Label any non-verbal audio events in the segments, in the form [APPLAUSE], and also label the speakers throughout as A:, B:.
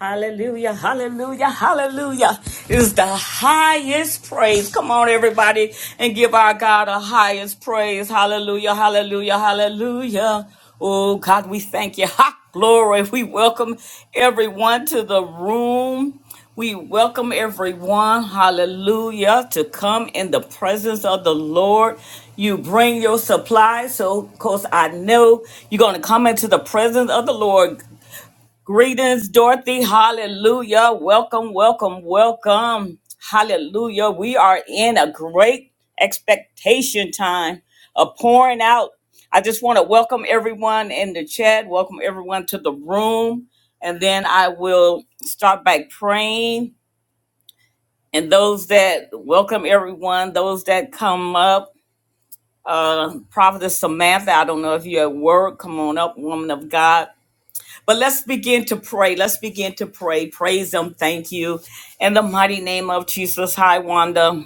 A: Hallelujah, hallelujah, hallelujah is the highest praise. Come on, everybody, and give our God a highest praise. Hallelujah, hallelujah, hallelujah. Oh, God, we thank you. Ha, glory. We welcome everyone to the room. We welcome everyone, hallelujah, to come in the presence of the Lord. You bring your supplies, so of course I know you're going to come into the presence of the Lord Greetings, Dorothy. Hallelujah. Welcome, welcome, welcome. Hallelujah. We are in a great expectation time of pouring out. I just want to welcome everyone in the chat, welcome everyone to the room, and then I will start by praying. And those that welcome everyone, those that come up, uh, Prophetess Samantha, I don't know if you're at work, come on up, woman of God. But let's begin to pray. Let's begin to pray. Praise Him. Thank you. In the mighty name of Jesus. Hi, Wanda.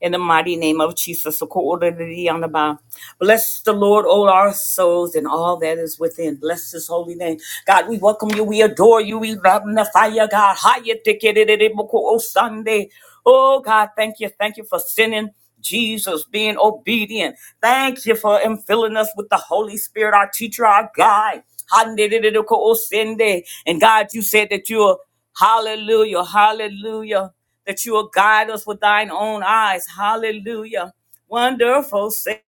A: In the mighty name of Jesus. So, ko ora ra ra ra ra Bless the Lord, all our souls, and all that is within. Bless his holy name. God, we welcome you. We adore you. We magnify you, God. Hiya tiki-ri-ri-ri-bo-ko-o Sunday. Oh, God, thank you. Thank you for sending Jesus being obedient. Thank you for him filling us with the Holy Spirit, our teacher, our guide. Hande-de-de-de-ko-o Sunday. And God, you said that you are. Hallelujah. Hallelujah. That you will guide us with thine own eyes. Hallelujah. Wonderful Savior.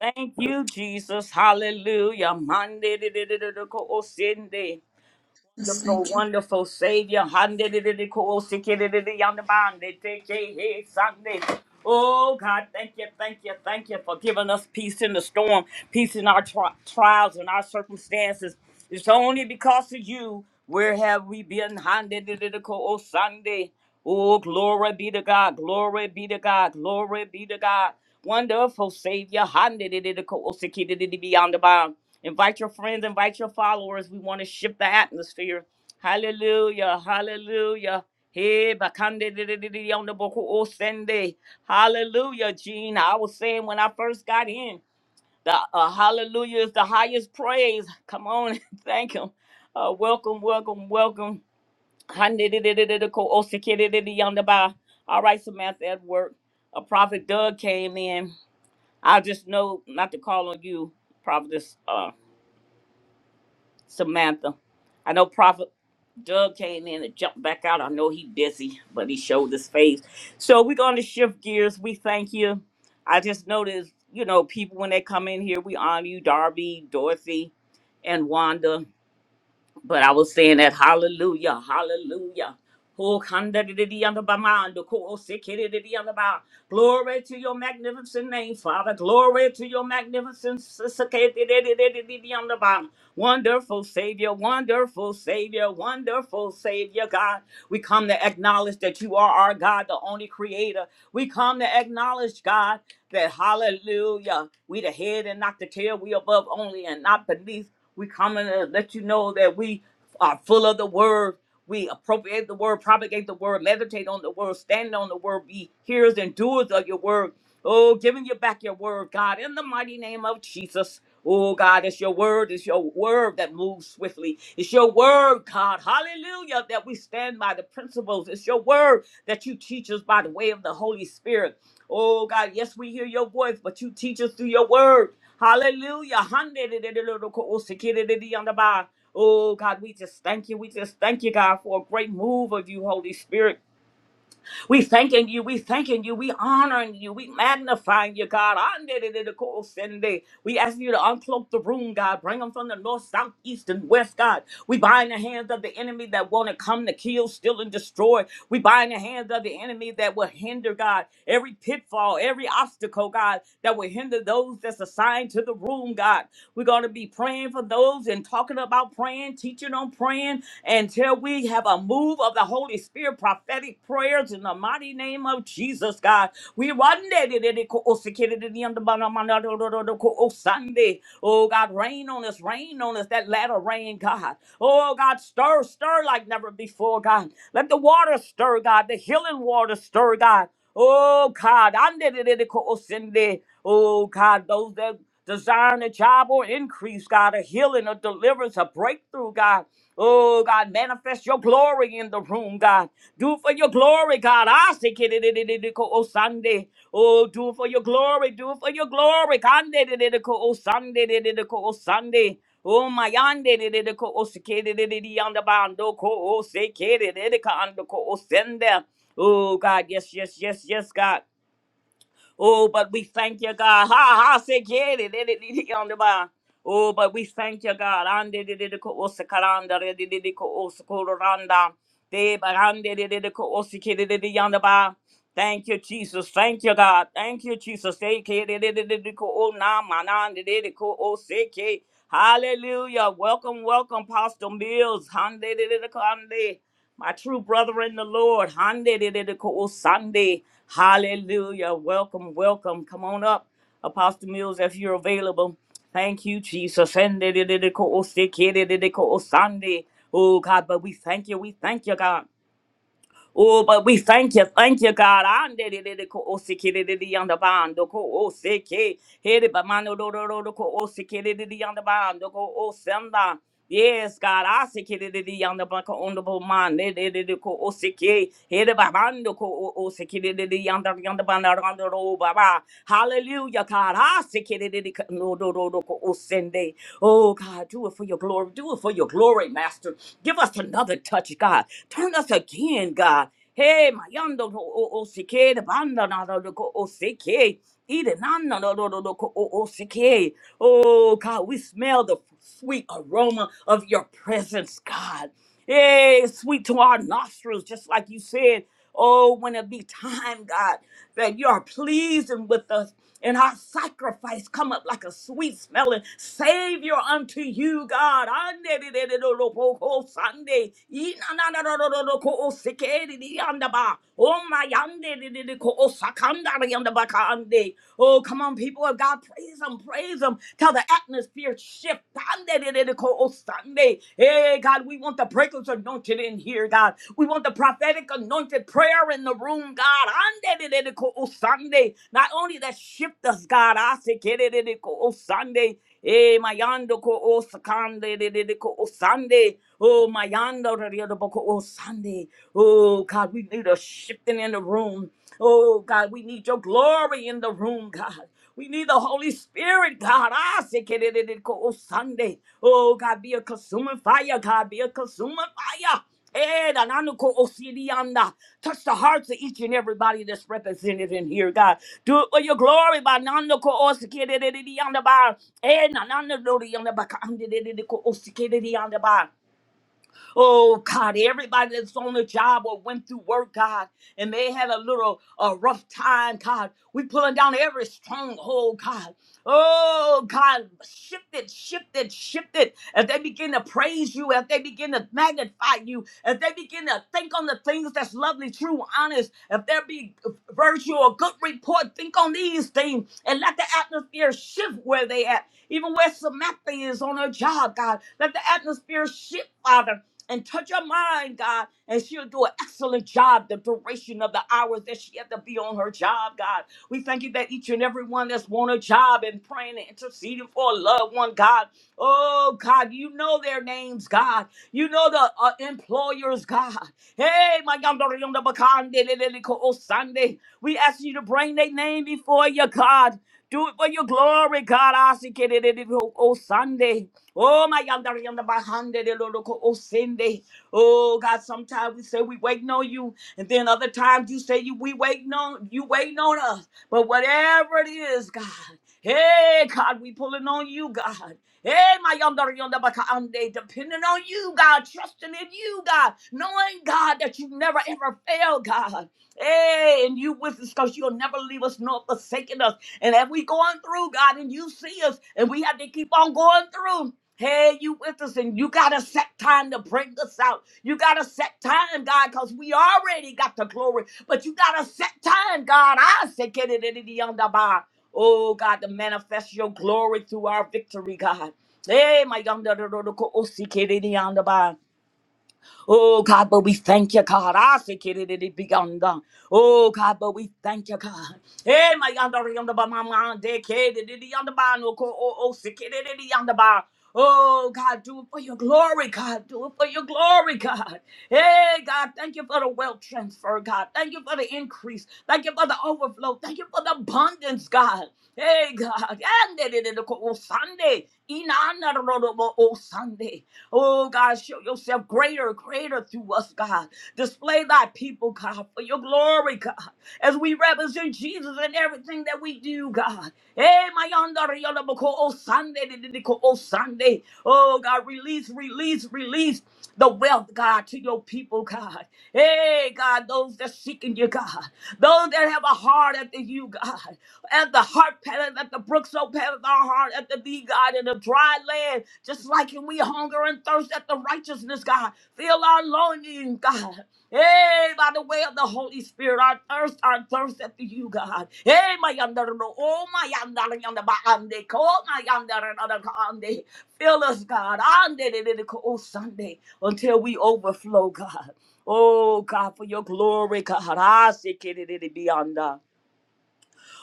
A: Thank you, Jesus. Hallelujah.
B: Yes,
A: Wonderful,
B: thank you.
A: wonderful Savior. Sunday. Oh God, thank you, thank you, thank you for giving us peace in the storm, peace in our tri- trials and our circumstances. It's only because of you where have we been. Oh Sunday. Oh, glory be to God, glory be to God, glory be to God. Wonderful Savior. Beyond the bound. Invite your friends, invite your followers. We want to shift the atmosphere. Hallelujah, hallelujah. Hey, bakande di- di- di- di- on the boku o sende. Hallelujah, Gene. I was saying when I first got in, the uh, hallelujah is the highest praise. Come on, [LAUGHS] thank him. Uh, welcome, welcome, welcome. Hande di- di- di- di- di- ko o seke di- di- di- on the ba. All right, Samantha at work. A prophet Doug came in. I just know not to call on you, prophetess. uh, Samantha. I know Prophet Doug came in and jumped back out. I know he busy, but he showed his face. So we're going to shift gears. We thank you. I just noticed, you know, people when they come in here, we honor you, Darby, Dorothy, and Wanda. But I was saying that hallelujah, hallelujah. Oh, kandadidi on the bama, ko- oh, on the ba. Glory to your magnificent name, Father. Glory to your magnificent s- on the ba. Wonderful Savior, wonderful Savior, wonderful Savior, God. We come to acknowledge that you are our God, the only creator. We come to acknowledge, God, that hallelujah, we the head and not the tail, we above only and not beneath. We coming to let you know that we are full of the word. We appropriate the word, propagate the word, meditate on the word, stand on the word, be hearers and doers of your word. Oh, giving you back your word, God, in the mighty name of Jesus. Oh, God, it's your word. It's your word that moves swiftly. It's your word, God. Hallelujah, that we stand by the principles. It's your word that you teach us by the way of the Holy Spirit. Oh, God, yes, we hear your voice, but you teach us through your word. Hallelujah! Hand it to the Lord, Lord, Lord. Secure it to the underbar. Oh God, we just thank you. We just thank you, God, for a great move of you, Holy Spirit. We thanking you. We thanking you. We honoring you. We magnifying you, God. Andidididikosende. We asking you to uncloak the room, God. Bring them from the north, south, east, and west, God. We bind the hands of the enemy that want to come to kill, steal, and destroy. We bind the hands of the enemy that will hinder, God. Every pitfall, every obstacle, God, that will hinder those that's assigned to the room, God. We're going to be praying for those and talking about praying, teaching on praying until we have a move of the Holy Spirit, prophetic prayers in the mighty name of Jesus, God. We run that it it- it- ko- o- sekere de di anda ba na ma na do- do- do- do- ko- o- Sunday. Oh God, rain on us, rain on us, that latter rain, God. Oh God, stir, stir like never before, God. Let the water stir, God, the healing water stir, God. Oh God, I'm Oh God, those that desiring a job or increase, God, a healing, a deliverance, a breakthrough, God. Oh, God, manifest your glory in the room, God. Do it for your glory, God. I say, "Kidididididiko o Sunday. Oh, do it for your glory. Do it for your glory. Kandidididiko o Sunday. didididiko o Sunday. Oh, my yande dididiko o sikididididi yandabando ko o sikidididika andoko o sende. Oh, God, yes, yes, yes, yes, God. Oh, but we thank you, God. Ha ha se de- de- de- de- on the Oh, but we thank you, God. Ande de de de ko osakaranda de de de de ko osakoranda. De barande de de de ko osikere de de yonder bar. Thank you, Jesus. Thank you, God. Thank you, Jesus. They care, de- de- de- de- de ko o na ma na de de de ko osike. Hallelujah. Welcome, welcome, Pastor Mills. Hande my true brother in the Lord. Hande de de de ko o Sunday. Hallelujah. Welcome, welcome. Come on up, Apostle Mills, if you're available. Thank you, Jesus. Hande de de de ko o se ke de de de ko o Sunday. Oh, God, but we thank you. We thank you, God. Oh, but we thank you, thank you, God. Ande de de de ko osiki de de de yanda bando ko osiki hede ba mano do do do do ko osiki de de de yanda bando ko osenda. Yes, God, I siki de de de yanda bando ko ondo man de de de de ko osiki hede ba mando ko o- osiki de de de yanda yanda bando rando ro baba. Hallelujah, God, I siki de de de ko- no do do do ko osende. Oh God, do it for your glory, do it for your glory, Master. Give us another another touch, God. Turn us again, God. Hey, Mayando o o sike, the banda na do ko o sike, ide nanda do do do ko o o sike. Oh God, we smell the sweet aroma of your presence, God. Hey, it's sweet to our nostrils, just like you said. Oh, when it be time, God, that you are pleasing with us and our sacrifice come up like a sweet smelling savior unto you, God. Andeleleleloboko Sunday. Inanananananoko osekeriyandaba. Omayandeleleleko osakandariandabaka. Ande. Oh, come on, people of God, praise Him, praise Him till the atmosphere shift. Ande de de de ko- oh, Sunday. Hey, God, we want the breakers anointed in here, God. We want the prophetic anointed prayer in the room, God. Ande de de de ko- oh, Sunday. Not only that shift us, God. I say, ke de de de ko- oh, Sunday. Eh, mayando ko o sakande de de de ko o sande. Oh, mayando de de de ko o sande. Oh, God, we need a shifting in the room. Oh, God, we need your glory in the room, God. We need the Holy Spirit, God. Ah, sekererereko, Sunday. Oh, God, be a consuming fire, God. Be a consuming fire. Eh, nananoko osirianda. Touch the hearts of each and everybody that's represented in here, God. Do it for your glory, by nanoko osikiririanda, ba. eh, nananodorianda, by kandiriko osikiririanda, ba. Oh God, everybody that's on the job or went through work, God, and they had a little uh, rough time, God. We pulling down every stronghold, God. Oh God, shift it, shift it, shift it. If they begin to praise you, if they begin to magnify you, if they begin to think on the things that's lovely, true, honest, if there be virtue or good report, think on these things and let the atmosphere shift where they at. Even where Samantha is on her job, God, let the atmosphere shift, Father and touch her mind, God, and she'll do an excellent job the duration of the hours that she had to be on her job, God. We thank you that each and every one that's won a job and praying and interceding for a loved one, God. Oh, God, you know their names, God. You know the uh, employers, God. Hey, my God, Sunday. We ask you to bring their name before you, God. Do it for your glory, God. I see Oh, Sunday. Oh my God, that yonder behind it, it'll look- oh Cindy. Oh God, sometimes we say we waiting on you, and then other times you say you we waiting on you waiting on us. But whatever it is, God, hey God, we pulling on you, God. Hey, my yonder yonder bakande, depending on you, God, trusting in you, God, knowing God that you never ever fail, God. Hey, and you with us because you'll never leave us nor forsaken us. And if we going through, God, and you see us, and we have to keep on going through. Hey, you with us, and you got to set time to bring us out. You got to set time, God, because we already got the glory. But you got to set time, God. I said, get it in the under Oh, God, to manifest your glory through our victory, God. Hey, my yonder, Oh God, but we thank you, God. I say, "Kiri, di, di, bi, gum, dum." Oh God, but we thank you, God. Hey, my yonder yonder ba mama de ke di, di, di, yonder ba no ko oh oh si, kiri, di, di, di, yonder ba. Oh God, do it for your glory, God. Do it for your glory, God. Hey God, thank you for the wealth transfer, God. Thank you for the increase. Thank you for the overflow. Thank you for the abundance, God. Hey God, and di, di, di, ko, oh Sunday, inana ro, ro, ro, oh Sunday. Oh, God, show yourself greater, greater through us, God. Display thy people, God, for your glory, God, as we represent Jesus in everything that we do, God. Hey, my yonder, yonder, boko, oh, Sunday, di- di- di- ko, oh, Sunday. Oh, God, release, release, release the wealth, God, to your people, God. Hey, God, those that seeking you, God. Those that have a heart after you, God and the heart patteth at the brook, so patteth our heart at the thee, God, in the dry land. Just like you, we hunger and thirst at the righteousness, God. Fill our longing, God. Hey, by the way of the Holy Spirit, our thirst, our thirst after you, God. Hey, my yonder, oh my yonder, yonder, my yonder, oh my yonder, yonder, yonder. Fill us, God, on oh Sunday, until we overflow, God. Oh God, for your glory, God. I seek it, it, beyond.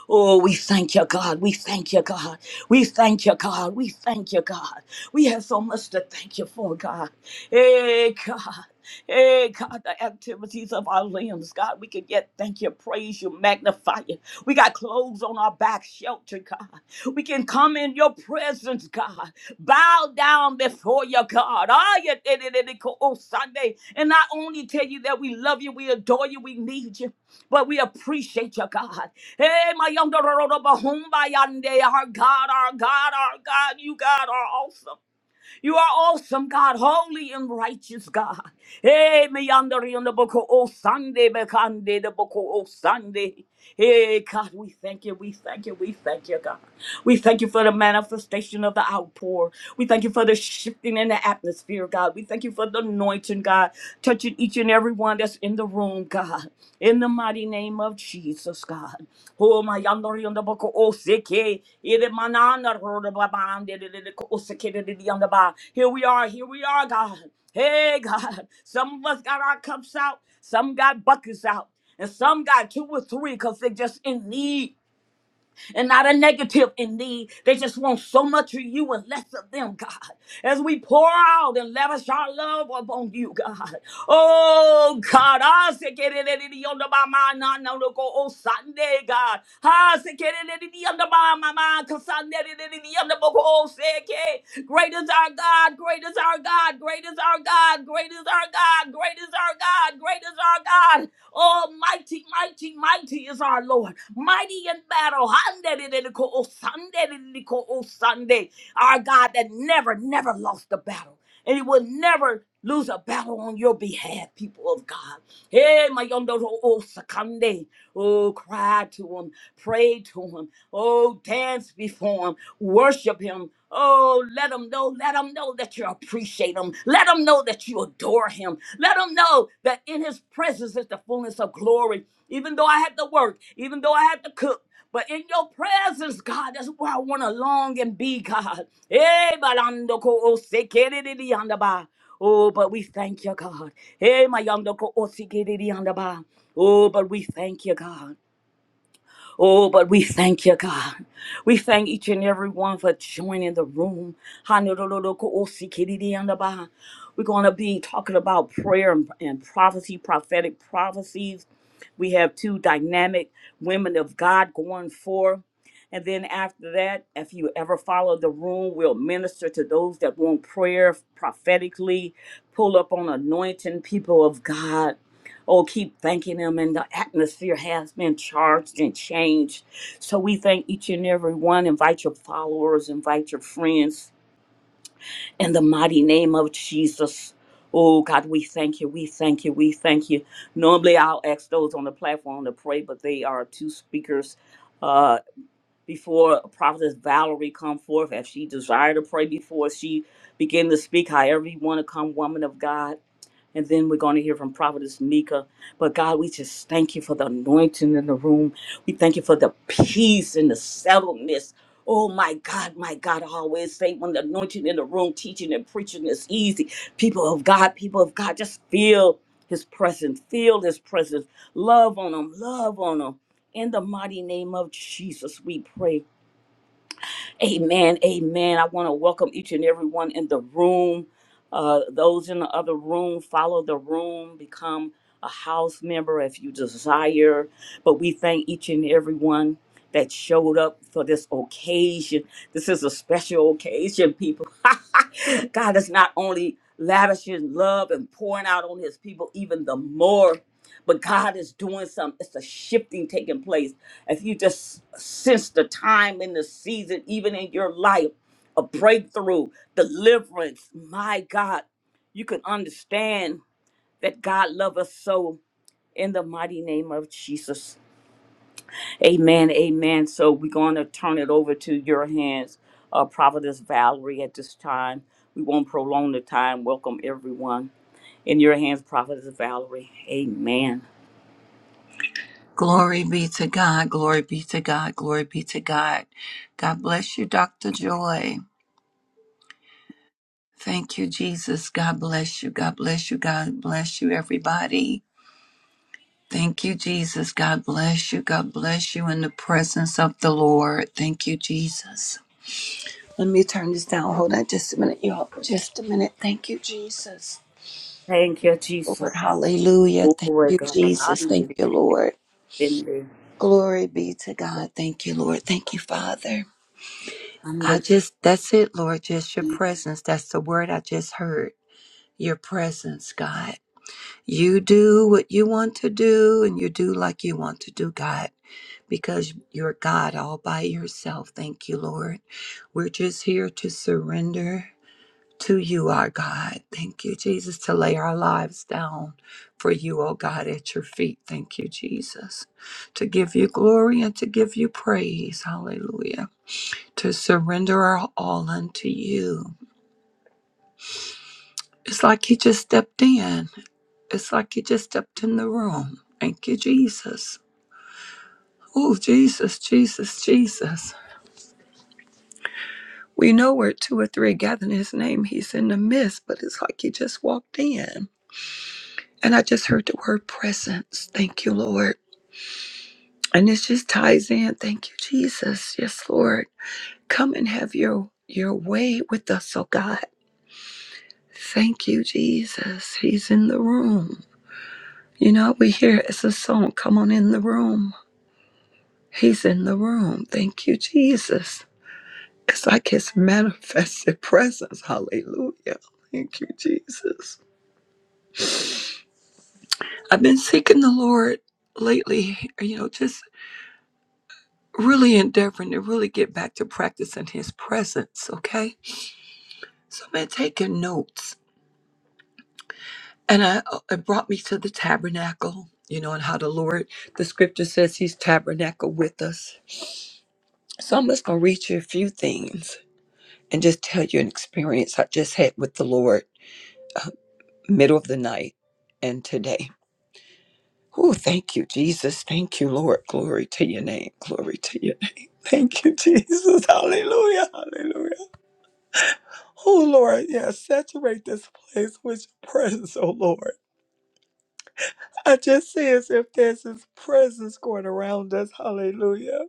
A: Oh, we thank you, God. We thank you, God. We thank you, God. We thank you, God. We have so much to thank you for, God. Hey, God. Hey, God, the activities of our limbs, God, we can yet thank you, praise you, magnify you. We got clothes on our back, shelter, God. We can come in your presence, God. Bow down before you, God. Ah, yeah, eh, eh, eh, eh, Oh, Sunday. And not only tell you that we love you, we adore you, we need you, but we appreciate you, God. Hey, my yonder Bahumbayande, our God, our God, our God, you God are awesome. You are awesome, God, holy and righteous God. Hey, my yonder on the boko o Sunday, bekande the boko o Sunday. Hey, God, we thank you, we thank you, we thank you, God. We thank you for the manifestation of the outpour. We thank you for the shifting in the atmosphere, God. We thank you for the anointing, God, touching each and every one that's in the room, God. In the mighty name of Jesus, God. Oh my yandori on the book oh seke it manana roro babande de de de ko oseke de de de yonder ba. Here we are, here we are, God. Hey God. Some of us got our cups out, some got buckets out, and some got two or three because they're just in need and not a negative in need. They just want so much of you and less of them, God. As we pour out and lavish our love upon you, God. Oh, God. I say, get it in the under my mind, no, no, no, go, oh, Sunday, God. I say, get it in the under my my mind, cause Sunday, it in the under, go, oh, say, okay. Great is our God, great is our God, great is our God, great is our God, great is our God, great is our God. Oh, mighty, mighty, mighty is our Lord. Mighty in battle. Handeriko, oh, Sanderiko, oh, Sunday. Our God that never, never lost a battle. And he will never lose a battle on your behalf, people of God. Hey, my yonder oh oh, Sakande. Oh, cry to him, pray to him, oh, dance before him, worship him. Oh, let him know, let him know that you appreciate him. Let him know that you adore him. Let him know that in his presence is the fullness of glory. Even though I had to work, even though I had to cook. But in your presence, God, that's where I want to long and be, God. Eh, balando ko o se kere de di anda ba. Oh, but we thank you, God. Eh, my yonder ko o se kere di anda ba. Oh, but we thank you, God. Oh, but we thank you, God. We thank each and every one for joining the room. Hanurururukoosikididiyandaba. We're going to be talking about prayer and, and prophecy, prophetic prophecies. We have two dynamic women of God going forth. And then after that, if you ever follow the room, we'll minister to those that want prayer prophetically, pull up on anointing people of God. Oh, keep thanking Him, and the atmosphere has been charged and changed. So we thank each and every one. Invite your followers, invite your friends in the mighty name of Jesus. Oh, God, we thank you, we thank you, we thank you. Normally, I'll ask those on the platform to pray, but they are two speakers. Uh, before Prophetess Valerie come forth, if she desired to pray before she begin to speak, however you want to come, woman of God and then we're going to hear from Prophetess Mika. But God, we just thank you for the anointing in the room. We thank you for the peace and the settledness. Oh my God, my God, I always say when the anointing in the room, teaching and preaching is easy. People of God, people of God, just feel his presence, feel his presence. Love on them, love on them. In the mighty name of Jesus, we pray. Amen. Amen. I want to welcome each and everyone in the room. Uh, those in the other room, follow the room, become a house member if you desire. But we thank each and everyone that showed up for this occasion. This is a special occasion, people. [LAUGHS] God is not only lavishing love and pouring out on his people even the more, but God is doing something. It's a shifting taking place if you just sense the time and the season, even in your life, a breakthrough, deliverance, my God, you can understand that God loves us so in the mighty name of Jesus. Amen. Amen. So we're going to turn it over to your hands, uh, Prophetess Valerie, at this time. We won't prolong the time. Welcome everyone. In your hands, Prophetess Valerie. Amen.
B: Glory be to God. Glory be to God. Glory be to God. God bless you, Dr. Joy. Thank you, Jesus. God bless you. God bless you. God bless you, everybody. Thank you, Jesus. God bless you. God bless you in the presence of the Lord. Thank you, Jesus. Let me turn this down. Hold on just a minute, y'all. Just a minute. Thank you, Jesus.
A: Thank you, Jesus.
B: Lord, hallelujah. Thank
A: Glory,
B: you,
A: God. I
B: Jesus. Thank
A: need
B: you, Lord.
A: it.
B: Glory be to God. Thank you, Lord. Thank you, Father.
A: Ande-
B: I just, that's it, Lord, just your presence. That's the word I just heard. Your presence, God. You do what you want to do and you do like you want to do, God, because you're God all by yourself. Thank you, Lord. We're just here to surrender to you, our God. Thank you, Jesus, to lay our lives down for you, oh God, at your feet. Thank you, Jesus, to give you glory and to give you praise. Hallelujah to surrender our all unto you. It's like he just stepped in. It's like he just stepped in the room. Thank you, Jesus. Oh, Jesus, Jesus, Jesus. We know where two or three gather in his name. He's in the midst, but it's like he just walked in. And I just heard the word presence. Thank you, Lord. And this just ties in. Thank you, Jesus. Yes, Lord. Come and have your your way with us, oh God. Thank you, Jesus. He's in the room. You know, we hear it's a song, Come On In the Room. He's in the room. Thank you, Jesus. It's like his manifested [LAUGHS] presence. Hallelujah. Thank you, Jesus. I've been seeking the Lord lately, you know, just really endeavoring to really get back to practicing his presence, okay? So I've been taking notes. And I, uh, it brought me to the tabernacle, you know, and how the Lord, the scripture says he's tabernacle with us. So I'm just going to read you a few things. and just tell you an experience I just had with the Lord, uh, middle of the night and today. Oh, thank you, Jesus. Thank you, Lord. Glory to your name. Glory to your [LAUGHS] name. Thank you, Jesus. Hallelujah. Hallelujah. Oh, Lord. Yeah, saturate this place with your presence, oh, Lord. I just see as if there's his presence going around us. Hallelujah.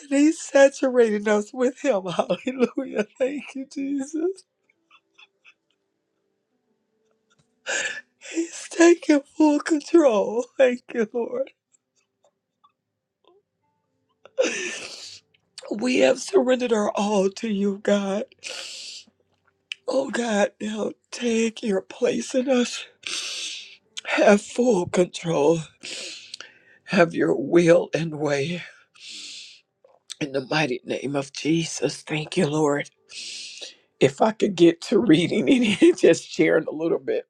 B: And he's saturating us with him. [LAUGHS] Hallelujah. Thank you, Jesus. He's taking full control. Thank you, Lord. We have surrendered our all to you, God. Oh, God, now take your place in us. Have full control. Have your will and way. In the mighty name of Jesus, thank you, Lord. If I could get to reading and [LAUGHS] just sharing a little bit,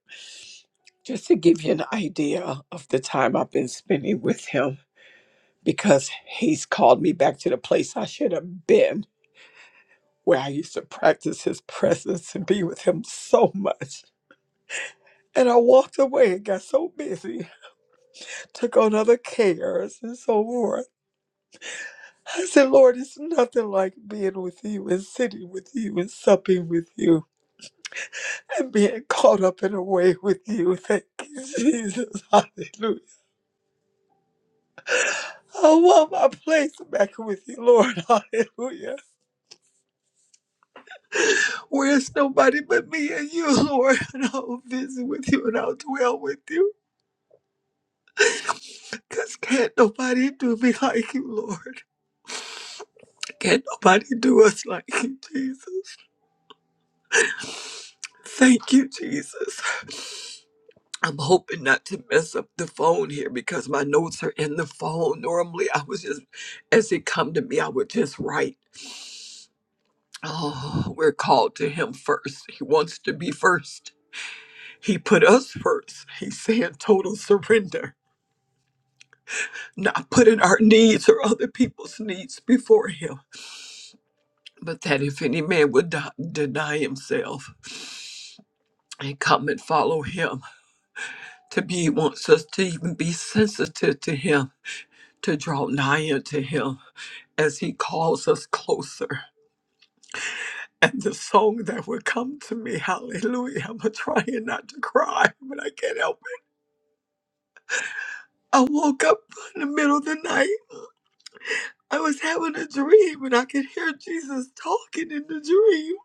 B: just to give you an idea of the time I've been spending with him, because he's called me back to the place I should have been. where I used to practice his presence and be with him so much. And I walked away and got so busy, took on other cares and so forth. I said, Lord, it's nothing like being with you and sitting with you and supping with you and being caught up in a way with you. [LAUGHS] Thank you, Jesus. [LAUGHS] Hallelujah. I want my place back with you, Lord. [LAUGHS] Hallelujah. Where's nobody but me and you, [LAUGHS] Lord? And I'll visit with you and I'll dwell with you. Because can't nobody do me like you, Lord. Can't nobody do us like you, Jesus. Thank you, Jesus. I'm hoping not to mess up the phone here because my notes are in the phone. Normally, I was just, as it come to me, I would just write. Oh, we're called to him first. He wants to be first. He put us first. He's saying total surrender, not putting our needs or other people's needs before him. but that if any man would de- deny himself and come and follow him, to be wants us to even be sensitive to him, to draw nigh unto him as he calls us closer. And the song that would come to me, hallelujah, I'm trying not to cry, but I can't help it. I woke up in the middle of the night. I was having a dream and I could hear Jesus talking in the dream.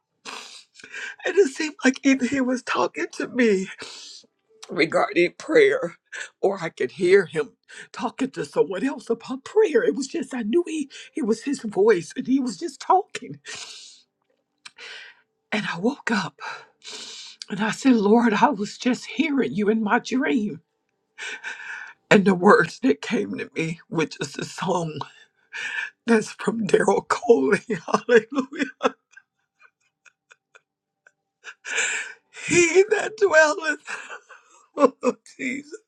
B: And it seemed like either he was talking to me regarding prayer, or I could hear him talking to someone else about prayer. It was just, I knew he, it was his voice and he was just talking. And I woke up and I said, Lord, I was just hearing you in my dream. And the words that came to me, which is a song that's from Daryl Coley, [LAUGHS] hallelujah. He that dwelleth, [LAUGHS] oh, Jesus,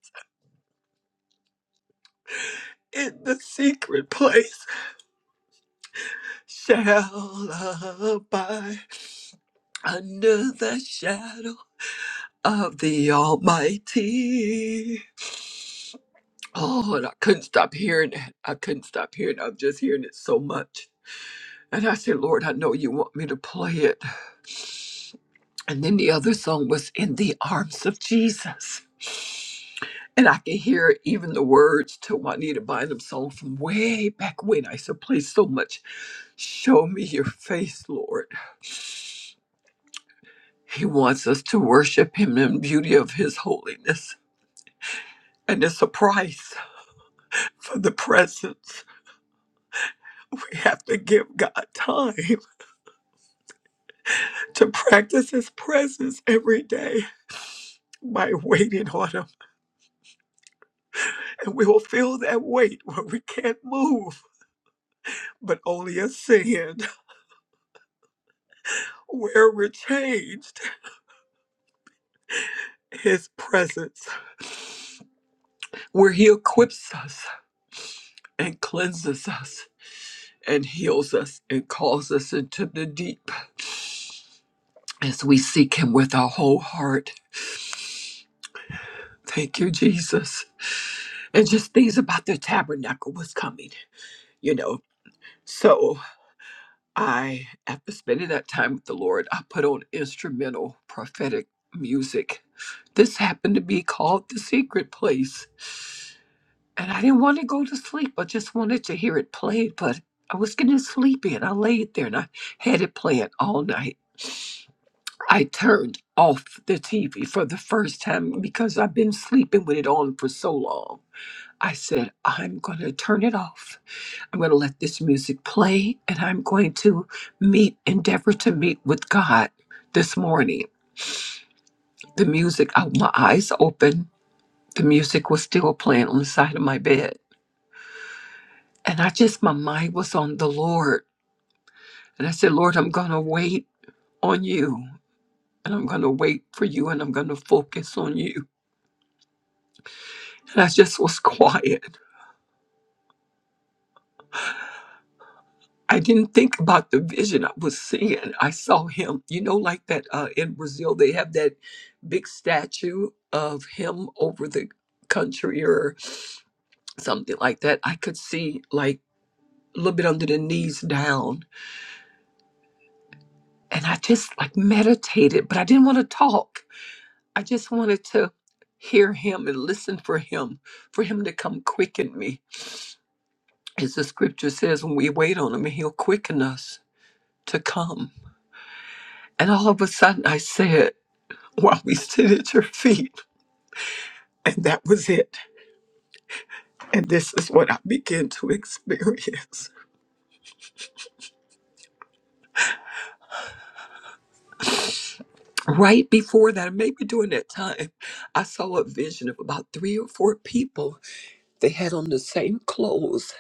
B: in the secret place shall abide. under the shadow of the Almighty. Oh, and I couldn't stop hearing it. I couldn't stop hearing it. I'm just hearing it so much. And I said, Lord, I know you want me to play it. And then the other song was In the Arms of Jesus. And I can hear even the words to Juanita Bynum song from way back when I used to play so much. Show me your face, Lord. He wants us to worship him in beauty of his holiness. And it's a price for the presence. We have to give God time to practice His presence every day by waiting on Him. And we will feel that weight where we can't move, but only a sin where we're changed. His presence, where He equips us and cleanses us and heals us and calls us into the deep as we seek Him with our whole heart. Thank you, Jesus. and just things about the tabernacle was coming, you know. So I, after spending that time with the Lord, I put on instrumental prophetic music. This happened to be called The Secret Place. And I didn't want to go to sleep. I just wanted to hear it played, but I was getting sleepy and I laid there and I had it playing all night. I turned off the TV for the first time because I've been sleeping with it on for so long. I said, I'm going to turn it off I'm going to let this music play and I'm going to meet, endeavor to meet with God this morning. The music, I, my eyes open, the music was still playing on the side of my bed. And I just, my mind was on the Lord. And I said, Lord, I'm going to wait on you and I'm going to wait for you and I'm going to focus on you. And I just was [LAUGHS] quiet. I didn't think about the vision I was seeing. I saw him, you know, like that uh, in Brazil, they have that big statue of him over the country or something like that. I could see like a little bit under the knees down. And I just like meditated, but I didn't want to talk. I just wanted to hear him and listen for him, for him to come quicken me. As the scripture says, when we wait on him, he'll quicken us to come. And all of a sudden I said, while we sit at your feet. And that was it. And this is what I began to experience. Right before that, maybe during that time, I saw a vision of about three or four people. They had on the same clothes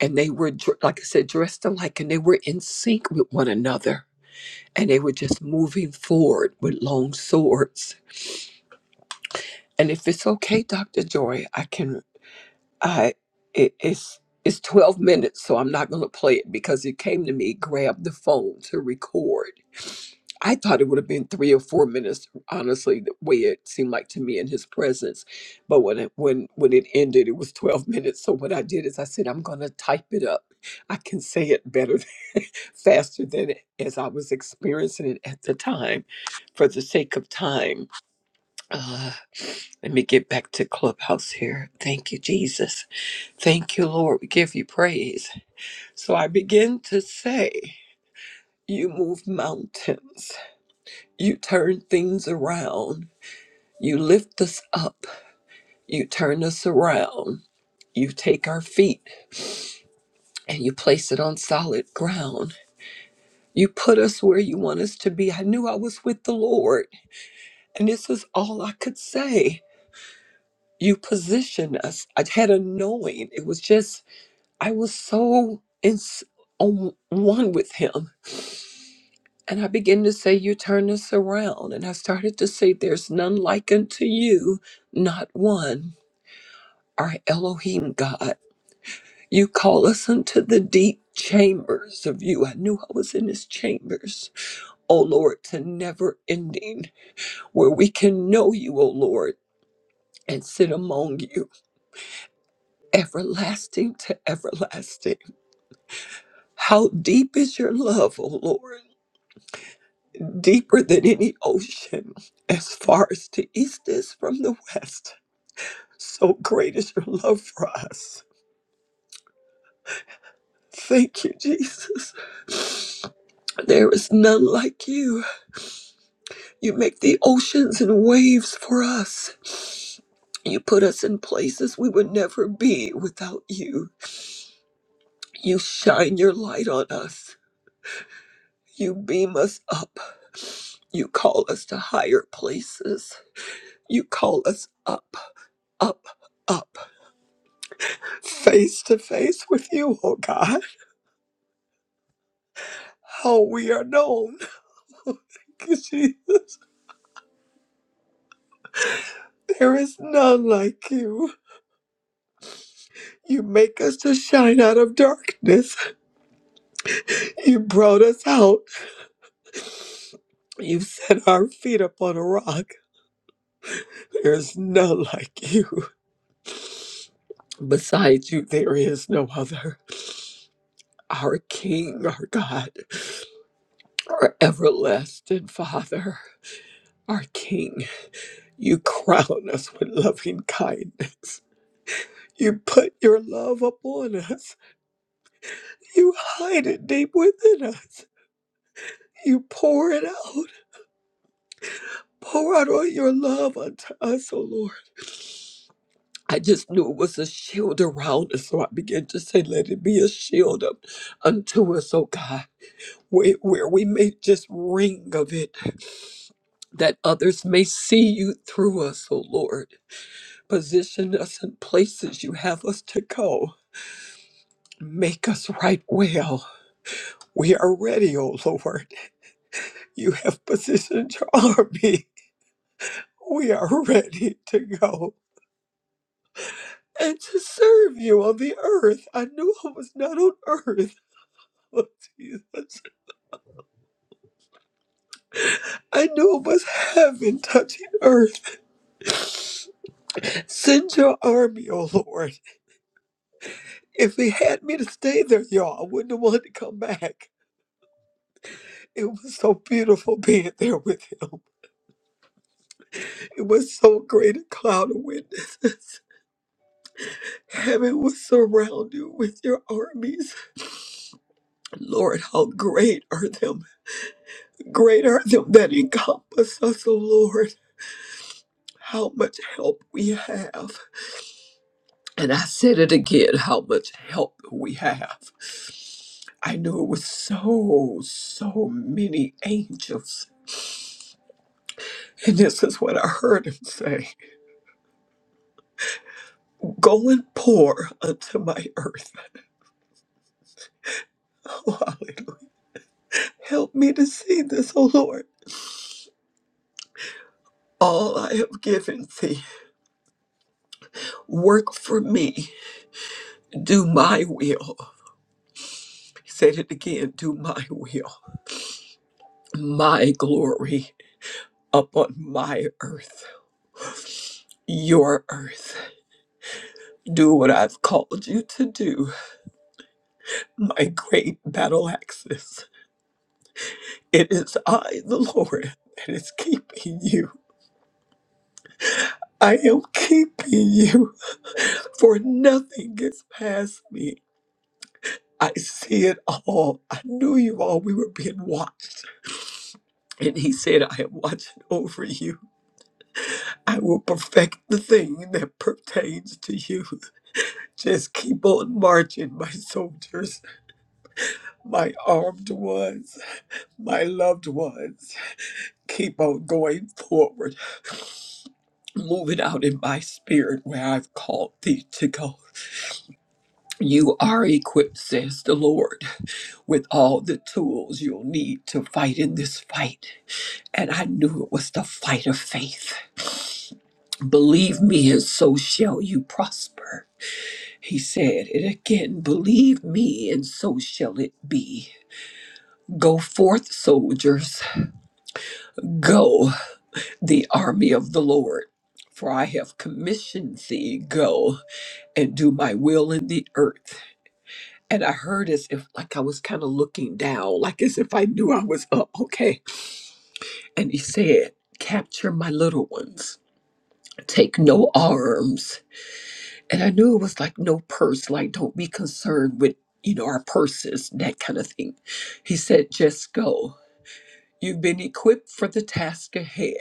B: and they were, dr- like I said, dressed alike and they were in sync with one another. And they were just moving forward with long swords. And if it's okay, Dr. Joy, I can I it, it's it's 12 minutes, so I'm not gonna play it because it came to me, grabbed the phone to record. I thought it would have been three or four minutes, honestly, the way it seemed like to me in his presence. But when it when when it ended, it was 12 minutes. So what I did is I said, I'm gonna type it up. I can say it better [LAUGHS] faster than it- as I was experiencing it at the time. For the sake of time. Uh, let me get back to Clubhouse here. Thank you, Jesus. Thank you, Lord. We give you praise. So I begin to say, You move mountains. You turn things around. You lift us up. You turn us around. You take our feet and you place it on solid ground. You put us where you want us to be. I knew I was with the Lord, and this is all I could say. You position us. I had a knowing. It was just, I was so in, s- on one with Him And I began to say, You turn us around. And I started to say, There's none like unto you, not one, our Elohim God. You call us unto the deep chambers of you. I knew I was in his chambers. Oh Lord, to never ending, where we can know you, oh Lord, and sit among you, everlasting to everlasting. How deep is your love, oh Lord? Deeper than any ocean, as far as the east is from the west. So great is your love for us. Thank you, Jesus. There is none like you. You make the oceans and waves for us. You put us in places we would never be without you. You shine your light on us. You beam us up. You call us to higher places. You call us up, up, up, face to face with you, oh God. How we are known. [LAUGHS] There is none like you. You make us to shine out of darkness. You brought us out. You set our feet upon a rock. There is none like you. Besides you, there is no other. Our King, our God, our everlasting Father, our King. You crown us with loving kindness. You put your love upon us. You hide it deep within us. You pour it out. Pour out all your love unto us, O Lord. I just knew it was a shield around us, so I began to say, Let it be a shield up unto us, O God, where, where we may just ring of it, that others may see you through us, O Lord. Position us in places you have us to go. Make us right well. We are ready, O Lord. You have positioned your [LAUGHS] army. We are ready to go. and to serve you on the earth. I knew I was not on earth. [LAUGHS] Oh, Jesus. I knew it was heaven touching earth. Send your army, oh Lord. If he had me to stay there, y'all, I wouldn't have wanted to come back. It was so beautiful being there with him. It was so great a cloud of witnesses. [LAUGHS] Heaven will surround you with your armies. Lord, how great are them. Great are them that encompass us, O Lord how much help we have. And I said it again how much help we have. I knew it was so, so many angels. And this is what I heard him say Go and pour unto my earth. [LAUGHS] Oh, hallelujah. Help me to see this, O Lord. All I have given thee, work for me, do my will. He said it again do my will, my glory upon my earth, your earth. Do what I've called you to do, my great battle axes. It is I, the Lord, that is keeping you. I am keeping you, for nothing gets past me. I see it all. I knew you all. We were being watched. And he said, I am watching over you. I will perfect the thing that pertains to you. Just keep on marching, my soldiers, my armed ones, my loved ones. Keep on going forward, moving out in my spirit where I've called thee to go. You are equipped, says the Lord, with all the tools you'll need to fight in this fight. And I knew it was the fight of faith. Believe me, and so shall you prosper. He said it again believe me, and so shall it be. Go forth, soldiers, go, the army of the Lord. For I have commissioned thee, go. and do my will in the earth. And I heard as if, like, I was kind of looking down, like as if I knew I was up. Okay. And he said, Capture my little ones, take no arms. And I knew it was like no purse, like, don't be concerned with, you know, our purses, that kind of thing. He said, Just go. You've been equipped for the task ahead.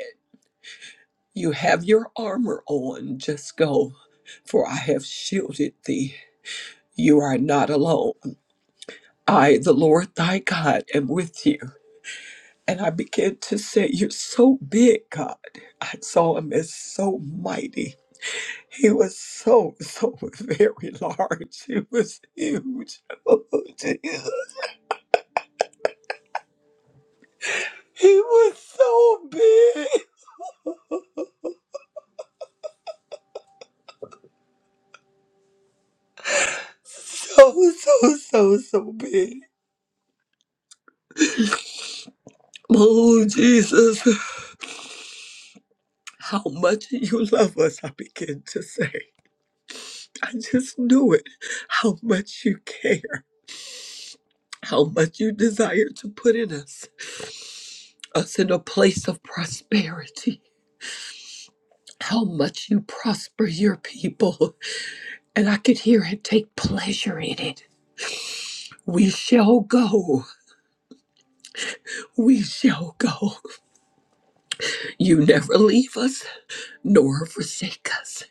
B: You have your armor on. Just go, for I have shielded thee. You are not alone. I, the Lord thy God, am with you. And I began to say, You're so big, God. I saw him as so mighty. He was so, so [LAUGHS] very large. He was huge. [LAUGHS] Oh, Jesus. He was so big. So, so, so, so big. Oh, Jesus. How much you love us, I begin to say. I just knew it. How much you care. how much you desire to put in us, us in a place of prosperity, how much you prosper your people. And I could hear him take pleasure in it. We shall go. We shall go. You never leave us nor forsake us.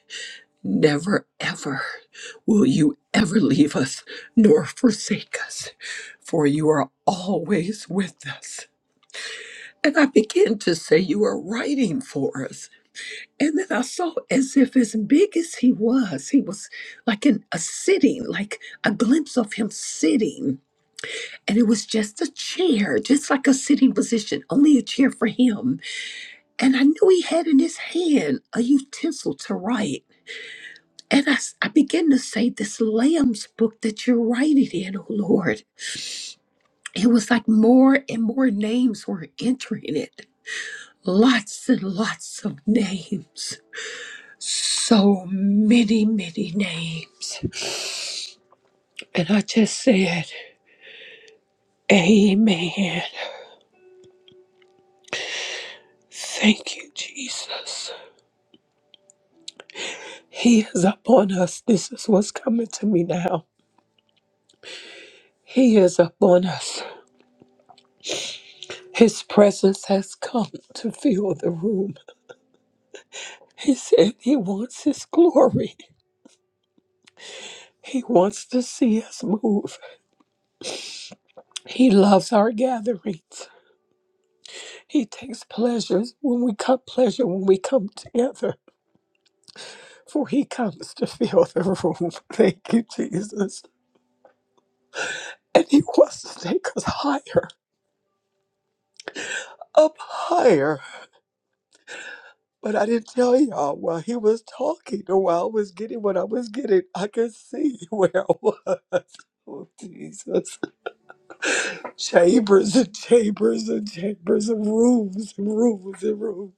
B: Never ever will you ever leave us nor forsake us, for you are always with us. And I begin to say, You are writing for us. And then I saw as if as big as he was, he was like in a sitting, like a glimpse of him sitting. And it was just a chair, just like a sitting position, only a chair for him. And I knew he had in his hand a utensil to write. And I, s- I began to say, This Lamb's book that you're writing in, oh Lord. It was like more and more names were entering it. Lots and lots of names. so many, many names. And I just said, Amen. Thank you, Jesus. He is upon us. This is what's coming to me now. He is upon us. His presence has come to fill the room. He said he wants his glory. He wants to see us move. He loves our gatherings. He takes pleasures when we come pleasure when we come together. for he comes to fill the room. [LAUGHS] Thank you, Jesus. And he wants to take us higher, up higher. But I didn't tell y'all while he was talking or while I was getting what I was getting, I could see [LAUGHS] where I was. [LAUGHS] Oh, Jesus. Chambers and chambers and chambers and rooms and rooms and rooms.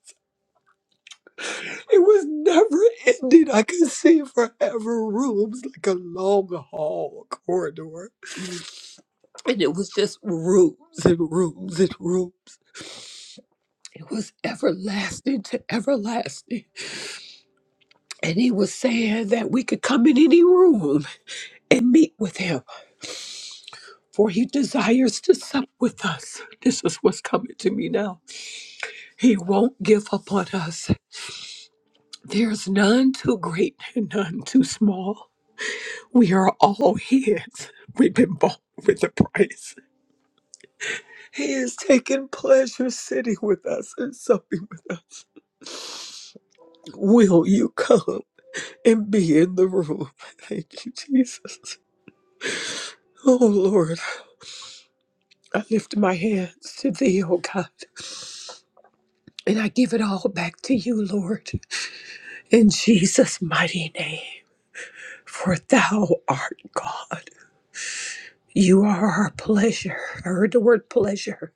B: It was never ending. I could see forever rooms like a long hall corridor. and it was just rooms and rooms and rooms. It was everlasting to everlasting. And he was saying that we could come in any room and meet with him, for he desires to sup with us. This is what's coming to me now. He won't give up on us. There's none too great and none too small. We are all his. We've been bought with a price. He is taking pleasure sitting with us and supping with us. Will you come and be in the room? [LAUGHS] Thank you, Jesus. Oh Lord, I lift my hands to thee, oh God, and I give it all back to you, Lord, in Jesus' mighty name. For thou art God. You are our pleasure. I heard the word pleasure.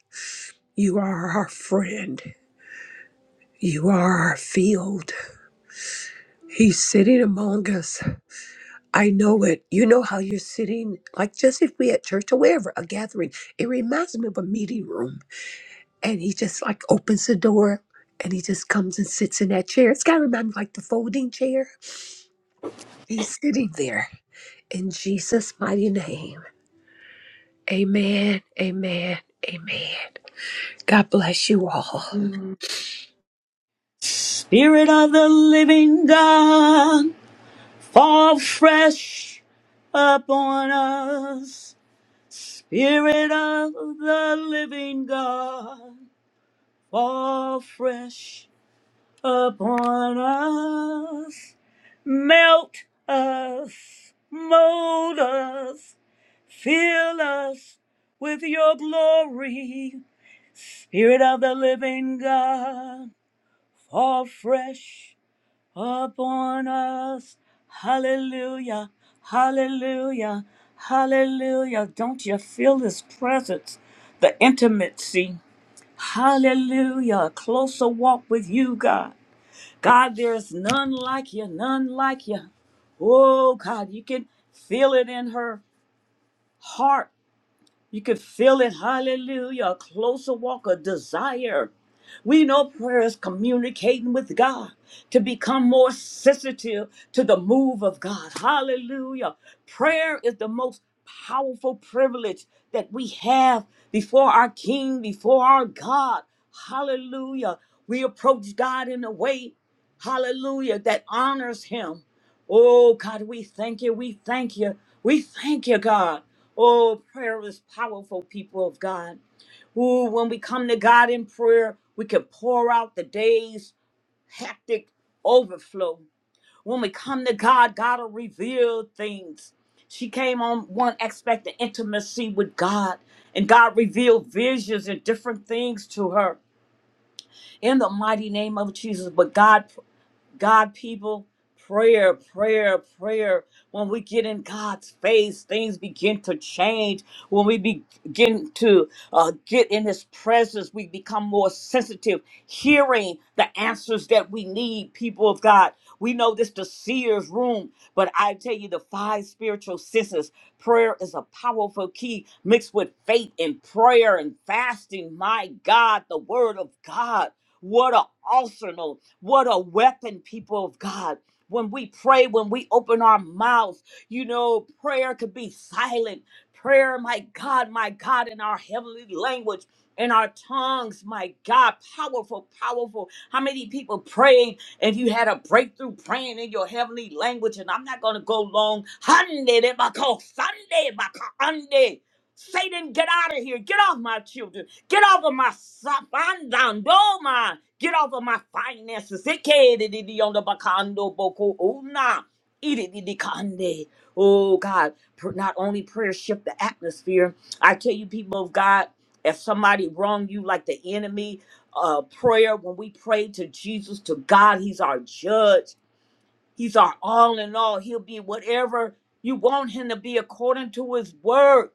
B: You are our friend. You are our field. He's sitting among us I know it. You know how you're sitting, like just if we at church or wherever, a gathering. It reminds me of a meeting room. And he just like opens the door and he just comes and sits in that chair. It's got to remind me like the folding chair. He's sitting there in Jesus' mighty name. Amen. Amen. Amen. God bless you all.
A: Spirit of the living God, fall fresh upon us. Spirit of the living God, fall fresh upon us. Melt us, mold us, fill us with your glory. Spirit of the living God, fall fresh upon us. Hallelujah, hallelujah, hallelujah. Don't you feel his presence, the intimacy? Hallelujah, a closer walk with you, God. God, there's none like you, none like you. Oh, God, you can feel it in her heart. You can feel it, hallelujah, a closer walk, a desire. We know prayer is communicating with God to become more sensitive to the move of God. Hallelujah. Prayer is the most powerful privilege that we have before our King, before our God. Hallelujah. We approach God in a way, hallelujah, that honors Him. Oh, God, we thank you. We thank you. We thank you, God. Oh, prayer is powerful, people of God who, when we come to God in prayer, we can pour out the day's hectic overflow. When we come to God, God will reveal things. She came on one expecting intimacy with God, and God revealed visions and different things to her in the mighty name of Jesus. But God God, people, prayer, prayer, prayer. When we get in God's face, things begin to change. When we begin to uh, get in His presence, we become more sensitive, hearing the answers that we need, people of God. We know this the seer's room, but I tell you, the five spiritual senses, prayer is a powerful key mixed with faith and prayer and fasting. My God, the Word of God. What an arsenal. What a weapon, people of God. When we pray, when we open our mouths, you know, prayer could be silent. Prayer, my God, my God, in our heavenly language, in our tongues, my God, powerful, powerful. How many people prayed and you had a breakthrough praying in your heavenly language? And I'm not going to go long. Sunday, Sunday, Satan, get out of here. Get off my children. Get off of my sapandandoma. Get off of my finances. Ikedidi on the bakando boko una. Ididi kande. Oh God, pr- not only prayer shift the atmosphere. I tell you, people of God, if somebody wrong you like the enemy, uh, prayer when we pray to Jesus, to God, He's our judge. He's our all in all. He'll be whatever you want Him to be according to His word.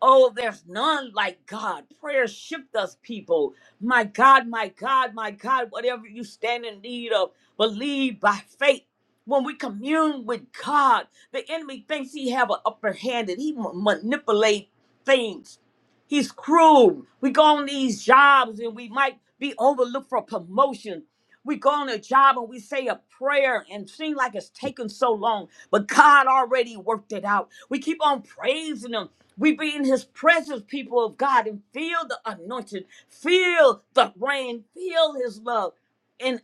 A: Oh, there's none like God. Prayer shift us, people. My God, my God, my God, whatever you stand in need of, believe by faith. When we commune with God, the enemy thinks he have an upper hand and he ma- manipulate things. He's cruel. We go on these jobs and we might be overlooked for promotion. We go on a job and we say a prayer and seem like it's taken so long, but God already worked it out. We keep on praising Him. We be in his presence, people of God, and feel the anointing, feel the rain, feel his love. And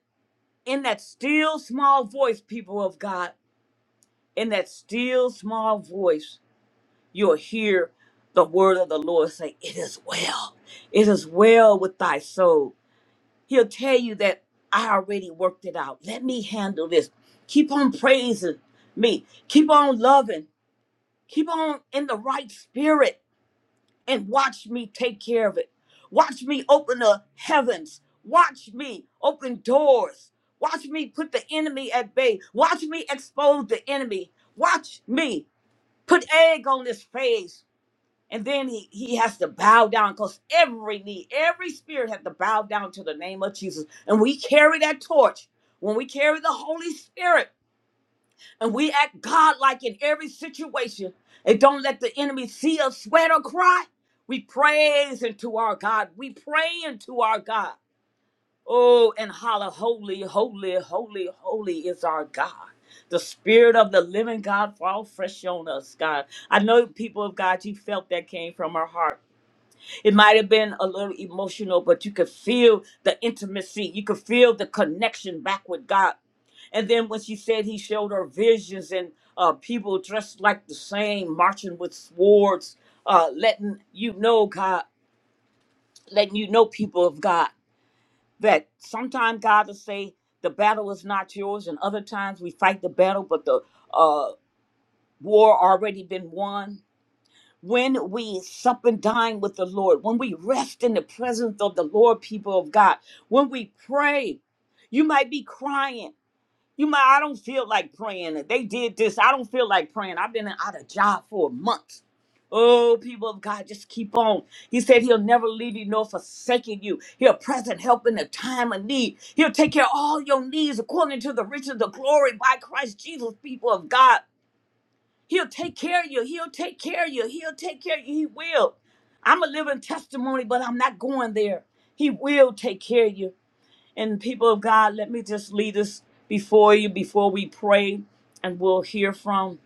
A: in that still small voice, people of God, in that still small voice, you'll hear the word of the Lord say, It is well. It is well with thy soul. He'll tell you that I already worked it out. Let me handle this. Keep on praising me. Keep on loving. Keep on in the right spirit and watch me take care of it. Watch me open the heavens. Watch me open doors. Watch me put the enemy at bay. Watch me expose the enemy. Watch me put egg on his face. And then he, he has to bow down because every knee, every spirit has to bow down to the name of Jesus. And we carry that torch. When we carry the Holy Spirit, and we act God-like in every situation and don't let the enemy see us sweat or cry. We praise into our God. We pray into our God. Oh, and holler, holy, holy, holy, holy is our God. The spirit of the living God fall fresh on us, God. I know people of God, you felt that came from her heart. It might have been a little emotional, but you could feel the intimacy. You could feel the connection back with God. And then when she said he showed her visions and uh, people dressed like the same, marching with swords, uh, letting you know God, letting you know people of God that sometimes God will say the battle is not yours, and other times we fight the battle, but the uh, war already been won. When we sup and dine with the Lord, when we rest in the presence of the Lord, people of God, when we pray, you might be crying. You might, I don't feel like praying. They did this. I don't feel like praying. I've been out of job for a month. Oh, people of God, just keep on. He said he'll never leave you nor forsaken you. He'll present help in the time of need. He'll take care of all your needs according to the riches of glory by Christ Jesus, people of God. He'll take care of you. He'll take care of you. He'll take care of you. He will. I'm a living testimony, but I'm not going there. He will take care of you. And people of God, let me just lead us before you before we pray and we'll hear from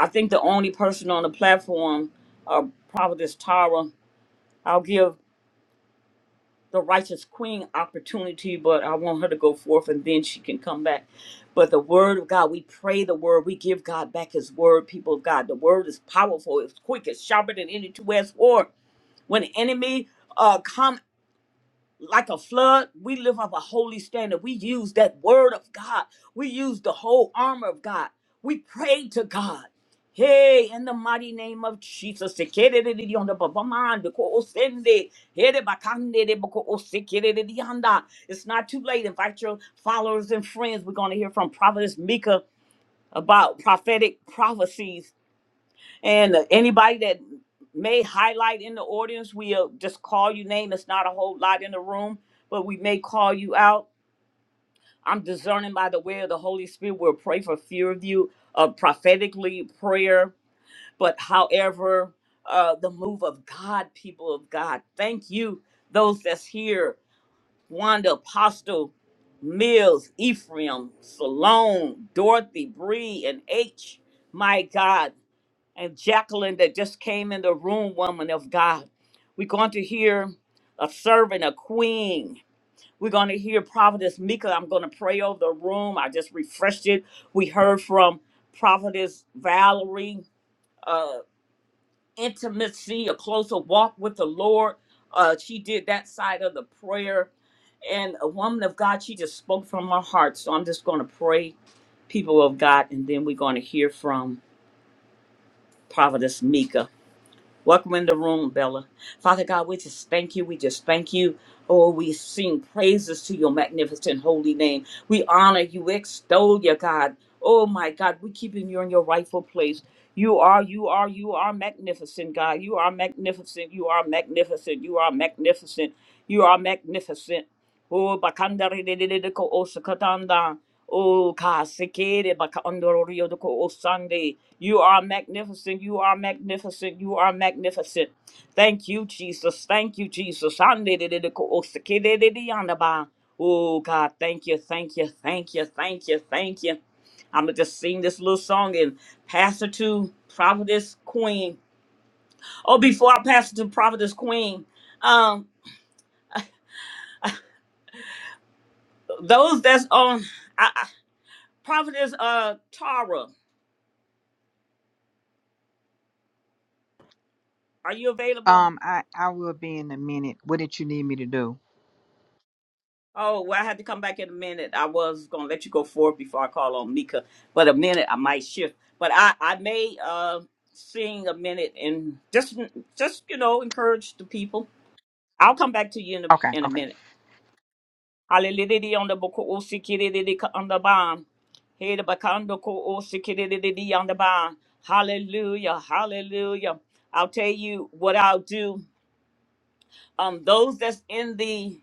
A: I think the only person on the platform, uh Providence Tara. I'll give the righteous queen opportunity, but I want her to go forth and then she can come back. But the word of God, we pray the word, we give God back his word, people of God. The word is powerful, it's quick, it's sharper than any two-edged sword. When the enemy uh come like a flood. We live up a holy standard. We use that word of God. We use the whole armor of God. We pray to God. Hey, in the mighty name of Jesus, it's not too late. Invite your followers and friends. We're going to hear from Prophetess Mika about prophetic prophecies and uh, anybody that may highlight in the audience, we'll just call you name. It's not a whole lot in the room, but we may call you out. I'm discerning by the way of the Holy Spirit. We'll pray for few of you, uh, prophetically prayer. But however, uh, the move of God, people of God, thank you, those that's here, Wanda, Apostle, Mills, Ephraim, Salone, Dorothy, Bree, and H. My God, and Jacqueline that just came in the room, woman of God. We're going to hear a servant, a queen. We're going to hear Prophetess Mika. I'm going to pray over the room. I just refreshed it. We heard from Prophetess Valerie, uh, intimacy, a closer walk with the Lord. Uh, she did that side of the prayer. And a woman of God, she just spoke from her heart. So I'm just going to pray, people of God, and then we're going to hear from Prophetess Mika. Welcome in the room, Bella. Father God, we just thank you. We just thank you. Oh, we sing praises to your magnificent holy name. We honor you, extol you, God. Oh my God, we keeping you in your rightful place. You are, you are, you are magnificent, God. You are magnificent. You are magnificent. You are magnificent. You are magnificent. Oh, bakanda Oh, God, sekere baka ondoro rio doko o Sunday. You are magnificent. You are magnificent. You are magnificent. Thank you, Jesus. Thank you, Jesus. Ande de de doko o sekere de de yanda ba. Oh, God, thank you, thank you, thank you, thank you, thank you. I'm going to just sing this little song and pass it to Providence Queen. Oh, before I pass it to Providence Queen, um, those that's on I, I, Providence uh, Tara, are you available?
C: Um, I I will be in a minute. What did you need me to do?
A: Oh, well, I have to come back in a minute. I was gonna let you go forward before I call on Mika, but a minute I might shift. But I, I may uh sing a minute and just just you know encourage the people. I'll come back to you in a
C: Okay,
A: in a
C: okay.
A: minute. Hallelujah on the book o sikiriri on the bond. Hey the bakando ko o sikiriri on the bond. Hallelujah, hallelujah. I'll tell you what I'll do. Um, those that's in the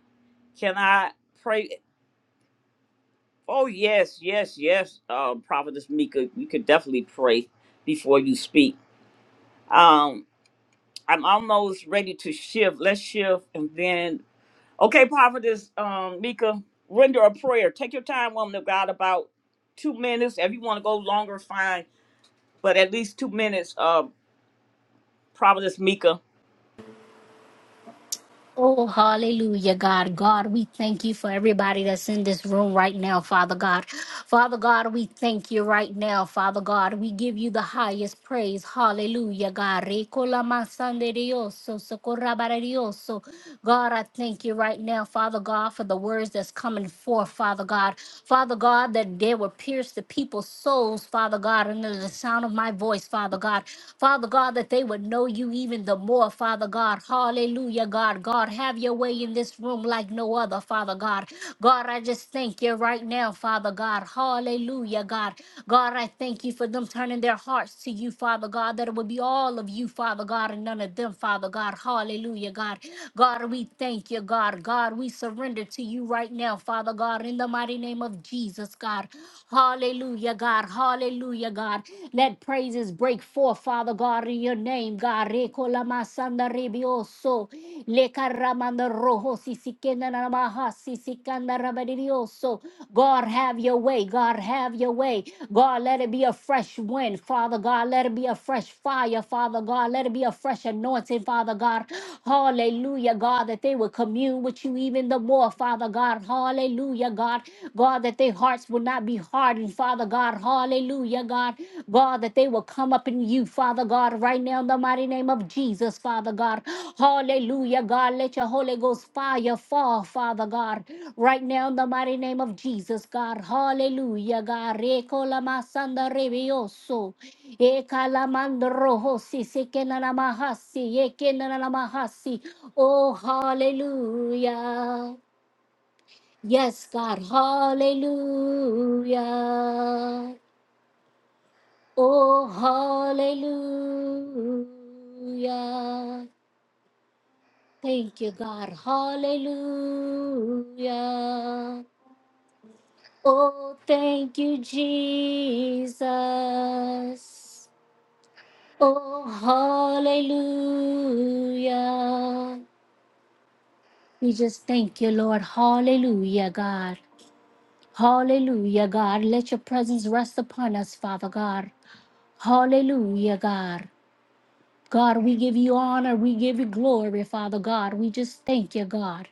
A: can I pray? Oh yes, yes, yes. Uh, Prophetess Mika, you could definitely pray before you speak. Um, I'm almost ready to shift. Let's shift, and then okay, Prophetess um, Mika, render a prayer. Take your time, woman of God, about two minutes. If you want to go longer, fine, but at least two minutes. Uh, Prophetess Mika.
D: Oh, hallelujah, God. God, we thank you for everybody that's in this room right now, Father God. Father God, we thank you right now, Father God. We give you the highest praise. Hallelujah, God. Recola masande dioso, socorra bara dioso. God, I thank you right now, Father God, for the words that's coming forth, Father God. Father God, that they will pierce the people's souls, Father God, under the sound of my voice, Father God. Father God, that they would know you even the more, Father God. Hallelujah, God. God, have your way in this room like no other, Father God. God, I just thank you right now, Father God. Hallelujah, God. God, I thank you for them turning their hearts to you, Father God, that it would be all of you, Father God, and none of them, Father God. Hallelujah, God. God, we thank you, God. God, we surrender to you right now, Father God, in the mighty name mighty name of Jesus, God. Hallelujah, God. Hallelujah, God. Let praises break forth, Father God, in your name, God. Rekolamasanda rebioso. Lekaramanda roho sisikenda namaha sisikanda rabadirioso. God, have your way. God, have your way. God, let it be a fresh wind, Father God. Let it be a fresh fire, Father God. Let it be a fresh anointing, Father God. Hallelujah, God, that they will commune with you even the more, Father God. Hallelujah, God. God, that their hearts will not be hardened, Father God. Hallelujah, God. God, that they will come up in you, Father God, right now in the mighty name of Jesus, Father God. Hallelujah, God. Let your Holy Ghost fire fall, Father God, right now in the mighty name of Jesus, God. Hallelujah, God. Recola masanda rebioso. E kalamandroho si se Ekalamandrohosi sekenanamahasi ekenanamahasi. Oh, hallelujah. Yes, God, hallelujah. Oh, hallelujah. Thank you, God, hallelujah. Oh, thank you, Jesus. Oh, hallelujah. We just thank you, Lord. Hallelujah, God. Hallelujah, God. Let your presence rest upon us, Father God. Hallelujah, God. God, we give you honor. We give you glory, Father God. We just thank you, God.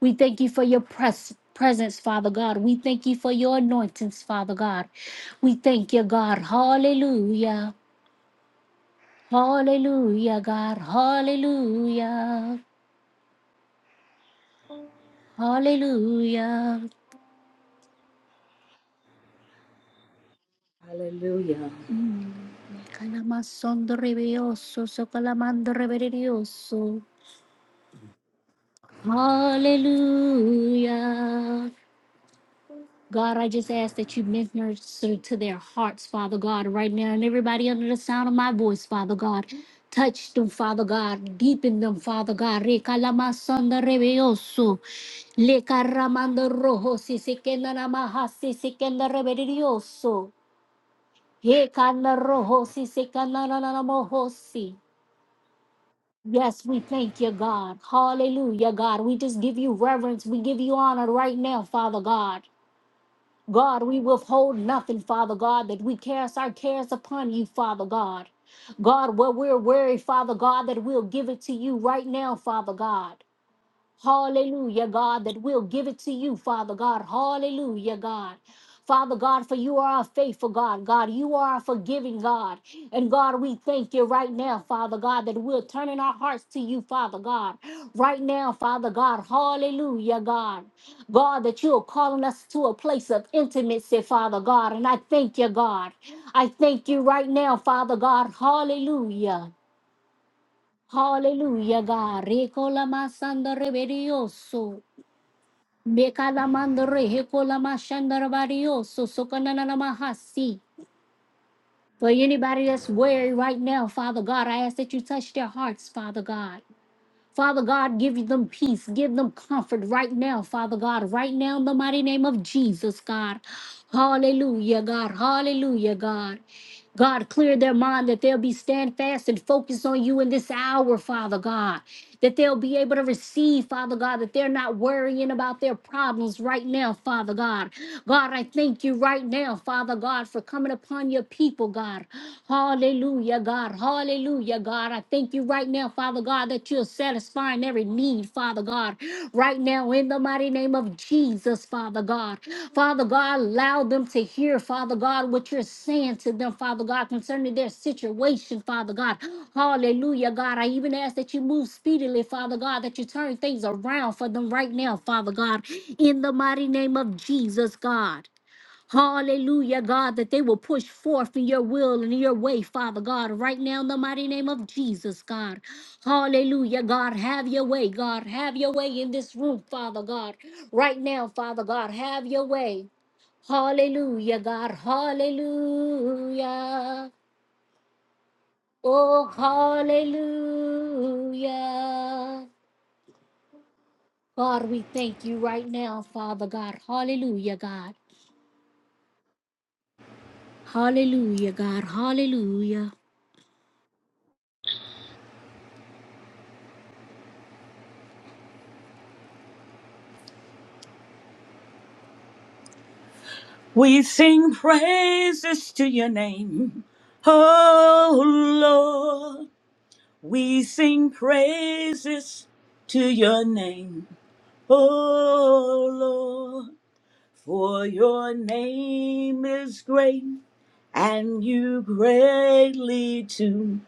D: We thank you for your pres- presence, Father God. We thank you for your anointings, Father God. We thank you, God. Hallelujah. Hallelujah, God. Hallelujah. Hallelujah.
A: Hallelujah.
D: Mm. Me calamasón de rebioso, so calamando reverioso. Hallelujah. God, I just ask that you minister to their hearts, Father God, right now, and everybody under the sound of my voice, Father God. Touch them, Father God. Deepen them, Father God. Recalamasón de rebioso. Le caramando rojo, si se queda la maja, si se queda reverioso. He cana rojo, si se cana la la la mojo, si. Yes, we thank you, God. Hallelujah, God. We just give you reverence. We give you honor right now, Father God. God, we withhold nothing, Father God, that we cast our cares upon you, Father God. God, where we're weary, Father God, that we'll give it to you right now, Father God. Hallelujah, God, that we'll give it to you, Father God. Hallelujah, God. Father God, for you are a faithful God. God, you are a forgiving God. And God, we thank you right now, Father God, that we're turning our hearts to you, Father God. Right now, Father God, hallelujah, God. God, that you are calling us to a place of intimacy, Father God. And I thank you, God. I thank you right now, Father God, hallelujah. Hallelujah, God. Recola masanda reverioso. Mekalamandre hekolamashandarabario sosokananamahasi. For anybody that's weary right now, Father God, I ask that you touch their hearts, Father God. Father God, give them peace, give them comfort right now, Father God, right now in the mighty name of Jesus, God. Hallelujah, God. Hallelujah, God. God, clear their mind that they'll be steadfast and focused on you in this hour, Father God. That they'll be able to receive, Father God, that they're not worrying about their problems right now, Father God. God, I thank you right now, Father God, for coming upon your people, God. Hallelujah, God. Hallelujah, God. I thank you right now, Father God, that you're satisfying supplying every need, Father God, right now in the mighty name of Jesus, Father God. Father God, allow them to hear, Father God, what you're saying to them, Father God, concerning their situation, Father God. Hallelujah, God. I even ask that you move speedily, Father God, that you turn things around for them right now, Father God, in the mighty name of Jesus, God. Hallelujah, God, that they will push forth in your will and in your way, Father God, right now in the mighty name of Jesus, God. Hallelujah, God, have your way, God, have your way in this room, Father God, right now, Father God, have your way. Hallelujah, God, hallelujah. Oh, hallelujah. God, we thank you right now, Father God, hallelujah, God, hallelujah, God, hallelujah.
A: We sing praises to your name, oh We sing praises to your name, O Lord, for your name is great and you greatly to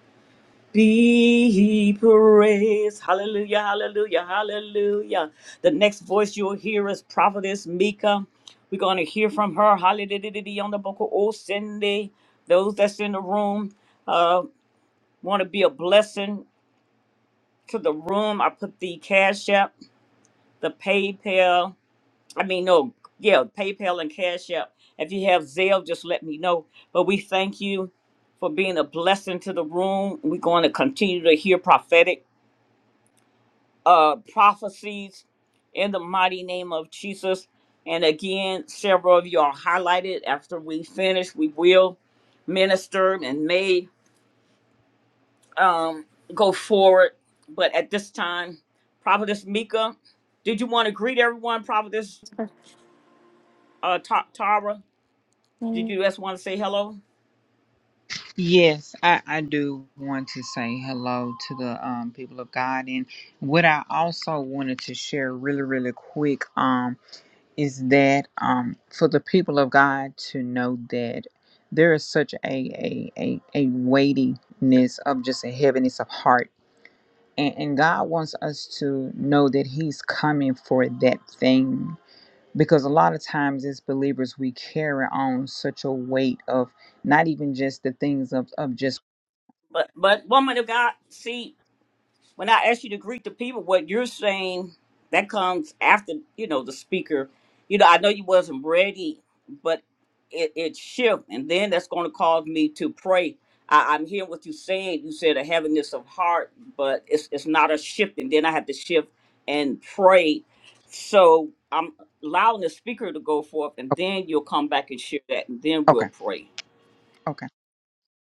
A: be praised. Hallelujah, hallelujah, hallelujah. The next voice you'll hear is Prophetess Mika. We're going to hear from her. Hallelujah on the book of Old Sunday. Those that's in the room uh, want to be a blessing to the room. I put the Cash App, the PayPal. I mean, no, yeah, PayPal and Cash App. If you have Zelle, just let me know. But we thank you for being a blessing to the room. We're going to continue to hear prophetic uh, prophecies in the mighty name of Jesus. And again, several of you are highlighted. After we finish, we will minister and May um, go forward. But at this time, Prophetess Mika, did you want to greet everyone? Prophetess uh, Ta- Tara, did you just want to say hello?
C: Yes, I I do want to say hello to the um people of God, and what I also wanted to share really really quick um is that um for the people of God to know that there is such a a a, a weightiness of just a heaviness of heart, and, and God wants us to know that He's coming for that thing because a lot of times as believers we carry on such a weight of not even just the things of, of just
A: But but woman of God, see, when I ask you to greet the people, what you're saying that comes after you know the speaker. You know, I know you wasn't ready, but it it shift, and then that's going to cause me to pray. I, I'm hearing what you're saying. You said a heaviness of heart, but it's it's not a shift, and then I have to shift and pray. So I'm allowing the speaker to go forth, and then you'll come back and share that, and then we'll
C: okay
A: pray.
C: okay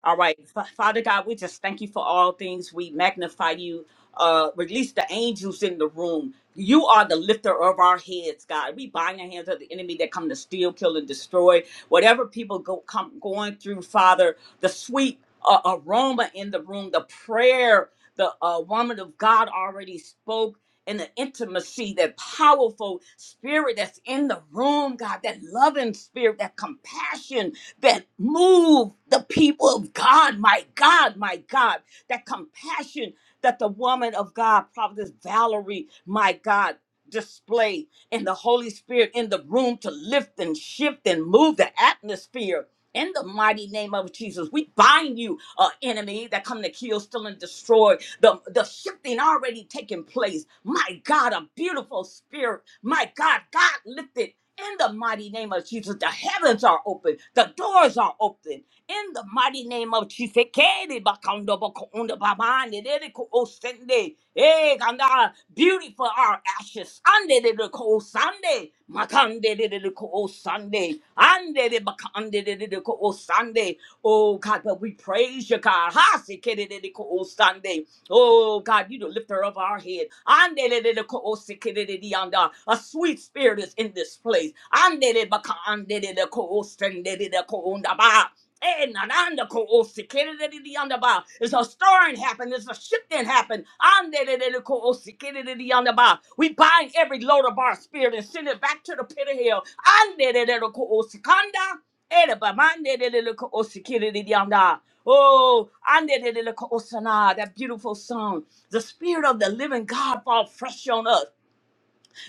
A: All right. Fa- Father God, we just thank you for all things. We magnify you. Uh, release the angels in the room. You are the lifter of our heads, God. We bind the hands of the enemy that come to steal, kill, and destroy. Whatever people go come going through, Father, the sweet uh, aroma in the room, the prayer, the uh, woman of God already spoke, and the intimacy, that powerful spirit that's in the room, God, that loving spirit, that compassion that move the people of God, my God, my God, that compassion that the woman of God, Prophetess Valerie, my God, displayed, and the Holy Spirit in the room to lift and shift and move the atmosphere. In the mighty name of Jesus, we bind you, uh, enemy that come to kill, steal, and destroy. The, the shifting already taking place. My God, a beautiful spirit. My God, God lifted in the mighty name of Jesus, the heavens are open, the doors are open. In the mighty name of Chifekede Bakondo Bakondo Babane Dedeko Osende Eh Ganda Beautiful our ashes Ande Dedeko Sunday. Makande Dedeko Osande Ande de Bakande Dedeko Sunday. Oh God but we praise you God Hasikede Dedeko Sunday. Oh God you the lifter of our head Ande Dedeko Osikede Dedianda A sweet spirit is in this place Ande de Bakande Dedeko Osende Dedeko Ondaba Eh, nananda ko osi, kidididi yandaba. There's a stirring happened. There's a shifting happened. Andedididi ko osi, kidididi yandaba. We bind every load of our spirit and send it back to the pit of hell. Andedididi ko osi, kanda. Edaba, mandedididi ko osi, kidididi yanda. Oh, andedididi ko osana, that beautiful song. The spirit of the living God fall fresh on us.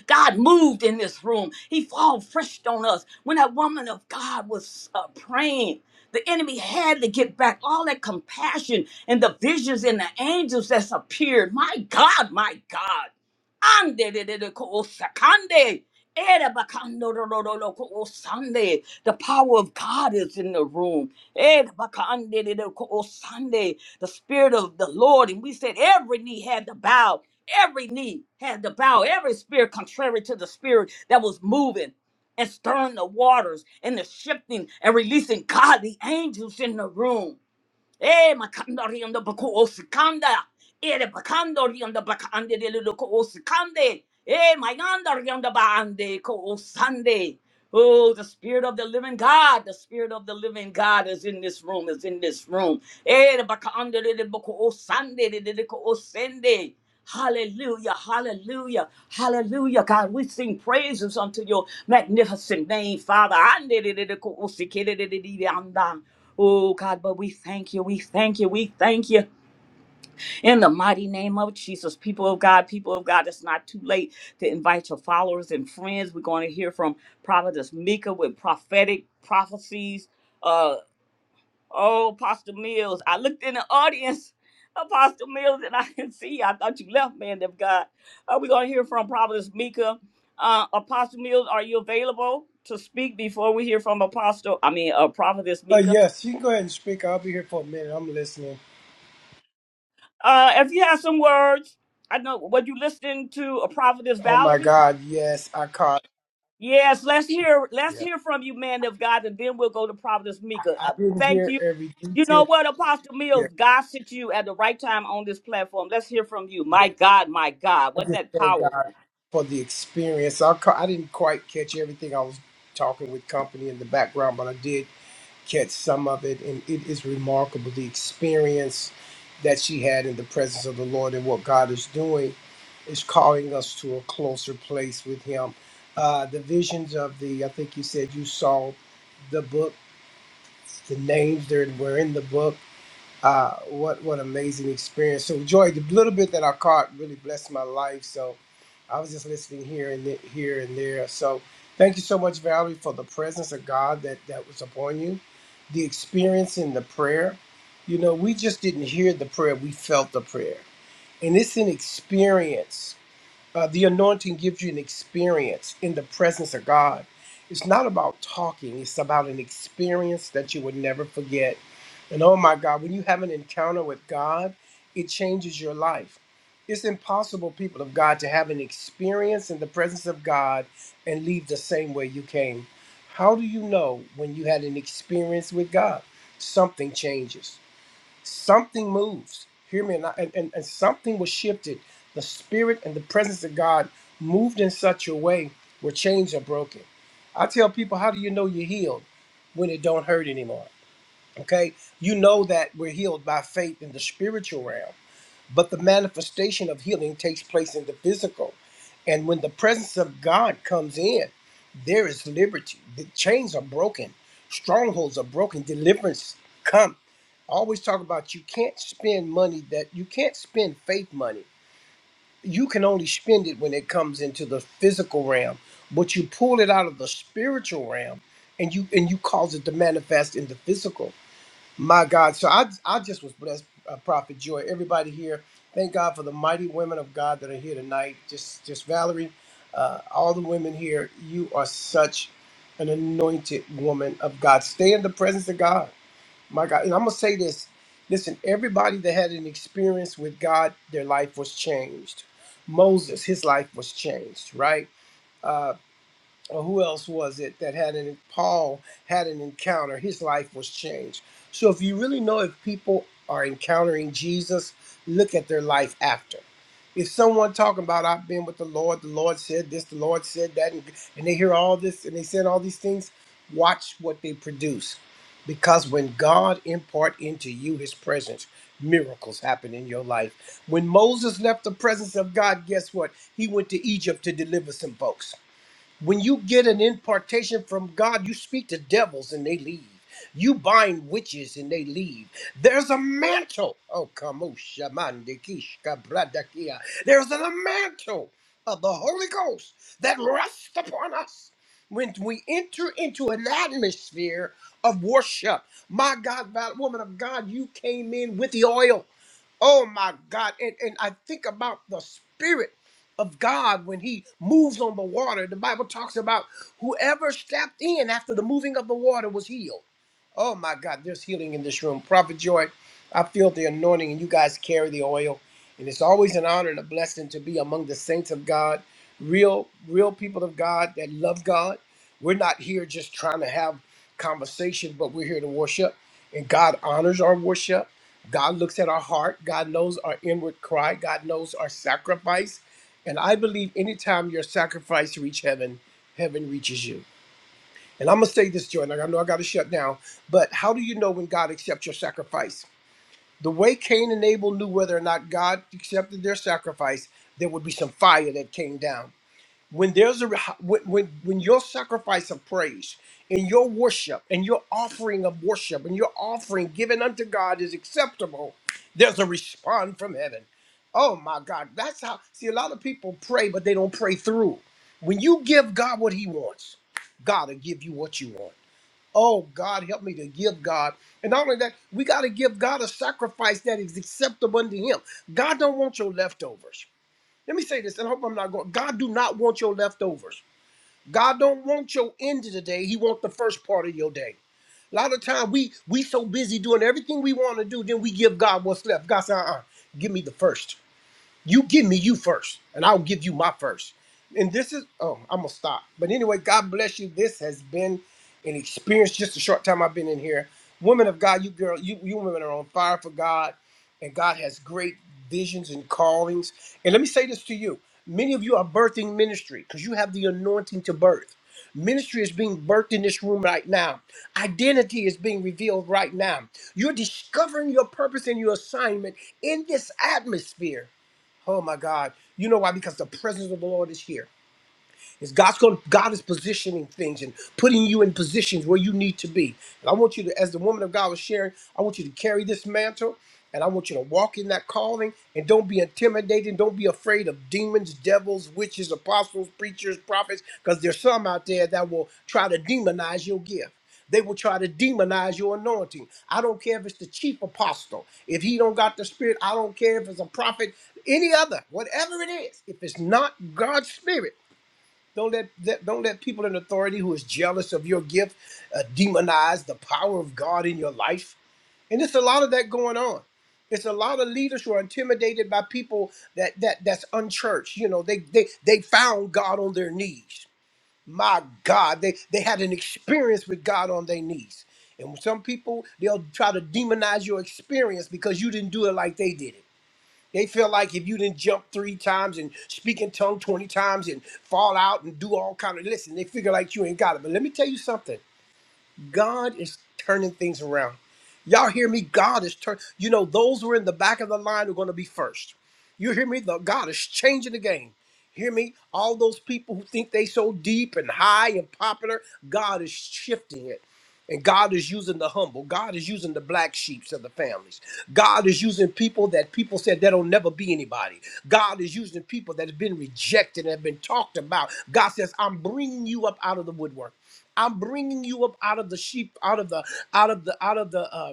A: God moved in this room. He fall fresh on us. When that woman of God was uh, praying, the enemy had to get back all that compassion and the visions and the angels that's appeared. My God, my God. Ande de de de ko o sakande. Ere bakando ro ro ro ro ko o sande. The power of God is in the room. Ere bakande de de ko o sande. The spirit of the Lord. And we said every knee had to bow Every knee had to bow, every spirit contrary to the spirit that was moving and stirring the waters and the shifting and releasing God, the angels in the room. Eh, makandari on the bako osikanda. Eh, the bakandari on the bakande de luko osikande. Eh, mayandari on the baande ko osande. Oh, the spirit of the living God, the spirit of the living God is in this room, is in this room. Eh, the baka under the the boko Sunday, the the ko o Sunday. Hallelujah, hallelujah, hallelujah. God, we sing praises unto your magnificent name, Father. Ande the the the ko o si ke the the the the the anda. Oh, God, but we thank you, we thank you, we thank you. In the mighty name of Jesus, people of God, people of God, it's not too late to invite your followers and friends. We're going to hear from Prophetess Mika with prophetic prophecies. Uh, oh, Apostle Mills, I looked in the audience, [LAUGHS] Apostle Mills, and I didn't see. you. I thought you left, man of God. Uh, we're going to hear from Prophetess Mika. Uh, Apostle Mills, are you available to speak before we hear from Apostle? I mean, uh, Prophetess
E: Uh,
A: Mika.
E: yes, you can go ahead and speak. I'll be here for a minute. I'm listening.
A: Uh, if you have some words, I know. Were you listening to a Prophetess
E: Oh my
A: Valerie?
E: God, yes, I caught.
A: Yes, let's hear let's
E: Yeah.
A: hear from you, man of God, and then we'll go to Providence Mika.
E: I, I
A: Uh,
E: didn't
A: thank
E: hear
A: you.
E: every
A: You
E: detail.
A: know what, Apostle
E: Yeah,
A: Mills, God sent you at the right time on this platform. Let's hear from you.
E: yeah.
A: My God, my God,
E: I
A: wasn't
E: just
A: that
E: thank
A: powerful?
E: God for the experience. I ca- I didn't quite catch everything. I was talking with company in the background, but I did catch some of it, and it is remarkable the experience that she had in the presence of the Lord and what God is doing is calling us to a closer place with Him. Uh, the visions of the, I think you said you saw the book, the names there were in the book. Uh, what what amazing experience! So, Joy, the little bit that I caught really blessed my life. So, I was just listening here and th- here and there. So, thank you so much, Valerie, for the presence of God that that was upon you, the experience in the prayer. You know, we just didn't hear the prayer; we felt the prayer, and it's an experience uh, the anointing gives you an experience in the presence of God. It's not about talking, it's about an experience that you would never forget. And oh my God, when you have an encounter with God, it changes your life. It's impossible, people of God, to have an experience in the presence of God and leave the same way you came. How do you know when you had an experience with God? Something changes something moves. Hear me, and, I- and, and and something was shifted. The spirit and the presence of God moved in such a way where chains are broken. I tell people, how do you know you're healed when it don't hurt anymore? Okay, you know that we're healed by faith in the spiritual realm but the manifestation of healing takes place in the physical. And when the presence of God comes in, there is liberty. The chains are broken, strongholds are broken, deliverance come. I always talk about you can't spend money that you can't spend faith money. You can only spend it when it comes into the physical realm, but you pull it out of the spiritual realm and you and you cause it to manifest in the physical. My God. So I, I just was blessed, uh, Prophet Joy. Everybody here, thank God for the mighty women of God that are here tonight. Just, just Valerie, uh, all the women here. You are such an anointed woman of God. Stay in the presence of God. My God. And I'm going to say this. Listen, everybody that had an experience with God, their life was changed. Moses, his life was changed, right? Uh, or who else was it that had an Paul had an encounter? His life was changed. So if you really know if people are encountering Jesus, look at their life after. If someone talking about I've been with the Lord, the Lord said this, the Lord said that, and, and they hear all this and they said all these things, watch what they produce. Because when God impart into you his presence, miracles happen in your life. When Moses left the presence of God, guess what? He went to Egypt to deliver some folks. When you get an impartation from God, you speak to devils and they leave. You bind witches and they leave. There's a mantle. Oh, come on, bradakia. There's a mantle of the Holy Ghost that rests upon us. When we enter into an atmosphere of worship, my God, val- woman of God, you came in with the oil. Oh my God. And, and I think about the spirit of God when he moves on the water. The Bible talks about whoever stepped in after the moving of the water was healed. Oh my God, there's healing in this room. Prophet Joy, I feel the anointing and you guys carry the oil. And it's always an honor and a blessing to be among the saints of God, real, real people of God that love God. We're not here just trying to have conversations, but we're here to worship. And God honors our worship. God looks at our heart. God knows our inward cry. God knows our sacrifice. And I believe anytime your sacrifice reach heaven, heaven reaches you. And I'm gonna say this, Jordan. like, I know I gotta shut down, but how do you know when God accepts your sacrifice? The way Cain and Abel knew whether or not God accepted their sacrifice, there would be some fire that came down when there's a when when when your sacrifice of praise and your worship and your offering of worship and your offering given unto God is acceptable, there's a response from heaven. Oh my God, that's how. See, a lot of people pray, but they don't pray through. When you give God what He wants, God will give you what you want. Oh God, help me to give God. And not only that, we got to give God a sacrifice that is acceptable unto Him. God don't want your leftovers. Let me say this, and I hope I'm not going. God do not want your leftovers. God don't want your end of the day. He wants the first part of your day. A lot of time we we so busy doing everything we want to do, then we give God what's left. God said, uh-uh, give me the first. You give me you first, and I'll give you my first. And this is oh, I'm gonna stop. But anyway, God bless you. This has been an experience. Just a short time I've been in here. Women of God, you girl, you you women are on fire for God, and God has great visions and callings. And let me say this to you: many of you are birthing ministry because you have the anointing to birth. Ministry is being birthed in this room right now. Identity is being revealed right now. You're discovering your purpose and your assignment in this atmosphere. Oh my God. You know why? Because the presence of the Lord is here. Is God's going? God is positioning things and putting you in positions where you need to be. And I want you to, as the woman of God was sharing, I want you to carry this mantle, and I want you to walk in that calling, and don't be intimidated. Don't be afraid of demons, devils, witches, apostles, preachers, prophets, because there's some out there that will try to demonize your gift. They will try to demonize your anointing. I don't care if it's the chief apostle. If he don't got the spirit, I don't care if it's a prophet, any other, whatever it is. If it's not God's spirit. Don't let, let don't let people in authority who is jealous of your gift uh, demonize the power of God in your life. And it's a lot of that going on. It's a lot of leaders who are intimidated by people that that that's unchurched. You know, they they they found God on their knees. My God, they they had an experience with God on their knees. And some people they'll try to demonize your experience because you didn't do it like they did it. They feel like if you didn't jump three times and speak in tongue 20 times and fall out and do all kind of listen, they figure like you ain't got it. But let me tell you something. God is turning things around. Y'all hear me? God is turning. You know, those who are in the back of the line are going to be first. You hear me? The, God is changing the game. Hear me? All those people who think they so deep and high and popular, God is shifting it. And God is using the humble. God is using the black sheeps of the families. God is using people that people said that'll never be anybody. God is using people that have been rejected and have been talked about. God says, "I'm bringing you up out of the woodwork. I'm bringing you up out of the sheep, out of the, out of the, out of the." uh,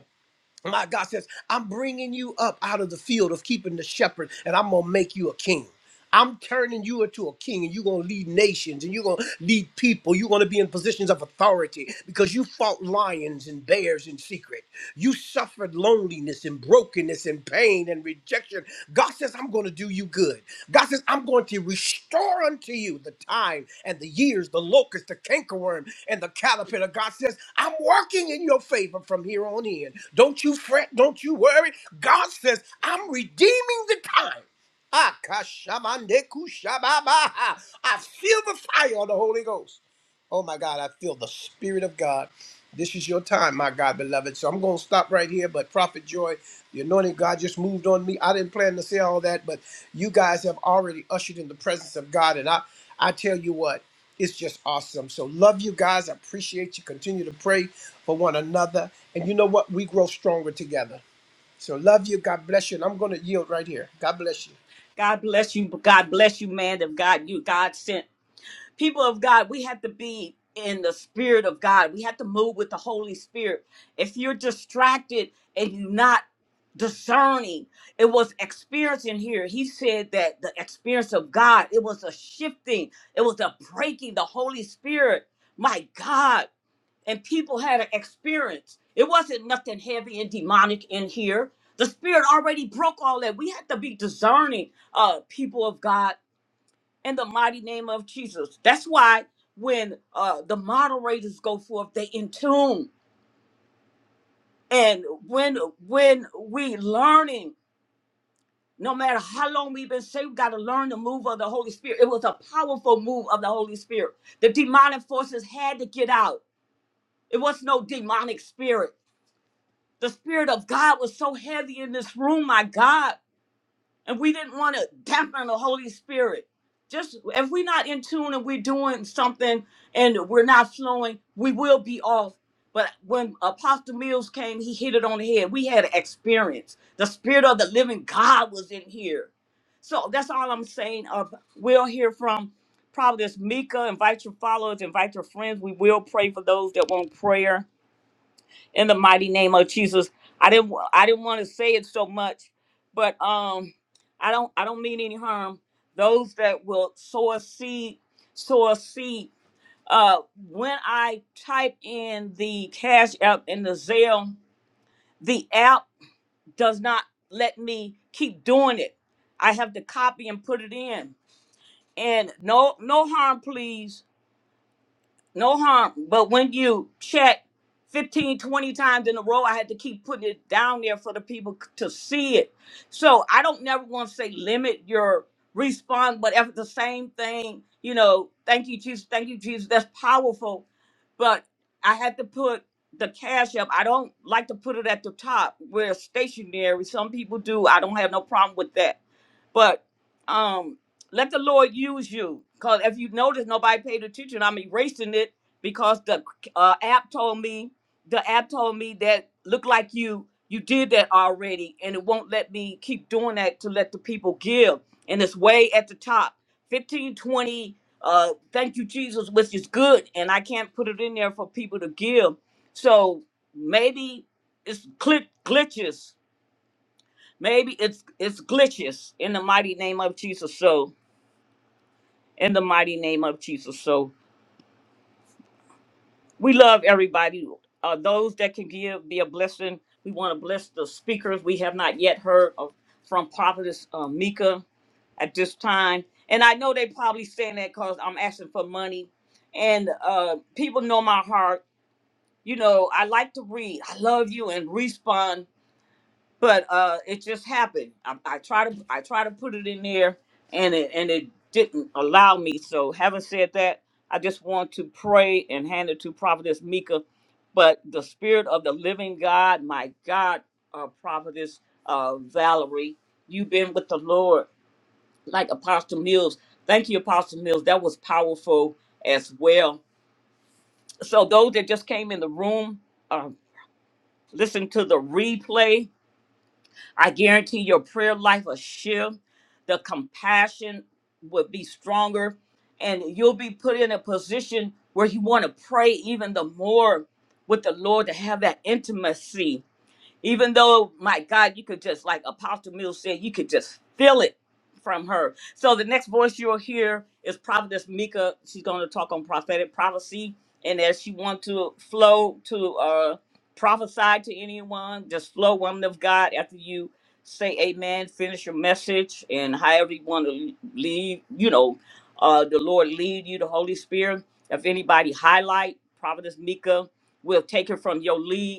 E: my God says, I'm bringing you up out of the field of keeping the shepherd, and I'm going to make you a king. I'm turning you into a king, and you're going to lead nations, and you're going to lead people. You're going to be in positions of authority because you fought lions and bears in secret. You suffered loneliness and brokenness and pain." pain and rejection. God says, I'm going to do you good. God says, I'm going to restore unto you the time and the years, the locust, the cankerworm, and the caterpillar. God says, I'm working in your favor from here on in. Don't you fret. Don't you worry. God says, I'm redeeming the time. Ah, Akashamandekushababaha. I feel the fire of the Holy Ghost. Oh my God, I feel the Spirit of God. This is your time, my God, beloved. So I'm going to stop right here. But Prophet Joy, the anointing of God just moved on me. I didn't plan to say all that, but you guys have already ushered in the presence of God. And I, I tell you what, it's just awesome. So love you guys. I appreciate you. Continue to pray for one another. And you know what? We grow stronger together. So love you. God bless you. And I'm going to yield right here. God bless you.
A: God bless you. God bless you, man of God. You God sent. people of God, we have to be in the spirit of God. We have to move with the Holy Spirit. If you're distracted and you're not discerning, it was experiencing here. He said that the experience of God, it was a shifting, it was a breaking the Holy Spirit. My God. And people had an experience. It wasn't nothing heavy and demonic in here. The spirit already broke all that. We have to be discerning, uh, people of God in the mighty name of Jesus. That's why when uh, the moderators go forth, they in tune. And when when we learning, no matter how long we've been saved, we got to learn the move of the Holy Spirit. It was a powerful move of the Holy Spirit. The demonic forces had to get out. It was no demonic spirit. The spirit of God was so heavy in this room, my God and we didn't want to dampen the Holy Spirit. Just if we're not in tune and we're doing something and we're not flowing, we will be off. But when Apostle Mills came, he hit it on the head. We had an experience. The Spirit of the Living God was in here. So that's all I'm saying. Uh, we'll hear from Providence Mika. Invite your followers, invite your friends. We will pray for those that want prayer in the mighty name of Jesus. I didn't wa- I didn't want to say it so much, but um I don't I don't mean any harm. Those that will sow a seed, sow a seed. Uh when I type in the Cash App and the Zelle, the app does not let me keep doing it. I have to copy and put it in. And no no harm please No harm. But when you check 15, 20 times in a row, I had to keep putting it down there for the people c- to see it. So I don't never want to say limit your response, but if it's the same thing, you know, thank you, Jesus, thank you, Jesus, that's powerful. But I had to put the cash up. I don't like to put it at the top where it's stationary. Some people do. I don't have no problem with that but um, let the Lord use you. Because if you notice, nobody paid attention. I'm erasing it because the uh, app told me, the app told me that look like you, you did that already. And it won't let me keep doing that to let the people give. And it's way at the top. 1520, uh, thank you, Jesus, which is good. And I can't put it in there for people to give. So maybe it's clit- glitches Maybe it's it's glitches in the mighty name of Jesus. So in the mighty name of Jesus. So we love everybody. Uh, those that can give be a blessing. We want to bless the speakers. We have not yet heard of, from Prophetess uh, Mika at this time, and I know they probably saying that because I'm asking for money, and uh, people know my heart. You know, I like to read. I love you and respond but uh it just happened I, I try to i try to put it in there and it and it didn't allow me so having said that i just want to pray and hand it to prophetess mika but the spirit of the living god my god uh prophetess uh valerie you've been with the lord like apostle mills thank you apostle mills that was powerful as well so those that just came in the room uh listen to the replay I guarantee your prayer life will shift. The compassion will be stronger, and you'll be put in a position where you want to pray even the more with the Lord to have that intimacy even though, my God, you could just, like Apostle Mills said, you could just feel it from her. So the next voice you'll hear is Prophetess Mika. She's going to talk on prophetic prophecy. And as she wants to flow to uh, prophesy to anyone, just flow, woman of God, after you say amen, finish your message, and however you want to lead, you know, uh, the Lord lead you, the Holy Spirit. If anybody highlight Prophetess Mika, we'll take her from your lead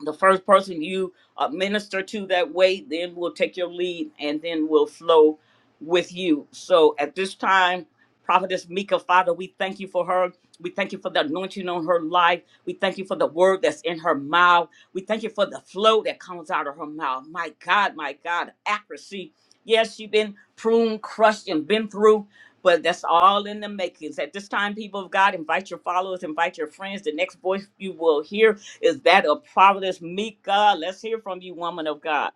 A: the first person you uh, minister to that way then will take your lead and then will flow with you so at this time prophetess mika father we thank you for her we thank you for the anointing on her life we thank you for the word that's in her mouth we thank you for the flow that comes out of her mouth my god my god accuracy yes she's been pruned crushed and been through but that's all in the makings. At this time, people of God, invite your followers, invite your friends. The next voice you will hear is that of Providence Mika. Let's hear from you, woman of God.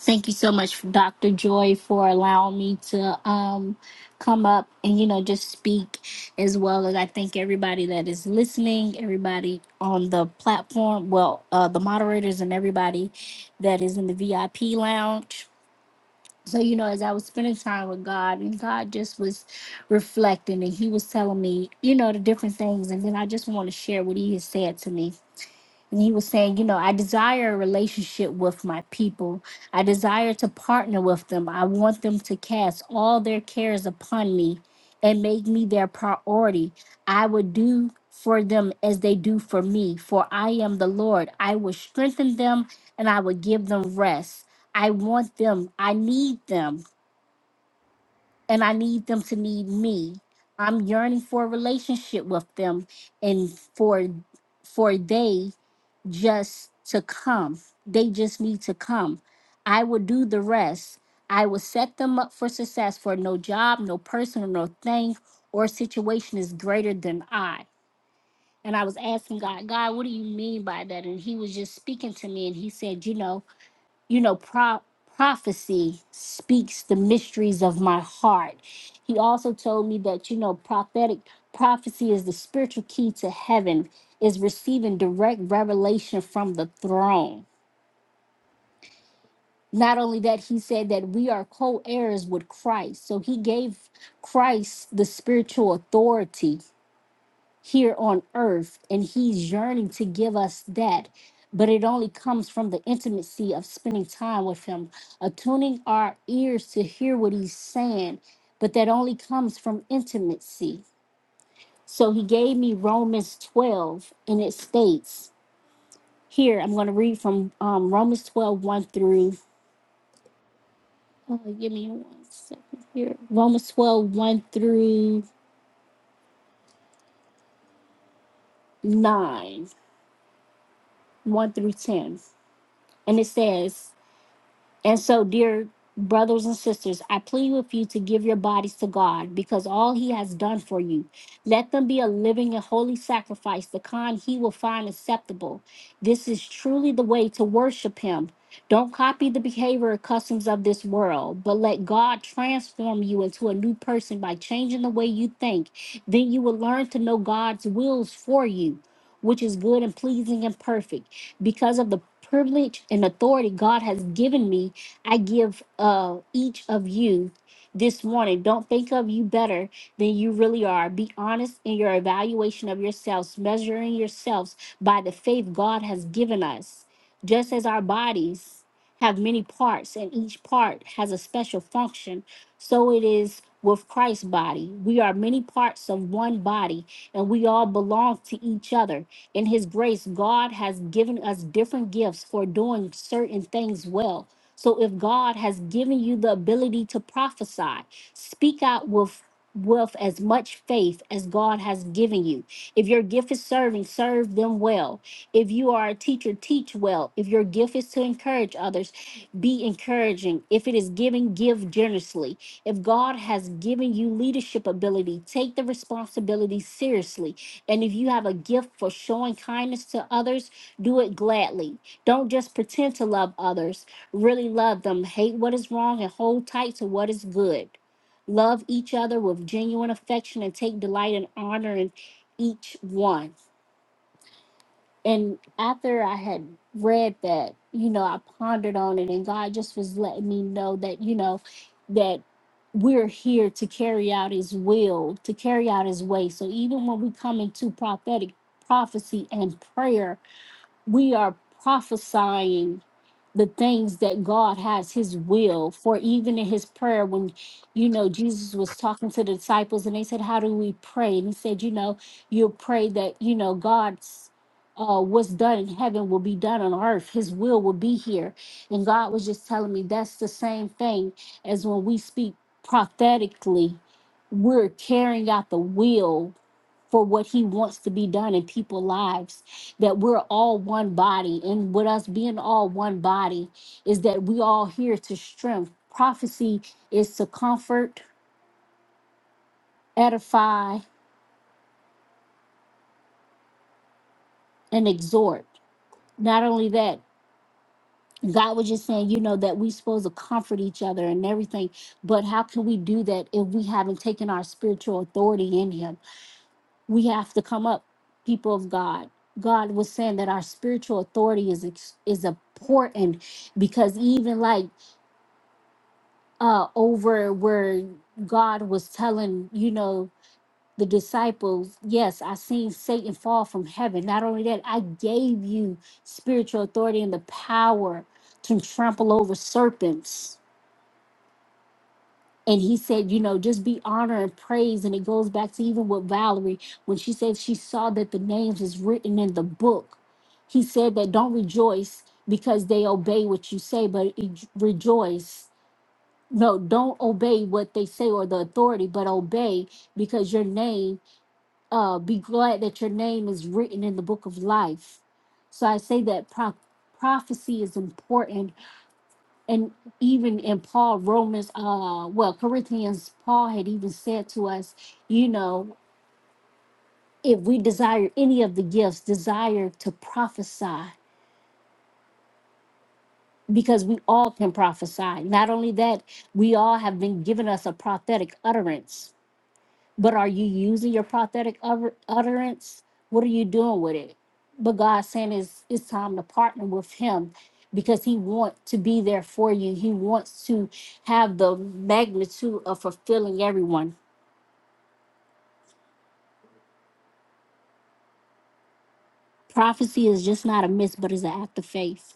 D: Thank you so much, Dr. Joy, for allowing me to um, come up and, you know, just speak as well as I thank everybody that is listening, everybody on the platform, well, uh, the moderators and everybody that is in the VIP lounge. So, you know, as I was spending time with God and God just was reflecting and he was telling me, you know, the different things. And then I just want to share what he has said to me and he was saying, you know, I desire a relationship with my people. I desire to partner with them. I want them to cast all their cares upon me and make me their priority. I would do for them as they do for me, for I am the Lord. I will strengthen them and I will give them rest. I want them. I need them. And I need them to need me. I'm yearning for a relationship with them and for for they just to come. They just need to come. I will do the rest. I will set them up for success for no job, no person, or no thing or situation is greater than I. And I was asking God, God, what do you mean by that? And he was just speaking to me and he said, you know, you know, pro- prophecy speaks the mysteries of my heart. He also told me that, you know, prophetic prophecy is the spiritual key to heaven, is receiving direct revelation from the throne. Not only that, he said that we are co heirs with Christ. So he gave Christ the spiritual authority here on earth, and He's yearning to give us that. But it only comes from the intimacy of spending time with Him, attuning our ears to hear what He's saying. But that only comes from intimacy. So He gave me Romans 12, and it states here, I'm going to read from um, Romans twelve one through, oh, give me one second here. Romans 121 through 9, 1 through 10. And it says, And so, dear brothers and sisters, I plead with you to give your bodies to God because all He has done for you. Let them be a living and holy sacrifice, the kind He will find acceptable. This is truly the way to worship Him. Don't copy the behavior and customs of this world, but let God transform you into a new person by changing the way you think. Then you will learn to know God's wills for you, which is good and pleasing and perfect. Because of the privilege and authority God has given me, I give uh, each of you this morning. Don't think of you better than you really are. Be honest in your evaluation of yourselves, measuring yourselves by the faith God has given us. Just as our bodies have many parts and each part has a special function, so it is with Christ's body. We are many parts of one body and we all belong to each other. In His grace, God has given us different gifts for doing certain things well. So if God has given you the ability to prophesy, speak out with with as much faith as God has given you. If your gift is serving, serve them well. If you are a teacher, teach well. If your gift is to encourage others, be encouraging. If it is giving, give generously. If God has given you leadership ability, take the responsibility seriously. And if you have a gift for showing kindness to others, do it gladly. Don't just pretend to love others, really love them, hate what is wrong, and hold tight to what is good. Love each other with genuine affection and take delight in honoring each one. And after I had read that, you know, I pondered on it, and God just was letting me know that, you know, that we're here to carry out His will, to carry out His way. So even when we come into prophetic prophecy and prayer, we are prophesying the things that God has his will for even in his prayer when you know Jesus was talking to the disciples and they said how do we pray and he said you know you'll pray that you know God's uh what's done in heaven will be done on earth his will will be here and God was just telling me that's the same thing as when we speak prophetically we're carrying out the will for what he wants to be done in people's lives that we're all one body. And with us being all one body, is that we all here to strength. Prophecy is to comfort, edify, and exhort. Not only that, God was just saying, you know, that we supposed to comfort each other and everything. But how can we do that if we haven't taken our spiritual authority in Him? We have to come up, people of God. God was saying that our spiritual authority is ex- is important because even like uh over where God was telling, you know, the disciples, yes, I seen Satan fall from heaven. Not only that, I gave you spiritual authority and the power to trample over serpents. And he said, you know, just be honor and praise. And it goes back to even with Valerie when she said she saw that the names is written in the book. He said that don't rejoice because they obey what you say, but e- rejoice no don't obey what they say or the authority but obey because your name uh be glad that your name is written in the book of life so i say that pro- prophecy is important and even in paul romans uh well corinthians paul had even said to us you know if we desire any of the gifts desire to prophesy because we all can prophesy not only that we all have been given us a prophetic utterance But are you using your prophetic utter- utterance? What are you doing with it? But God's saying it's, it's time to partner with Him because He wants to be there for you. He wants to have the magnitude of fulfilling everyone. Prophecy is just not a myth, but it's an act of faith.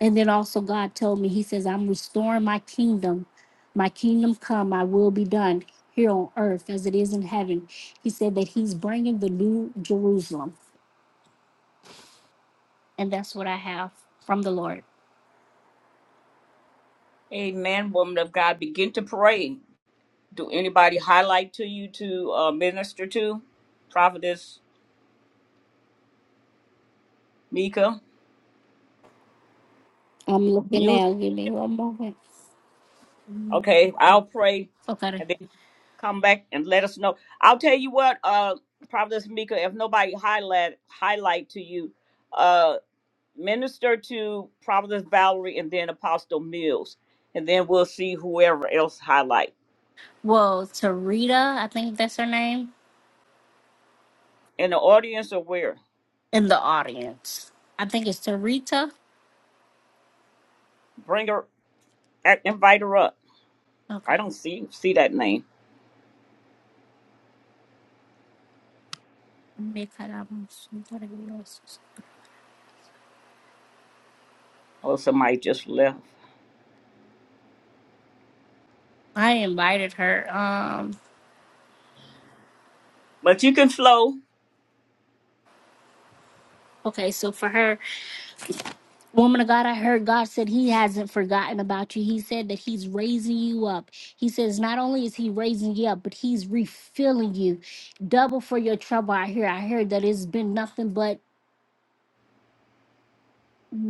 D: And then also, God told me, He says, I'm restoring my kingdom. My kingdom come, my will be done here on earth as it is in heaven. He said that He's bringing the new Jerusalem And that's what I have from the Lord.
A: Amen, woman of God. Begin to pray. Do anybody highlight to you to uh, minister to? Providence Mika.
D: I'm looking
A: You
D: now. Give me one moment.
A: okay? I'll pray,
D: Okay.
A: and then come back and let us know. I'll tell you what, uh, Providence Mika. If nobody highlight highlight to you. uh, minister to Providence Valerie and then Apostle Mills. And then we'll see whoever else highlight.
D: Well, Tarita, I think that's her name,
A: And the audience are where?
D: in the audience. I think it's Tarita.
A: Bring her, a- invite her up. I
D: Okay.
A: don't see see that name.
D: Mikaramos- Mikaramos.
A: Oh, somebody just left.
D: I invited her. Um.
A: But you can flow.
D: Okay, so for her, woman of God, I heard God said He hasn't forgotten about you. He said that He's raising you up. He says not only is He raising you up, but He's refilling you, double for your trouble. I hear. I heard that it's been nothing but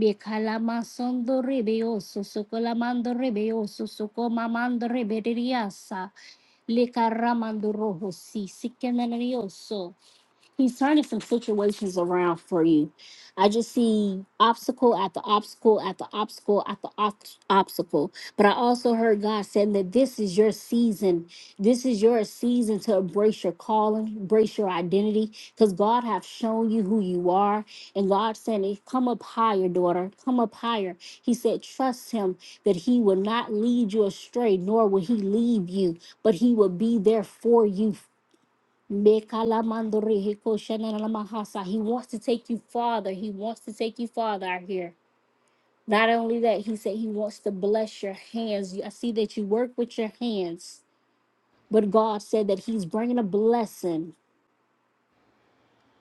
D: Bekalamasando rebeoso, socolamando rebeoso, socomamando reberiasa, le caramando rojo, si, si He's turning some situations around for you. I just see obstacle after obstacle after obstacle after ob- obstacle. But I also heard God saying that this is your season. This is your season to embrace your calling, embrace your identity, because God have shown you who you are. And God saying, "Hey, "Come up higher, daughter. Come up higher." He said, "Trust Him that He will not lead you astray, nor will He leave you, but He will be there for you Mekalamandori hikoshananamahasa. He wants to take you farther. He wants to take you farther out here. Not only that, he said he wants to bless your hands. You- I see that you work with your hands, but God said that he's bringing a blessing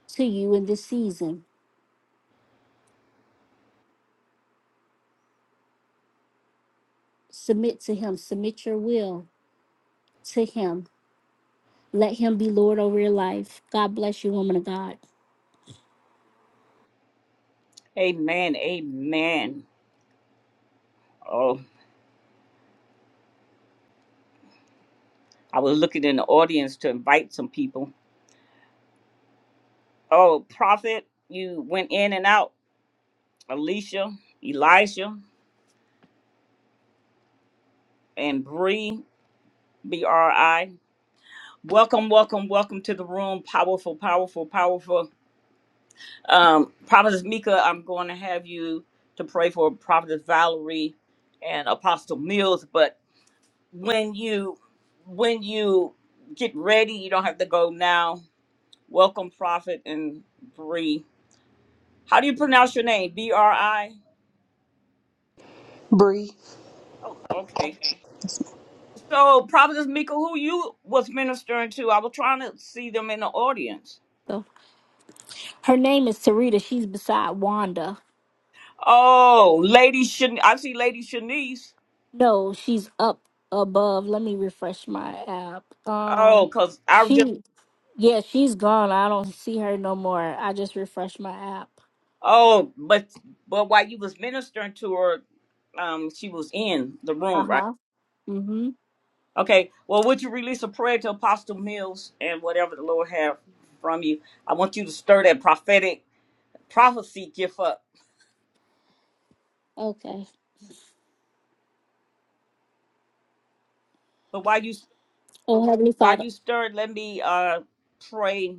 D: to you in this season. Submit to him, submit your will to him. Let him be Lord over your life. God bless you, woman of God.
A: Amen. Amen. Oh, I was looking in the audience to invite some people. Oh, Prophet, you went in and out. Alicia, Elijah, and Bree, B R I. Welcome, welcome, welcome to the room. Powerful, powerful, powerful. Um, Prophetess Mika, I'm going to have you to pray for Prophetess Valerie and Apostle Mills. But when you when you get ready, you don't have to go now. Welcome, Prophet and Bree. How do you pronounce your name? B R I.
F: Bree.
A: Oh, okay. So, Prophetess Mika, who you was ministering to? I was trying to see them in the audience.
D: So her name is Sarita. She's beside Wanda.
A: Oh, Lady Shan. I see Lady Shanice.
D: No, she's up above. Let me refresh my app. Um,
A: Oh, cause I was just
D: she, yeah, she's gone. I don't see her no more. I just refreshed my app.
A: oh, but but while you was ministering to her, um, she was in the
D: Uh
A: room, right?
D: huh. Mm hmm.
A: Okay. Well, would you release a prayer to Apostle Mills and whatever the Lord have from you? I want you to stir that prophetic prophecy gift up.
D: Okay.
A: But while you
D: Oh, Heavenly
A: while
D: Father.
A: you stir, it, let me uh pray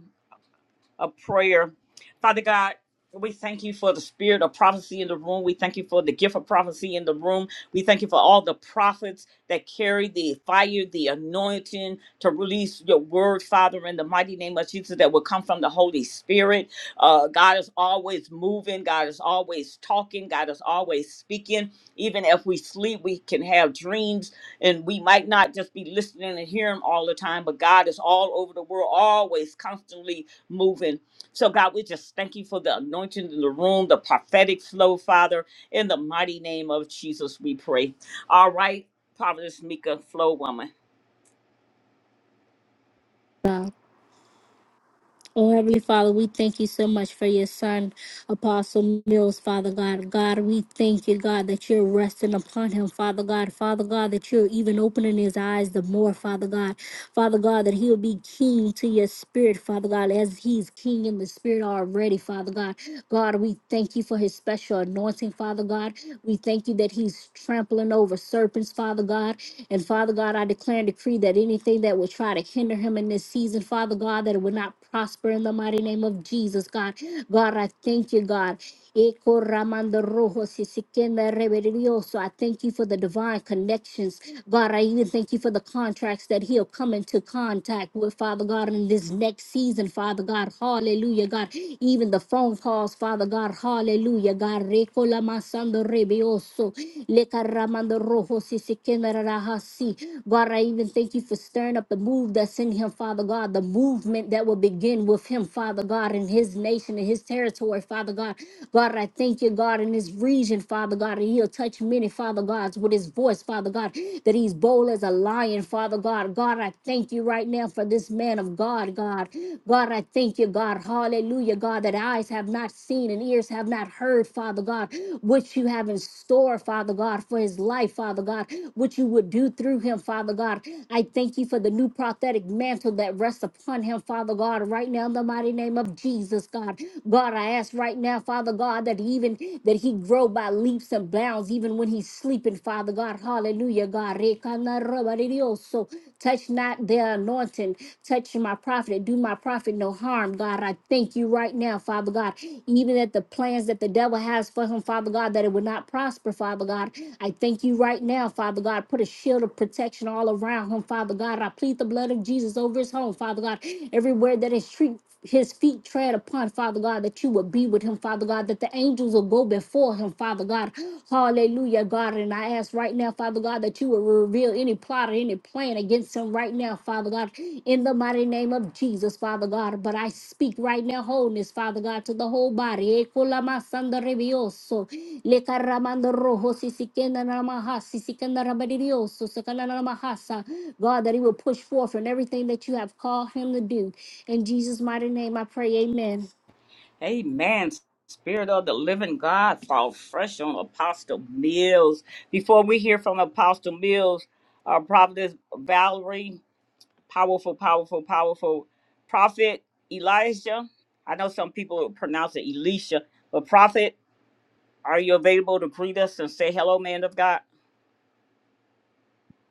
A: a prayer. Father God, we thank you for the spirit of prophecy in the room. We thank you for the gift of prophecy in the room. We thank you for all the prophets that carry the fire, the anointing to release your word, Father, in the mighty name of Jesus, that will come from the Holy Spirit. Uh, God is always moving. God is always talking. God is always speaking. Even if we sleep, we can have dreams and we might not just be listening and hearing all the time, but God is all over the world, always constantly moving. So, God, we just thank you for the anointing in the room, the prophetic flow, Father. In the mighty name of Jesus, we pray. All right, Providence Mika, flow woman.
D: Oh, Heavenly Father, we thank you so much for your son, Apostle Mills, Father God. God, we thank you, God, that you're resting upon him, Father God. Father God, that you're even opening his eyes the more, Father God. Father God, that he'll be keen to your spirit, Father God, as he's keen in the spirit already, Father God. God, we thank you for his special anointing, Father God. We thank you that he's trampling over serpents, Father God. And Father God, I declare and decree that anything that would try to hinder him in this season, Father God, that it would not prosper in the mighty name of Jesus, God. God, I thank you, God. Eko ramando rojo sisikenda reverioso. I thank you for the divine connections. God, I even thank you for the contracts that he'll come into contact with, Father God, in this next season, Father God. Hallelujah, God. Even the phone calls, Father God. Hallelujah, God. Reko lamasando rebioso. Leka ramando rojo sisikenda Yararahasi. God, I even thank you for stirring up the move that's in him, Father God, the movement that will begin with him, Father God, in his nation, in his territory, Father God. God, I thank you, God, in his region, Father God, and he'll touch many, Father Gods, with his voice, Father God, that he's bold as a lion, Father God. God, I thank you right now for this man of God, God. God, I thank you, God. Hallelujah, God, that eyes have not seen and ears ears have not heard, Father God, what you have in store, Father God, for his life, Father God, what you would do through him, Father God. I thank you for the new prophetic mantle that rests upon him, Father God, right now in the mighty name of Jesus, God. God, I ask right now, Father God, that even that he grow by leaps and bounds, even when he's sleeping, Father God. Hallelujah, God. Touch not their anointing and touch my prophet and do my prophet no harm. God, I thank you right now, Father God. Even that the plans that the devil has for him, Father God, that it would not prosper, Father God. I thank you right now, Father God. Put a shield of protection all around him, Father God. I plead the blood of Jesus over his home, Father God. Everywhere that his street his feet tread upon, Father God, that you would be with him, Father God, that the angels will go before him, Father God. Hallelujah, God. And I ask right now, Father God, that you will reveal any plot or any plan against him right now, Father God, in the mighty name of Jesus, Father God. But I speak right in their wholeness, Father God, to the whole body. E kolama sanda rebioso, le karamando rojo, sisikenda na namaha, sisikenda rabadirioso, sakana na namahasa. God, that He will push forth in everything that you have called Him to do. In Jesus' mighty name, I pray. Amen.
A: Amen. Spirit of the living God, fall fresh on Apostle Mills. Before we hear from Apostle Mills, uh, Providence Valerie, powerful, powerful, powerful prophet Elijah. I know some people pronounce it Elisha, but prophet. Are you available to greet us and say hello, man of God?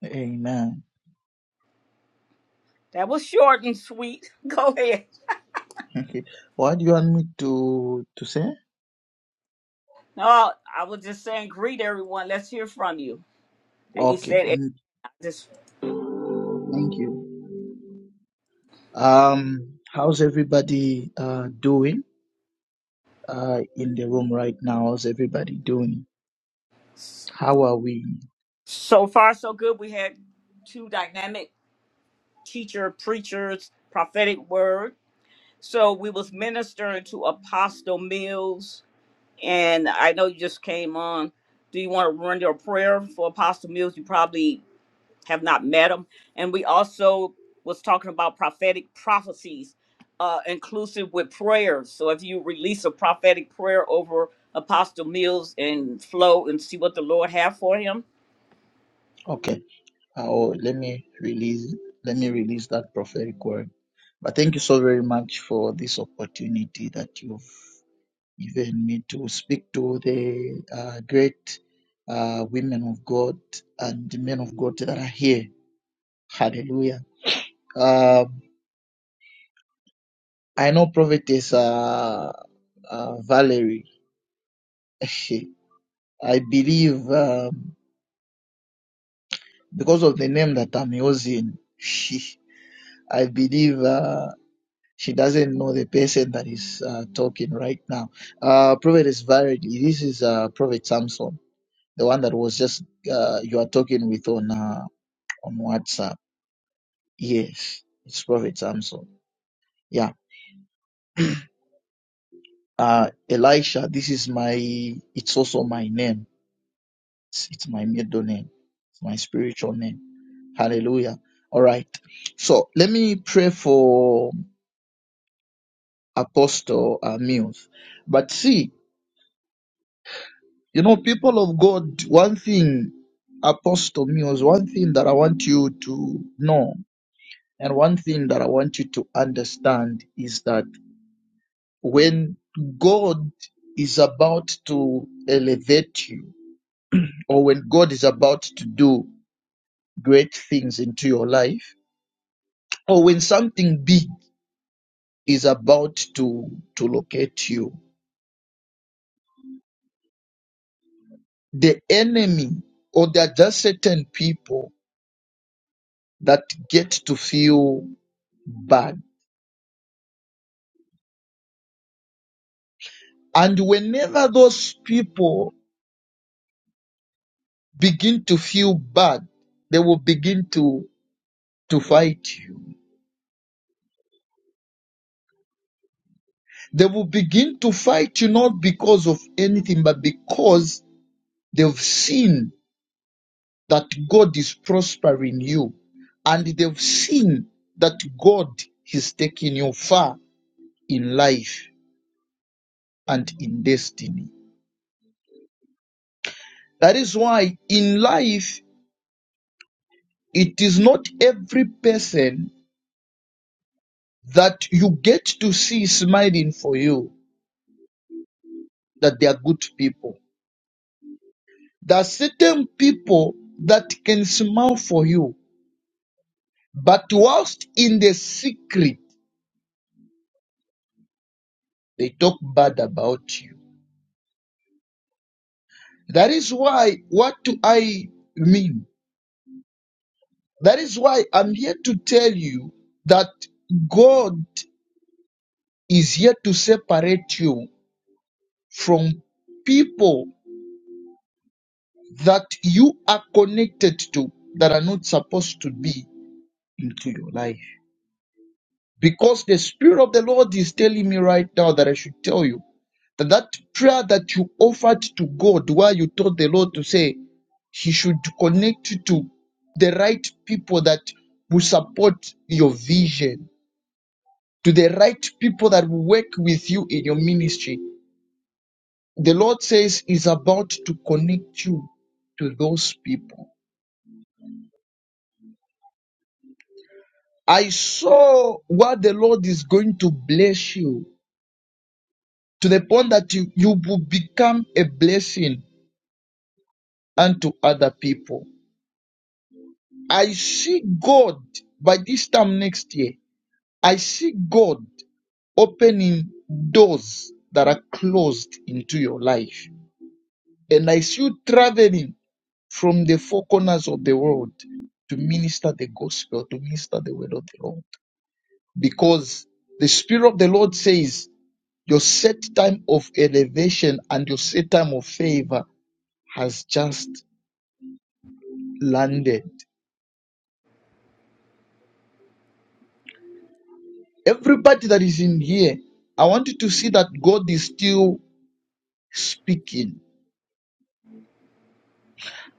G: Amen.
A: That was short and sweet. [LAUGHS] Go ahead.
G: Okay. What do you want me to to say?
A: No, I was just saying, greet everyone. Let's hear from you. And you
G: Okay.
A: said, eh,
G: Thank you.
A: just
G: Thank you. Um, how's everybody uh doing uh in the room right now? How's everybody doing?
A: s-
G: How are we?
A: so far, so good. We had two dynamic teacher, preachers, prophetic word. So we was ministering to Apostle Mills. And I know you just came on. Do you want to run your prayer for Apostle Mills? You probably have not met him. And we also was talking about prophetic prophecies, uh, inclusive with prayers. So if you release a prophetic prayer over Apostle Mills and flow and see what the Lord have for him.
G: Okay. Oh, let me release let me release that prophetic word. But thank you so very much for this opportunity that you've given me to speak to the uh, great uh, women of God and the men of God that are here. Hallelujah Uh, I know Prophetess uh, uh, Valerie. [LAUGHS] I believe um, because of the name that I'm using, [LAUGHS] I believe uh, she doesn't know the person that is uh, talking right now. Uh, Prophetess Valerie, this is uh, Prophet Samson, the one that was just uh, you are talking with on uh, on WhatsApp. Yes, it's Prophet Samson. Yeah. Uh, Elisha, this is my, it's also my name It's my middle name. It's my spiritual name. Hallelujah. All right. So let me pray for Apostle uh, Mills. But see, you know, people of God, one thing, Apostle Mills, one thing that I want you to know and one thing that I want you to understand is that when God is about to elevate you, or when God is about to do great things into your life, or when something big is about to, to locate you. The enemy, or there are just certain people that get to feel bad. And whenever those people begin to feel bad, they will begin to, to fight you. They will begin to fight you not because of anything, but because they've seen that God is prospering you. And they've seen that God is taking you far in life and in destiny. That is why in life, it is not every person that you get to see smiling for you that they are good people. There are certain people that can smile for you, but whilst in the secret, they talk bad about you. That is why, what do I mean? That is why I'm here to tell you that God is here to separate you from people that you are connected to that are not supposed to be into your life. Because the Spirit of the Lord is telling me right now that I should tell you that that prayer that you offered to God where you told the Lord to say He should connect you to the right people that will support your vision, to the right people that will work with you in your ministry. The Lord says is about to connect you to those people I saw what the Lord is going to bless you to the point that you, you will become a blessing unto other people. I see God by this time next year. I see God opening doors that are closed into your life. And I see you traveling from the four corners of the world to minister the gospel, to minister the word of the Lord. Because the Spirit of the Lord says Your set time of elevation and your set time of favor has just landed. Everybody that is in here, I want you to see that God is still speaking.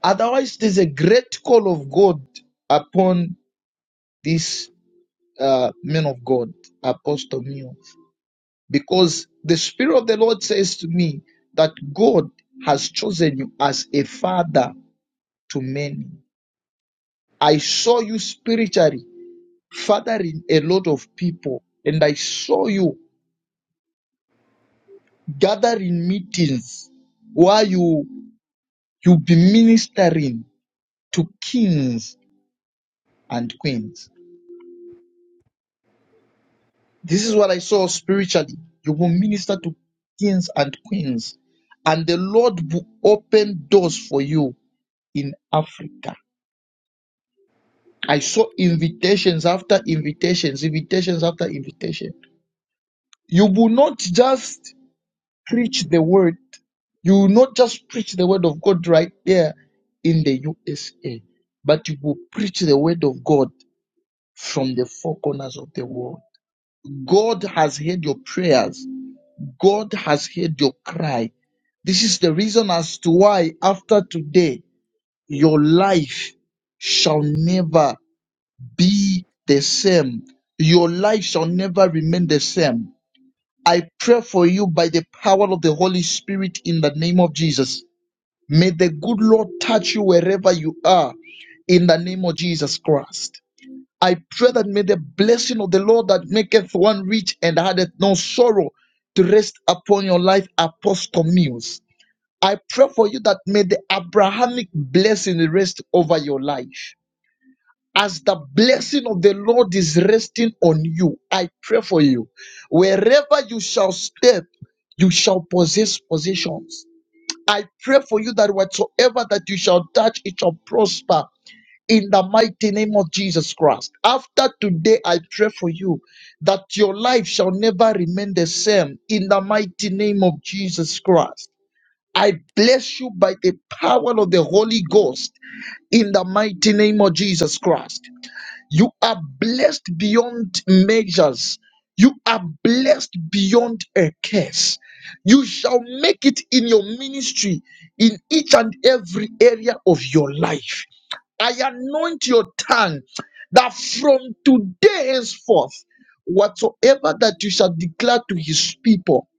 G: Otherwise, there's a great call of God upon this uh, man of God, Apostle Mio, because the Spirit of the Lord says to me that God has chosen you as a father to many. I saw you spiritually fathering a lot of people, and I saw you gathering meetings where you you be ministering to kings and queens. This is what I saw spiritually. You will minister to kings and queens, and the Lord will open doors for you in Africa. I saw invitations after invitations, invitations after invitation. You will not just preach the word, you will not just preach the word of God right there in the USA, but you will preach the word of God from the four corners of the world. God has heard your prayers. God has heard your cry. This is the reason as to why after today, your life shall never be the same. Your life shall never remain the same. I pray for you by the power of the Holy Spirit in the name of Jesus May the good Lord touch you wherever you are in the name of Jesus Christ. I pray that may the blessing of the Lord that maketh one rich and addeth no sorrow to rest upon your life, Apostle Mills. I pray for you that may the Abrahamic blessing rest over your life. As the blessing of the Lord is resting on you, I pray for you. Wherever you shall step, you shall possess possessions I pray for you that whatsoever that you shall touch, it shall prosper in the mighty name of Jesus Christ. After today, I pray for you that your life shall never remain the same in the mighty name of Jesus Christ. I bless you by the power of the Holy Ghost in the mighty name of Jesus Christ. You are blessed beyond measures. You are blessed beyond a curse. You shall make it in your ministry in each and every area of your life. I anoint your tongue that from today henceforth, whatsoever that you shall declare to his people,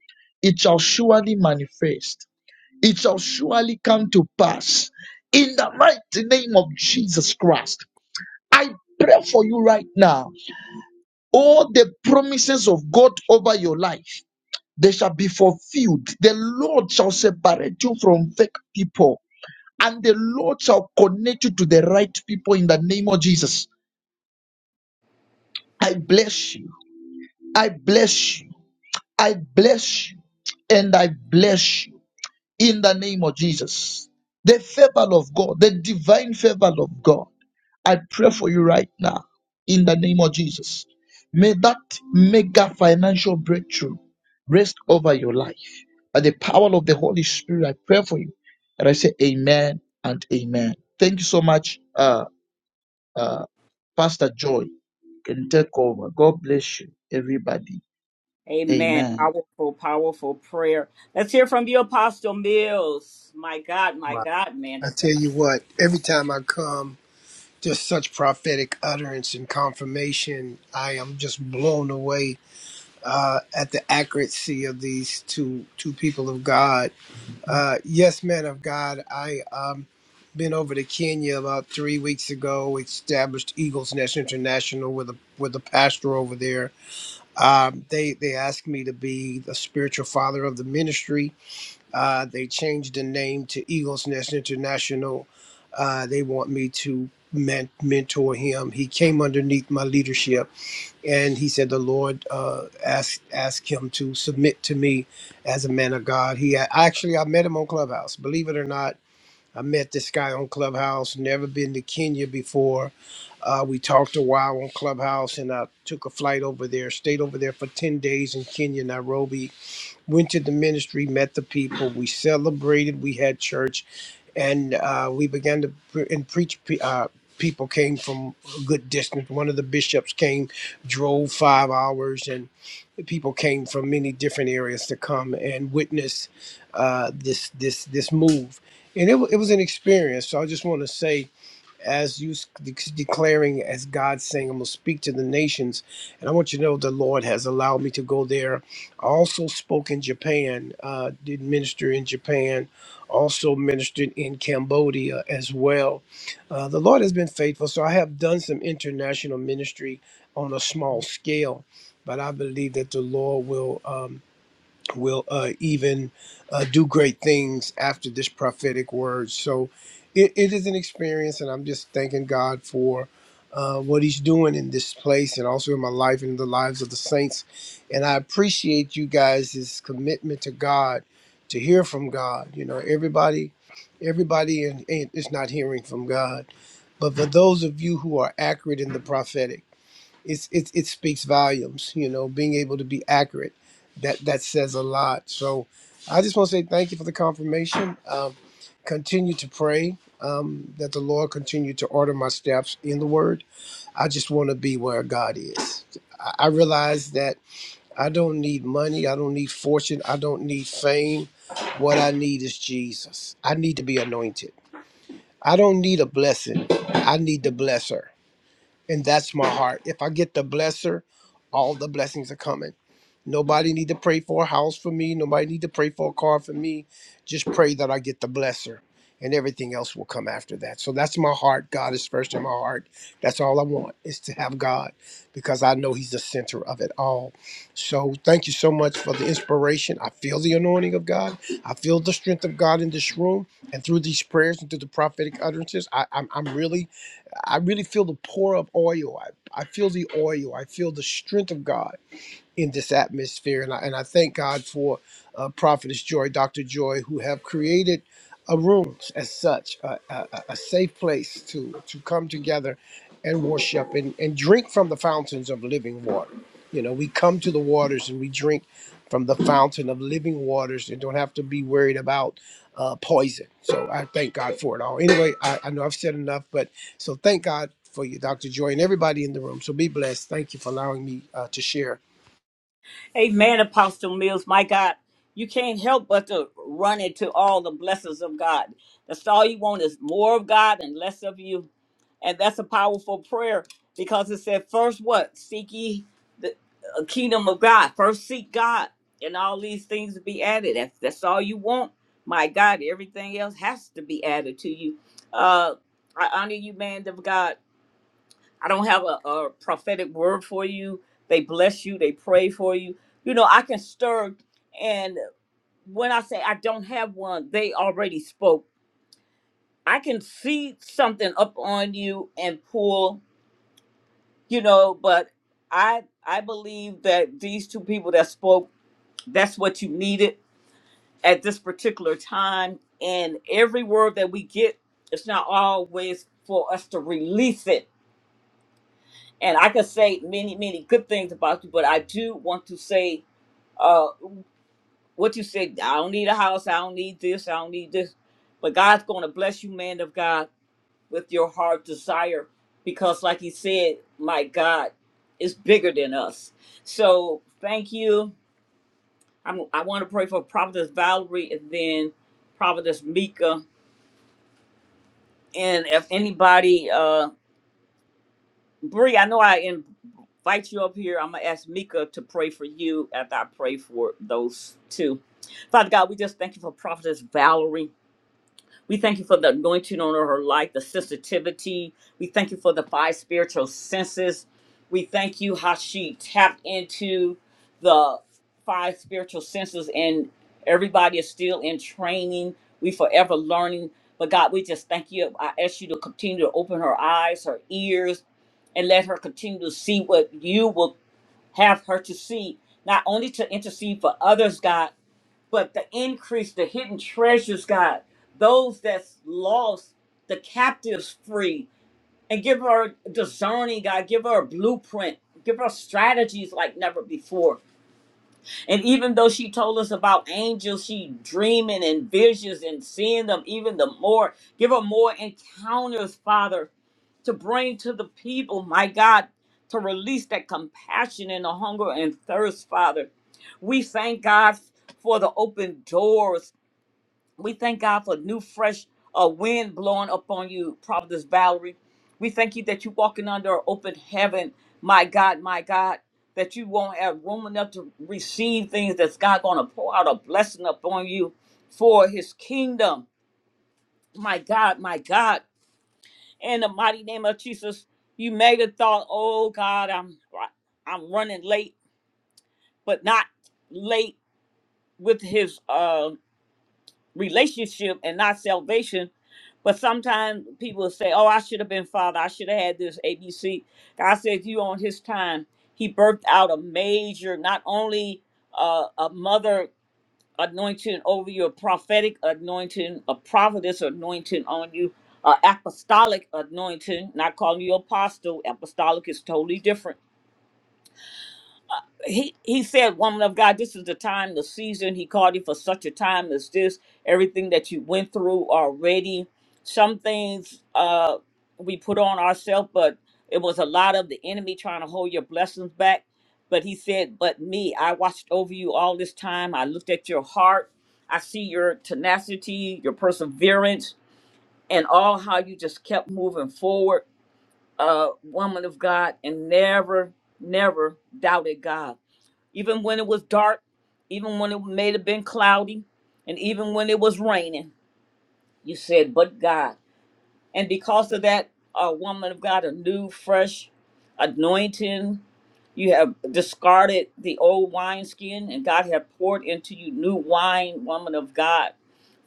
G: it shall surely manifest. It shall surely come to pass in the mighty name of Jesus Christ. I pray for you right now. All the promises of God over your life, they shall be fulfilled. The Lord shall separate you from fake people, and the Lord shall connect you to the right people in the name of Jesus. I bless you. I bless you. I bless you. And I bless you in the name of Jesus. The favor of God, the divine favor of God I pray for you right now in the name of Jesus. May that mega financial breakthrough rest over your life. By the power of the Holy Spirit, I pray for you. And I say amen and amen. Thank you so much, uh, uh, Pastor Joy. You can take over. God bless you, everybody.
A: Amen.
G: Amen.
A: Powerful, powerful prayer. Let's hear from you, Apostle Mills. My God, my
E: Wow.
A: God, man
E: I
A: of God.
E: tell you what, every time I come, just such prophetic utterance and confirmation. I am just blown away uh, at the accuracy of these two two people of God Uh, yes, man of God. I um been over to Kenya about three weeks ago. Established Eagles Nest International with a with a pastor over there. Um, they they asked me to be the spiritual father of the ministry. Uh, they changed the name to Eagles Nest International. Uh, they want me to men- mentor him. He came underneath my leadership and he said the Lord uh, asked asked him to submit to me as a man of God. He I actually I met him on Clubhouse. Believe it or not, I met this guy on Clubhouse. Never been to Kenya before. Uh, we talked a while on Clubhouse, and I took a flight over there. Stayed over there for ten days in Kenya, Nairobi, went to the ministry, met the people, we celebrated, we had church, and uh, we began to pre- and preach. pe- Uh, people came from a good distance. One of the bishops came, drove five hours, and people came from many different areas to come and witness uh, this this this move. And it, wa- it was an experience. So I just want to say as you de- declaring, as God saying, I'm going to speak to the nations. And I want you to know the Lord has allowed me to go there. I also spoke in Japan, uh, did minister in Japan, also ministered in Cambodia as well. Uh, the Lord has been faithful. So I have done some international ministry on a small scale, but I believe that the Lord will. Um, will uh, even uh, do great things after this prophetic word. So it, it is an experience, and I'm just thanking God for uh, what He's doing in this place and also in my life and in the lives of the saints. And I appreciate you guys' commitment to God, to hear from God. You know, everybody, everybody in- in- is not hearing from God. But for those of you who are accurate in the prophetic, it's it, it speaks volumes you know being able to be accurate that that says a lot so i just want to say thank you for the confirmation um, continue to pray um, that the lord continue to order my steps in the word i just want to be where god is i, I realize that i don't need money i don't need fortune i don't need fame what i need is jesus i need to be anointed i don't need a blessing i need the blesser and that's my heart. If I get the blesser, all the blessings are coming. Nobody need to pray for a house for me. Nobody need to pray for a car for me. Just pray that I get the blesser, and everything else will come after that. So that's my heart. God is first in my heart. That's all I want is to have God, because I know He's the center of it all. So thank you so much for the inspiration. I feel the anointing of God. I feel the strength of God in this room and through these prayers and through the prophetic utterances. I, I'm I'm really I really feel the pour of oil. I, I feel the oil. I feel the strength of God in this atmosphere. And I, and I thank God for uh, Prophetess Joy, Dr. Joy, who have created a room as such, a, a, a a safe place to, to come together and worship and, and drink from the fountains of living water. You know, we come to the waters and we drink from the fountain of living waters and don't have to be worried about uh, poison. So I thank God for it all. Anyway, I, I know I've said enough, but so thank God for you, Dr. Joy, and everybody in the room. So be blessed. Thank you for allowing me uh, to share
A: Amen, Apostle Mills. My God, you can't help but to run into all the blessings of God. That's all you want is more of God and less of you. And that's a powerful prayer because it said, first what? Seek ye the uh, kingdom of God. First seek God and all these things will be added. If that's all you want, my God, everything else has to be added to you. Uh, I honor you, man of God. I don't have a, a prophetic word for you. They bless you. They pray for you. You know, I can stir. And when I say I don't have one, they already spoke. I can see something up on you and pull, you know, but I I believe that these two people that spoke, that's what you needed at this particular time. And every word that we get, it's not always for us to release it and I could say many, many good things about you, but I do want to say uh, what you said. I don't need a house. I don't need this. I don't need this. But God's going to bless you, man of God, with your heart desire, because, like He said, my God is bigger than us. So thank you. I'm, I want to pray for Prophetess Valerie and then Prophetess Mika, and if anybody. Uh, Bree, I know I invite you up here. I'm going to ask Mika to pray for you after I pray for those two. Father God, we just thank you for Prophetess Valerie. We thank you for the anointing on her life, the sensitivity. We thank you for the five spiritual senses. We thank you how she tapped into the five spiritual senses, and everybody is still in training. We forever learning. But God, we just thank you. I ask you to continue to open her eyes, her ears, and let her continue to see what you will have her to see, not only to intercede for others, God, but the increase, the hidden treasures, God, those that's lost, the captives free, and give her discerning, God, give her a blueprint, give her strategies like never before. And even though she told us about angels, she dreaming and visions and seeing them even the more, give her more encounters, Father, to bring to the people, my God, to release that compassion and the hunger and thirst, Father. We thank God for the open doors we thank God for new, fresh uh, wind blowing upon you, Providence Valerie. We thank you that you're walking under an open heaven, my God, my God, that you won't have room enough to receive things that's God going to pour out a blessing upon you for his kingdom. My God, my God. In the mighty name of Jesus, you may have thought, oh God, I'm I'm running late, but not late with his uh, relationship and not salvation. But sometimes people will say, "Oh, I should have been father. I should have had this ABC." God said, "You on His time." He birthed out a major, not only uh, a mother anointing over you, a prophetic anointing, a prophetess anointing on you, a apostolic anointing. Not calling you apostle. Apostolic is totally different he he said, "Woman of God, this is the time, the season. He called you for such a time as this. Everything that you went through already. Some things uh, we put on ourselves, but it was a lot of the enemy trying to hold your blessings back. But he said, "But me, I watched over you all this time. I looked at your heart. I see your tenacity, your perseverance, and all how you just kept moving forward, uh, woman of God, and never, never doubted God." even when it was dark, even when it may have been cloudy, and even when it was raining. You said, but God. And because of that, a woman of God, a new, fresh anointing. You have discarded the old wineskin, and God have poured into you new wine, woman of God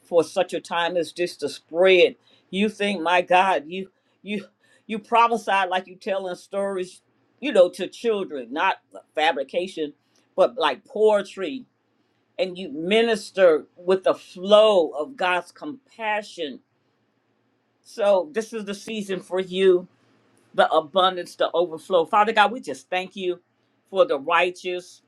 A: for such a time as this to spread. You think, my God, you you you prophesied like you telling stories, you know, to children, not fabrication, but like poetry, and you minister with the flow of God's compassion. So this is the season for you, the abundance, the overflow. Father God, we just thank you for the righteous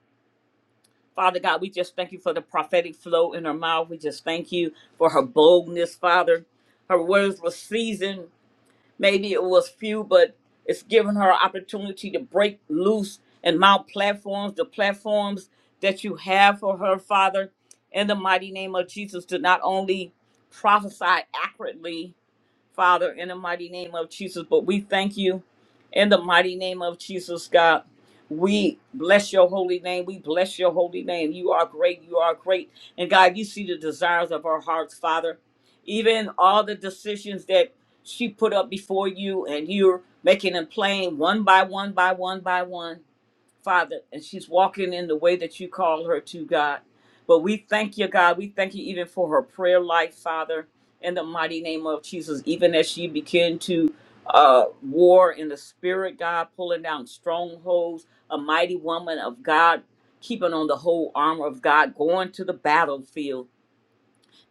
A: Father God, we just thank you for the prophetic flow in her mouth. We just thank you for her boldness, Father. Her words were seasoned. Maybe it was few, but it's given her opportunity to break loose and mount platforms, the platforms that you have for her, Father. In the mighty name of Jesus, to not only prophesy accurately, Father, in the mighty name of Jesus. But we thank you in the mighty name of Jesus, God. We bless your holy name. We bless your holy name. You are great. You are great. And God, you see the desires of our hearts, Father. Even all the decisions that she put up before you, and you're making them plain one by one, by one, by one. Father, and she's walking in the way that you call her to, God. But we thank you, God. We thank you even for her prayer life, Father, in the mighty name of Jesus, even as she began to uh, war in the spirit, God, pulling down strongholds, a mighty woman of God, keeping on the whole armor of God, going to the battlefield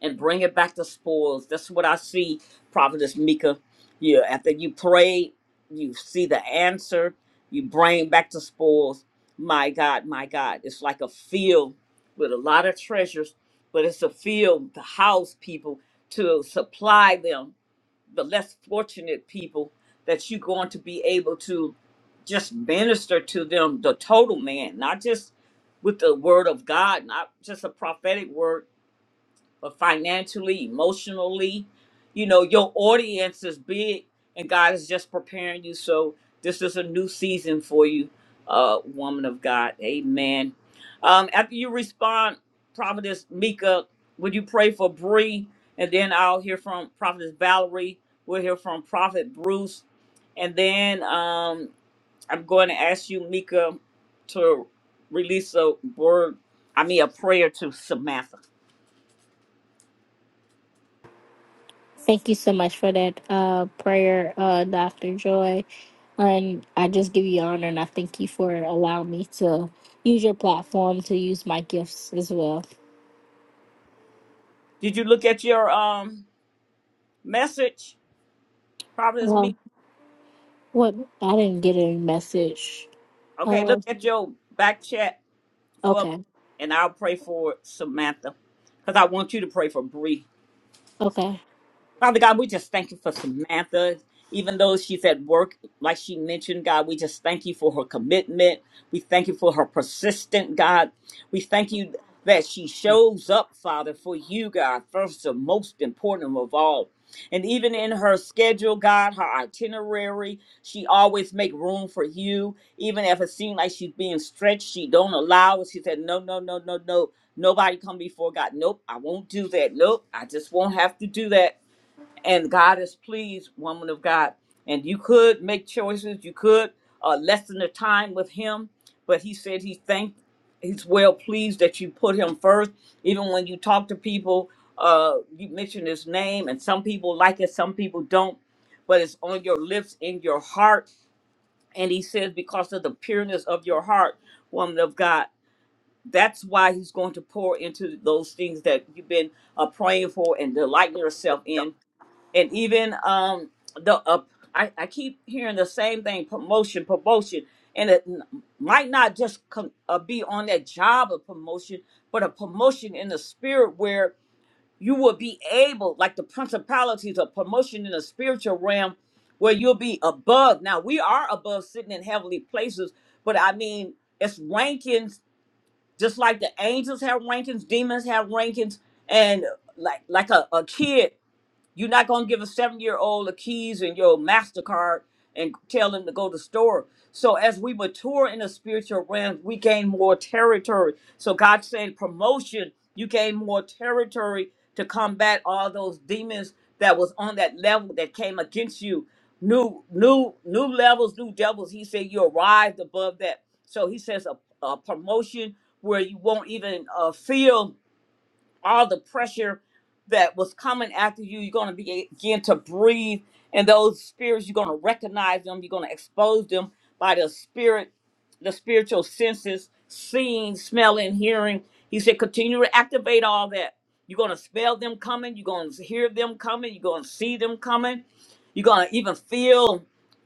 A: and bring it back to spoils. That's what I see, Prophetess Mika. Yeah, after you pray, you see the answer, you bring back the spoils. My God, my God, it's like a field with a lot of treasures, but it's a field to house people, to supply them, the less fortunate people that you're going to be able to just minister to them, the total man, not just with the word of God, not just a prophetic word, but financially, emotionally, you know, your audience is big and God is just preparing you. So this is a new season for you, uh, woman of God. Amen. Um, after you respond, Prophetess Mika, would you pray for Bree? And then I'll hear from Prophetess Valerie. We'll hear from Prophet Bruce. And then um, I'm going to ask you, Mika, to release a word, I mean, a prayer to Samantha.
D: Thank you so much for that uh, prayer, uh, Dr. Joy. And I just give you honor and I thank you for allowing me to use your platform to use my gifts as well.
A: Did you look at your um message? Providence me.
D: Well, what I didn't get a message
A: Okay, look
D: Oh,
A: at your back chat for, a moment,
D: okay,
A: and I'll pray for Samantha, because I want you to pray for Bree.
D: okay.
A: Father God, we just thank you for Samantha. Even though she's at work, like she mentioned, God, we just thank you for her commitment. We thank you for her persistent, God. We thank you that she shows up, Father, for you, God, first and most important of all. And even in her schedule, God, her itinerary, she always make room for you. Even if it seems like she's being stretched, she don't allow it. She said, no, no, no, no, no. Nobody come before God. Nope, I won't do that. Nope, I just won't have to do that and God is pleased, woman of God. And you could make choices, you could uh, lessen the time with Him, but He said He thanked, He's well pleased that you put Him first. Even when you talk to people, uh, you mention His name, and some people like it, some people don't, but it's on your lips, in your heart. And He says, because of the pureness of your heart, woman of God. That's why he's going to pour into those things that you've been uh, praying for and delighting yourself in and even um the uh, I, I keep hearing the same thing promotion promotion and it n- might not just com- uh, be on that job of promotion but a promotion in the spirit where you will be able like the principalities of promotion in the spiritual realm where you'll be above now we are above sitting in heavenly places but i mean it's rankings just like the angels have rankings demons have rankings and like like a, a kid you're not gonna give a seven year old the keys and your MasterCard and tell them to go to store. So as we mature in the spiritual realm, we gain more territory. So God said promotion, you gain more territory to combat all those demons that was on that level that came against you. New, new, new levels, new devils. He said you arrived above that. So he says a, a promotion where you won't even uh, feel all the pressure that was coming after you. You're going to begin to breathe, and those spirits, you're going to recognize them. You're going to expose them by the spirit, the spiritual senses, seeing, smelling, hearing. He said, continue to activate all that. You're going to smell them coming. You're going to hear them coming. You're going to see them coming. You're going to even feel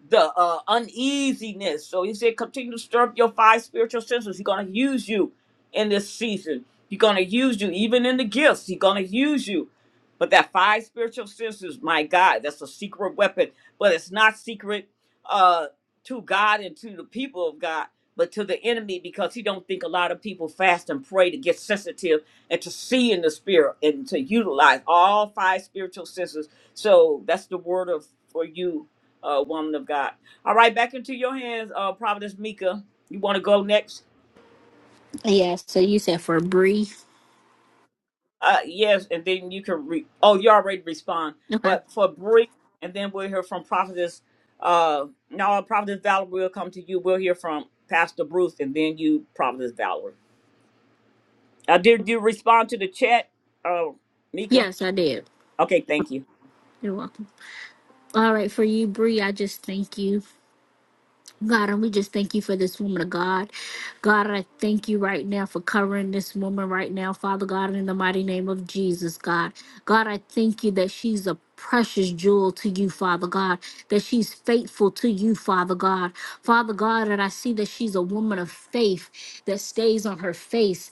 A: the uh, uneasiness. So he said, continue to stir up your five spiritual senses. He's going to use you in this season He's gonna use you, even in the gifts. He's gonna use you. But that five spiritual senses, my God, that's a secret weapon. But it's not secret uh, to God and to the people of God, but to the enemy because he don't think a lot of people fast and pray to get sensitive and to see in the spirit and to utilize all five spiritual senses. So that's the word of for you, uh, woman of God. All right, back into your hands, uh, Providence Mika. You want to go next?
D: Yeah, so you said for Bree.
A: Uh, yes, and then you can re. Oh, you already respond,
D: Okay.
A: but for brief, and then we'll hear from prophetess. Uh, no, prophetess Valerie will come to you. We'll hear from Pastor Bruce, and then you, prophetess Valerie. Uh, did you respond to the chat, uh, Mika?
D: Yes, I did.
A: Okay, thank you.
D: You're welcome. All right, for you, Bree, I just thank you. God, and we just thank you for this woman of God. God, I thank you right now for covering this woman right now, Father God, in the mighty name of Jesus, God. God, I thank you that she's a precious jewel to you, Father God, that she's faithful to you, Father God. Father God, and I see that she's a woman of faith that stays on her face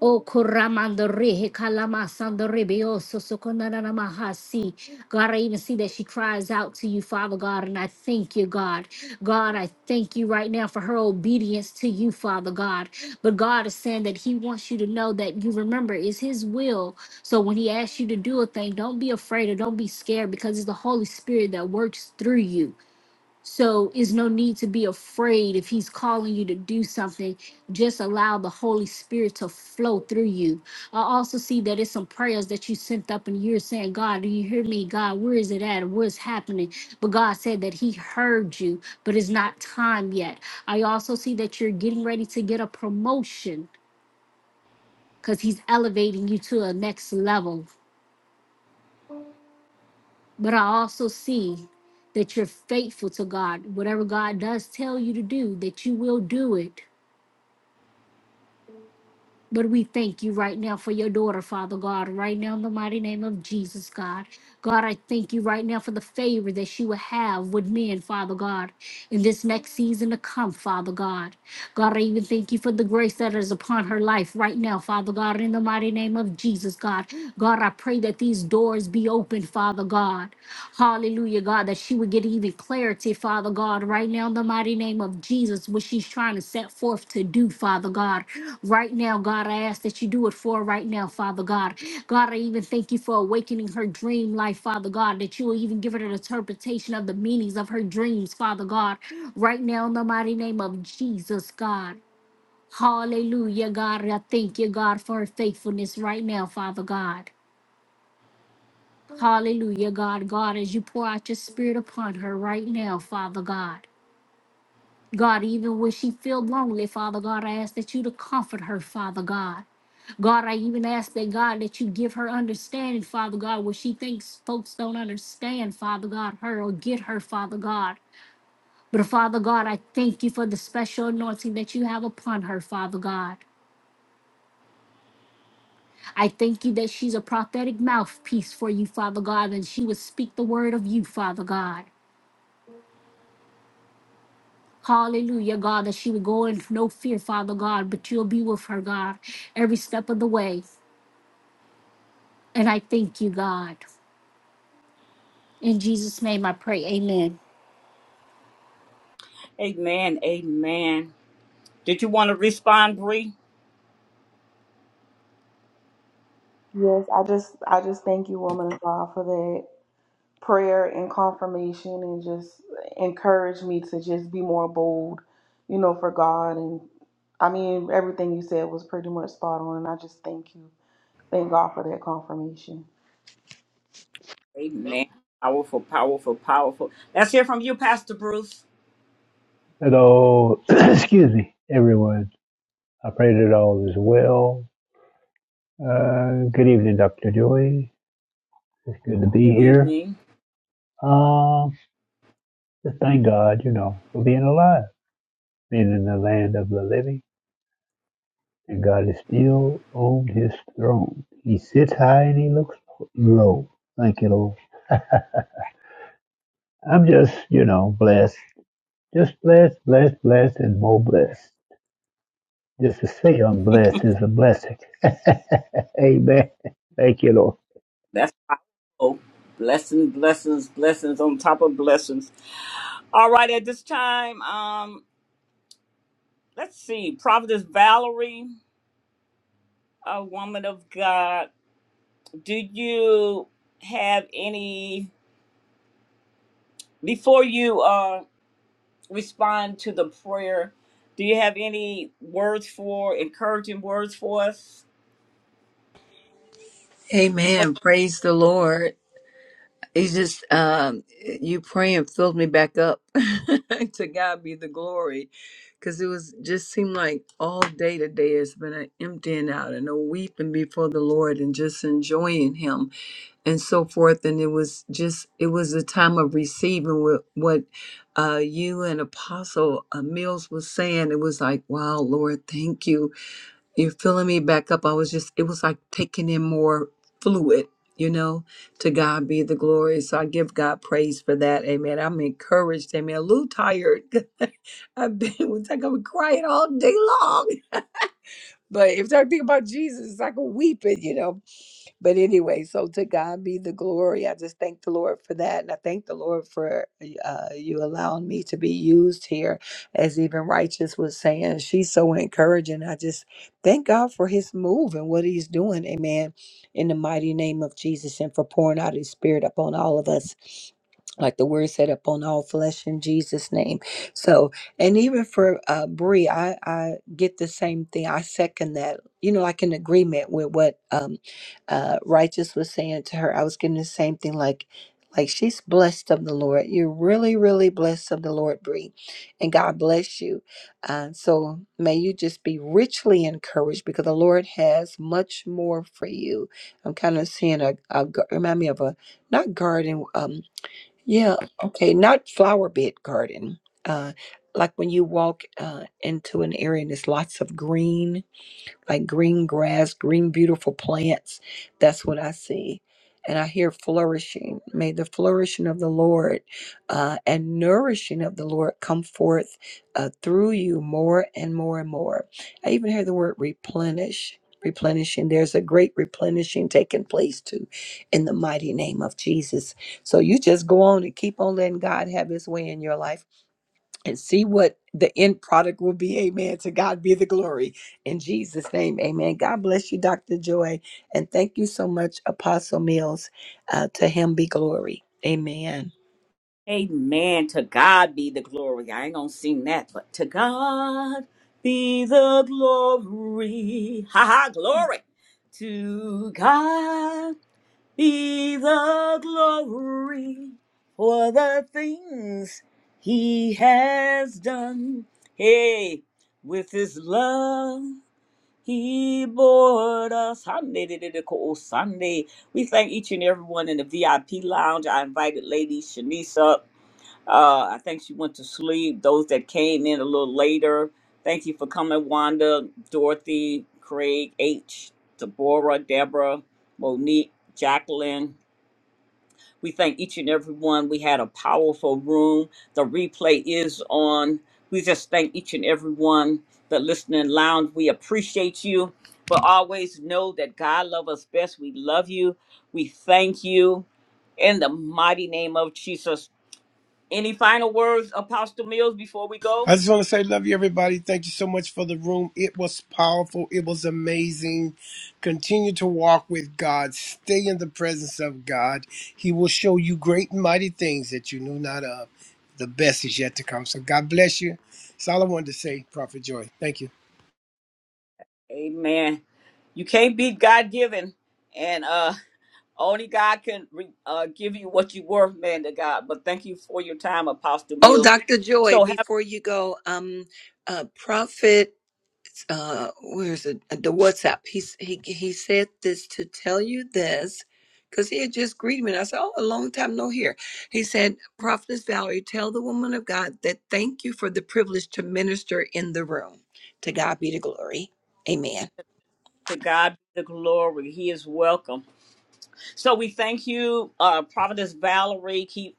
D: O Kuramandore, Hekalama Sandorebe, O Sosokonanamahasi. God, I even see that she cries out to you, Father God, and I thank you, God. God, I thank you right now for her obedience to you, Father God. But God is saying that He wants you to know that you remember is His will. So when He asks you to do a thing, don't be afraid or don't be scared because it's the Holy Spirit that works through you. So is no need to be afraid if he's calling you to do something. Just allow the Holy Spirit to flow through you. I also see that it's some prayers that you sent up and you're saying, God, do you hear me? God, where is it at? What's happening? But God said that he heard you, but it's not time yet. I also see that you're getting ready to get a promotion because he's elevating you to a next level. But I also see that you're faithful to God. Whatever God does tell you to do, that you will do it But we thank you right now for your daughter, Father God, right now in the mighty name of Jesus, God. God, I thank you right now for the favor that she will have with men, Father God, in this next season to come, Father God. God, I even thank you for the grace that is upon her life right now, Father God, in the mighty name of Jesus, God. God, I pray that these doors be open, Father God. Hallelujah, God, that she would get even clarity, Father God, right now in the mighty name of Jesus, what she's trying to set forth to do, Father God. Right now, God, I ask that you do it for her right now, Father God. God, I even thank you for awakening her dream life, Father God, that you will even give her an interpretation of the meanings of her dreams, Father God. Right now, in the mighty name of Jesus, God. Hallelujah, God. I thank you, God, for her faithfulness right now, Father God. Hallelujah, God. God, as you pour out your spirit upon her right now, Father God. God, even when she feel lonely, Father God, I ask that you to comfort her, Father God. God, I even ask that God that you give her understanding, Father God, where she thinks folks don't understand, Father God, her or get her, Father God. But Father God, I thank you for the special anointing that you have upon her, Father God. I thank you that she's a prophetic mouthpiece for you, Father God, and she would speak the word of you, Father God. Hallelujah, God, that she would go in no fear, Father God, but you'll be with her, God, every step of the way. And I thank you, God. In Jesus' name I pray. Amen.
A: Amen. Amen. Did you want to respond, Bree?
F: Yes, I just I just thank you, woman of God, for that prayer and confirmation and just encourage me to just be more bold, you know, for God and I mean everything you said was pretty much spot on and I just thank you. Thank God for that confirmation.
A: Amen. Powerful, powerful, powerful. Let's hear from you, Pastor Bruce.
H: that all, [CLEARS THROAT] excuse me, everyone. I pray that all is well. Uh, good evening, Dr. Joy. It's good to be
A: Good
H: here.
A: evening.
H: Um, just thank God, you know, for being alive, being in the land of the living. And God is still on his throne. He sits high and he looks low. Thank you, Lord. I'm just, you know, blessed. Just blessed, blessed, blessed, and more blessed. Just to say I'm blessed is a blessing. [LAUGHS] Amen. Thank you, Lord.
A: That's powerful. Blessings, blessings, blessings on top of blessings. All right, at this time, um, let's see. Prophetess Valerie, a woman of God, do you have any before you uh respond to the prayer, do you have any words for encouraging words for us?
B: Amen. Praise the Lord. He's just um, you praying filled me back up. [LAUGHS] to God be the glory, because it was just seemed like all day today has been an emptying out and a weeping before the Lord and just enjoying Him and so forth. And it was just it was a time of receiving what what uh, you and Apostle uh, Mills was saying. It was like, wow, Lord, thank you you're filling me back up. I was just, it was like taking in more fluid, you know? To God be the glory. So I give God praise for that. Amen. I'm encouraged. Amen. A little tired. [LAUGHS] I've been, it's like I'm crying all day long. [LAUGHS] But if I think about Jesus, it's like I'm weeping, you know? But anyway, so to God be the glory. I just thank the Lord for that. And I thank the Lord for uh, you allowing me to be used here, as even Righteous was saying. She's so encouraging. I just thank God for his move and what he's doing. Amen. In the mighty name of Jesus and for pouring out his spirit upon all of us like the word said upon all flesh in jesus name so and even for uh brie i i get the same thing i second that you know like an agreement with what um, uh, righteous was saying to her i was getting the same thing like like she's blessed of the lord you're really really blessed of the lord Bree, and god bless you uh, so may you just be richly encouraged because the lord has much more for you i'm kind of seeing a, a gar- remind me of a not garden um yeah okay not flower bed garden uh like when you walk uh, into an area and there's lots of green like green grass, green, beautiful plants. That's what I see. And I hear flourishing. May the flourishing of the Lord uh, and nourishing of the Lord come forth uh, through you more and more and more. I even hear the word replenish, replenishing. There's a great replenishing taking place too in the mighty name of Jesus. So you just go on and keep on letting God have his way in your life and see what the end product will be. Amen. To God be the glory. In Jesus' name, amen. God bless you, Dr. Joy. And thank you so much, Apostle Mills. Uh, to him be glory. Amen.
A: Amen. To God be the glory. I ain't gonna sing that, but to God be the glory. Ha ha, glory. To God be the glory for the things he has done. Hey, with his love, he bored us. Sunday. We thank each and everyone in the VIP lounge. I invited Lady Shanice up. Uh, I think she went to sleep. Those that came in a little later, thank you for coming, Wanda, Dorothy, Craig, H, Deborah, Deborah, Monique, Jacqueline, we thank each and every one. We had a powerful room. The replay is on. We just thank each and every one that listening lounge. We appreciate you. But always know that God loves us best. We love you. We thank you in the mighty name of Jesus. Any final words, Apostle Mills, before we go?
E: I just want to say, love you, everybody. Thank you so much for the room. It was powerful. It was amazing. Continue to walk with God. Stay in the presence of God. He will show you great and mighty things that you knew not of. The best is yet to come. So God bless you. That's all I wanted to say, Prophet Joy. Thank you.
A: Amen. You can't be God given, and uh, only God can re- uh, give you what you worth, man to God. But thank you for your time, Apostle
B: Oh,
A: Mills.
B: Dr. Joy,
A: So have.
B: before you go, um, uh, Prophet uh where's it the WhatsApp. He he he said this to tell you this because he had just greeted me. And I said, Oh, a long time no here. He said, Prophetess Valerie, tell the woman of God that thank you for the privilege to minister in the room. To God be the glory. Amen.
A: To God be the glory. He is welcome. So we thank you, uh, Prophetess Valerie. Keep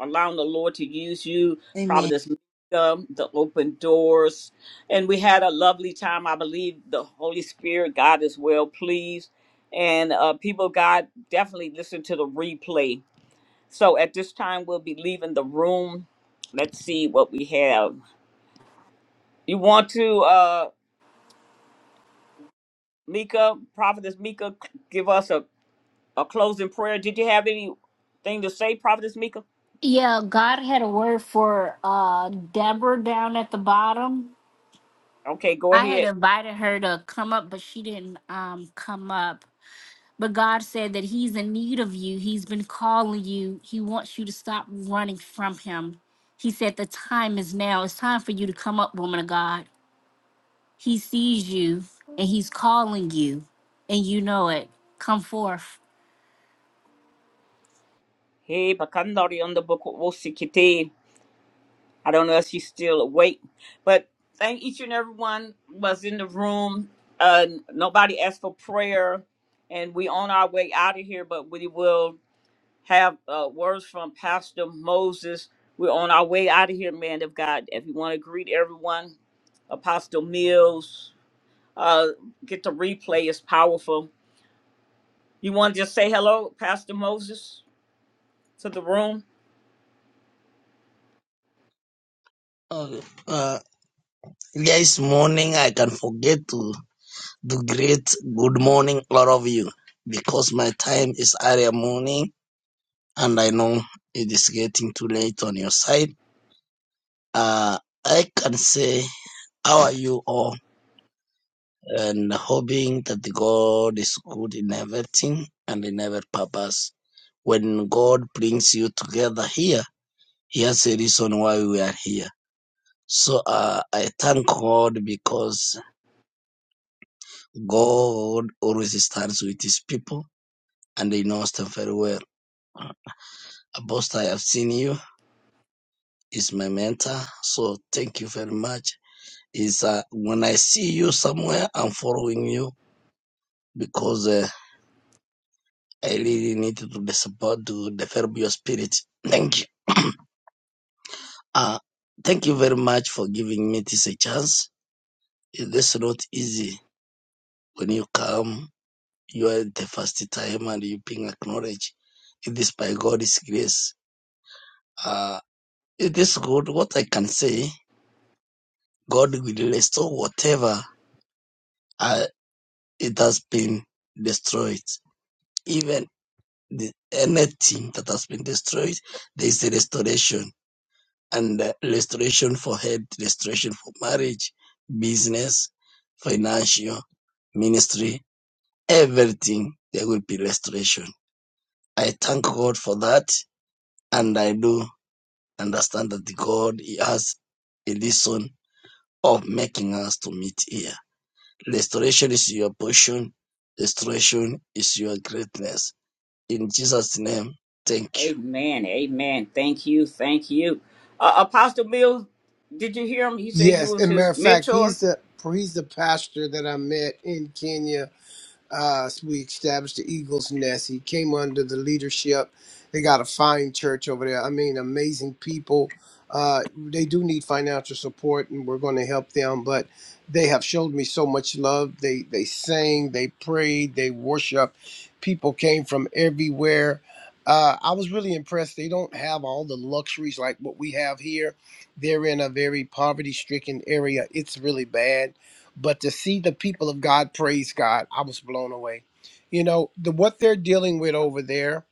A: allowing the Lord to use you, Prophetess Mika, the open doors. And we had a lovely time. I believe the Holy Spirit, God is well pleased. And uh, people, of God, definitely listen to the replay. So at this time, we'll be leaving the room. Let's see what we have. You want to, uh, Mika, Prophetess Mika, give us a a closing prayer. Did you have anything to say, Prophetess Mika?
D: Yeah, God had a word for uh Deborah down at the bottom.
A: Okay, go
D: I had
A: ahead.
D: invited her to come up, but she didn't um come up. But God said that He's in need of you. He's been calling you. He wants you to stop running from Him. He said the time is now. It's time for you to come up, woman of God. He sees you and he's calling you and you know it. Come forth.
A: Hey, Bakandari on the book Wosikite. I don't know if she's still awake, but thank each and everyone was in the room. Uh, nobody asked for prayer, and we on our way out of here. But we will have uh, words from Pastor Moses. We're on our way out of here, man of God. If you want to greet everyone, Apostle Mills, uh, get the replay. It's powerful You want to just say hello, Pastor Moses, to the room?
I: Uh, uh, yes, morning I can forget to do great good morning all of you because my time is early morning and I know it is getting too late on your side. Uh, I can say how are you all and hoping that the God is good in everything and in every purpose. When God brings you together here, he has a reason why we are here. So uh, I thank God because God always starts with his people, and he knows them very well. Apostle, I have seen you. He's my mentor, so thank you very much. Is uh, when I see you somewhere, I'm following you because uh, I really need to do the support to develop your spirit. Thank you. Uh, thank you very much for giving me this a chance. It is not easy when you come. You are the first time and you being acknowledged. It is by God's grace. Uh, It is good. What I can say, God will restore whatever uh, it has been destroyed. Even the, anything that has been destroyed, there is a restoration. And uh, restoration for health, restoration for marriage, business, financial, ministry, everything, there will be restoration. I thank God for that. And I do understand that the God, He has a lesson of making us to meet here. Restoration is your portion. Restoration is your greatness. In Jesus' name, thank you.
A: Amen. Amen. Thank you. Thank you. Uh, Apostle Bill, did you hear him? He said you
E: Yes,
A: was
E: and matter
A: his
E: of fact,
A: mentor.
E: he's the he's the pastor that I met in Kenya As we established the Eagles Nest. He came under the leadership. They got a fine church over there. I mean, amazing people. Uh, they do need financial support, and we're going to help them. But they have showed me so much love. They they sang, they prayed, they worship. People came from everywhere. Uh, I was really impressed. They don't have all the luxuries like what we have here. They're in a very poverty-stricken area. It's really bad but to see the people of God praise God, I was blown away. You know, the what they're dealing with over there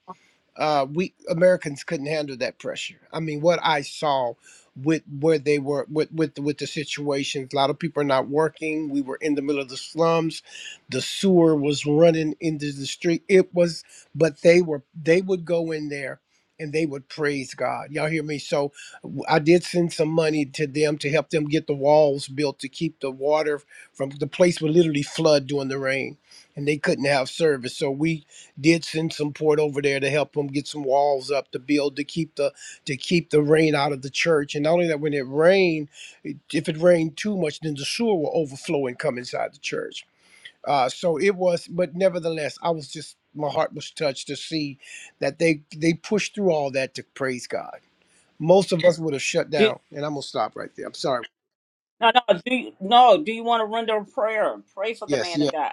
E: uh, we Americans couldn't handle that pressure. I mean, what I saw with where they were with with with the situations. A lot of people are not working. We were in the middle of the slums. The sewer was running into the street. It was, but they were they would go in there and they would praise God. Y'all hear me? So w- I did send some money to them to help them get the walls built to keep the water from the place would literally flood during the rain and they couldn't have service. So we did send some port over there to help them get some walls up to build to keep the to keep the rain out of the church. And not only that, when it rained, it- if it rained too much, then the sewer will overflow and come inside the church. Uh, so it was, but nevertheless, I was just my heart was touched to see that they they pushed through all that to praise God. Most of us would have shut
A: Did,
E: down, and I'm gonna stop right there. I'm sorry.
A: no, no. Do you, no? Do you want to render a prayer? Pray for the
E: Yes,
A: man
E: yes.
A: of God.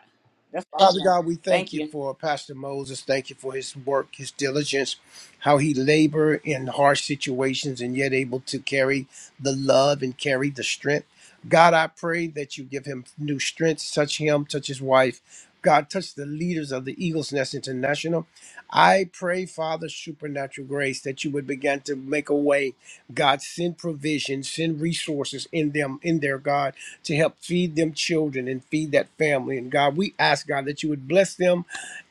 A: That's all I'm
E: Father
A: doing.
E: God, we thank
A: Thank
E: you
A: you.
E: for Pastor Moses. Thank you for his work, his diligence, how he labored in harsh situations and yet able to carry the love and carry the strength. God, I pray that you give him new strength, touch him, touch his wife. God, touch the leaders of the Eagles Nest International. I pray, Father, supernatural grace, that you would begin to make a way. God, send provision, send resources in them, in their God to help feed them children and feed that family. And God, we ask God that you would bless them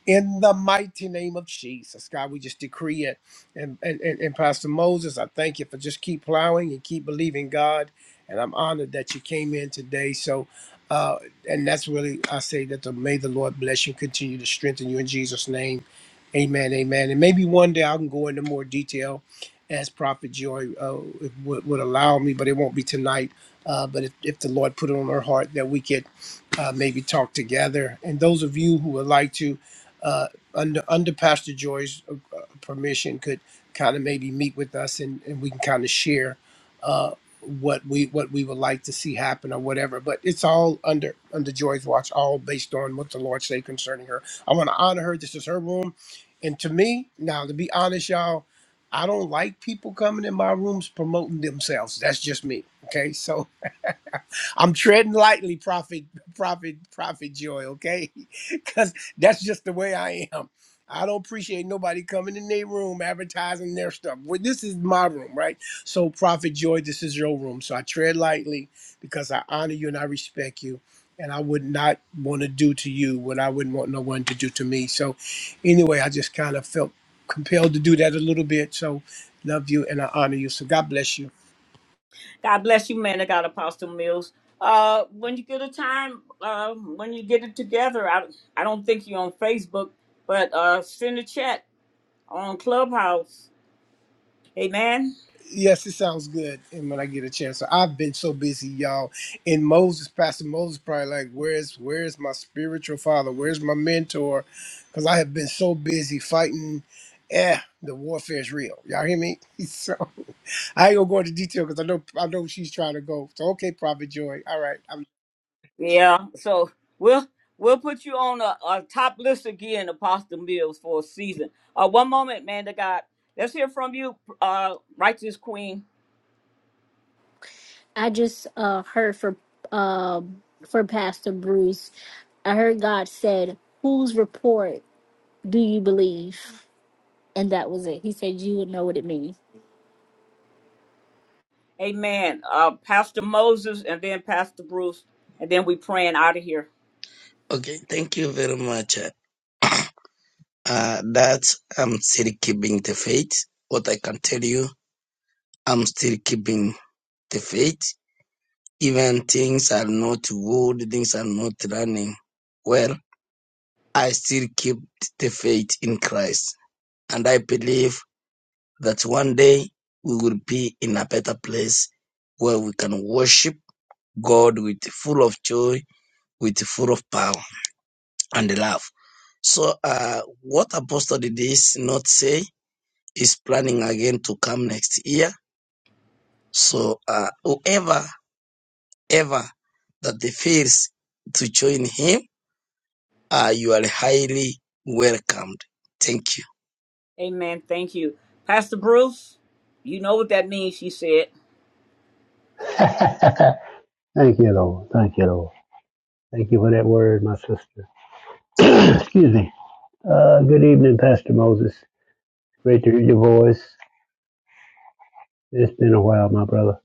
E: in the mighty name of Jesus. God, we just decree it. And, and, and, and Pastor Moses, I thank you for just keep plowing and keep believing God. And I'm honored that you came in today. So, uh, and that's really, I say that the, may the Lord bless you, continue to strengthen you in Jesus' name. Amen, amen. And maybe one day I can go into more detail as Prophet Joy uh, would, would allow me, but it won't be tonight. Uh, but if, if the Lord put it on her heart that we could uh, maybe talk together. And those of you who would like to, uh, under under Pastor Joy's uh, uh, permission, could kind of maybe meet with us and, and we can kind of share uh, what we what we would like to see happen or whatever. But it's all under under Joy's watch, all based on what the Lord say concerning her. I want to honor her. This is her room, and to me now, to be honest, y'all, I don't like people coming in my rooms promoting themselves. That's just me. Okay, so I'm treading lightly, Prophet, Prophet, Prophet Joy, okay? [LAUGHS] Because that's just the way I am. I don't appreciate nobody coming in their room advertising their stuff. Well, this is my room, right? So, Prophet Joy, this is your room. So I tread lightly because I honor you and I respect you. And I would not want to do to you what I wouldn't want no one to do to me. So, anyway, I just kind of felt compelled to do that a little bit. So, love you and I honor you. So, God bless you.
A: God bless you, man of God, Apostle Mills. Uh, when you get a time, uh, when you get it together, I, I don't think you're on Facebook, but uh, send a chat on Clubhouse. Amen.
E: Yes, it sounds good. And when I get a chance, so I've been so busy, y'all. And Moses, Pastor Moses, probably like, where's where's my spiritual father? Where's my mentor? Because I have been so busy fighting. Eh, the warfare is real. Y'all hear me? [LAUGHS] So I ain't gonna go into detail because I know I know she's trying to go. So okay, Prophet Joy. All right,
A: Yeah, so we'll we'll put you on a, a top list again, Apostle Mills, for a season. Uh, one moment, man. To God, let's hear from you, uh, righteous Queen.
D: I just uh heard for uh for Pastor Bruce. I heard God said, Whose report do you believe? And that was it. He said you would know what it means.
A: Amen. Uh, Pastor Moses, and then Pastor Bruce, and then we praying out of here.
I: Okay, thank you very much. Uh, that I'm still keeping the faith. What I can tell you, I'm still keeping the faith. Even things are not good, things are not running well, I still keep the faith in Christ. And I believe that one day we will be in a better place where we can worship God with full of joy, with full of power and love. So uh, what Apostle did this not say is planning again to come next year. So uh, whoever ever that they fails to join him, uh, you are highly welcomed. Thank you.
A: Amen. Thank you, Pastor Bruce. You know what that means. She said
H: [LAUGHS] Thank you, Lord. Thank you, Lord. Thank you for that word, my sister. [CLEARS THROAT] Excuse me. Uh, good evening, Pastor Moses. Great to hear your voice. It's been a while, my brother.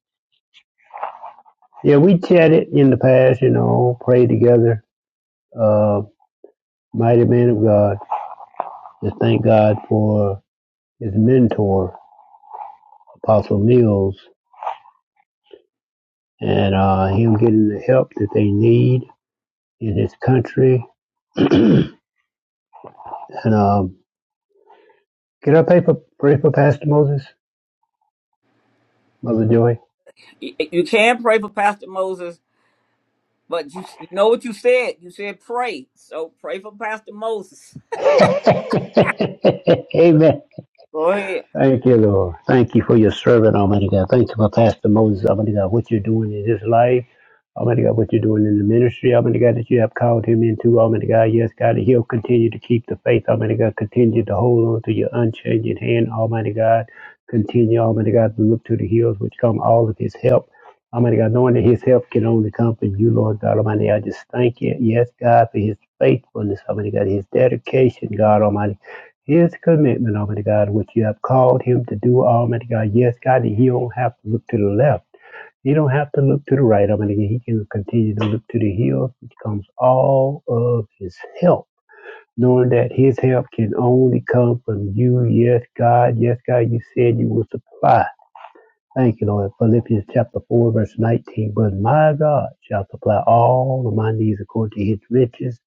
H: Yeah, we chatted in the past, you know, prayed together. Uh, mighty man of God. Just thank God for his mentor, Apostle Mills, and uh, him getting the help that they need in his country. [CLEARS THROAT] and um, can I pay for, pray for Pastor Moses, Mother Joy?
A: you, you can pray for Pastor Moses, but you you know what you said. You said pray, so pray for Pastor Moses.
H: [LAUGHS] Amen.
A: Go ahead.
H: Thank you, Lord. Thank you for your servant, Almighty God. Thank you for Pastor Moses, Almighty God, what you're doing in his life. Almighty God, what you're doing in the ministry, Almighty God, that you have called him into, Almighty God. Yes, God, that he'll continue to keep the faith, Almighty God. Continue to hold on to your unchanging hand, Almighty God. Continue, Almighty God, to look to the hills which come all of his help. Almighty God, knowing that his help can only come from you, Lord God Almighty. I just thank you, yes, God, for his faithfulness, Almighty God, his dedication, God Almighty. His commitment, Almighty God, which you have called him to do, Almighty God. Yes, God, he don't have to look to the left. He don't have to look to the right, Almighty God. He can continue to look to the hills, which comes all of his help. Knowing that his help can only come from you, yes, God, yes, God, you said you will supply. Thank you, Lord. Philippians chapter 4, verse 19. But my God shall supply all of my needs according to his riches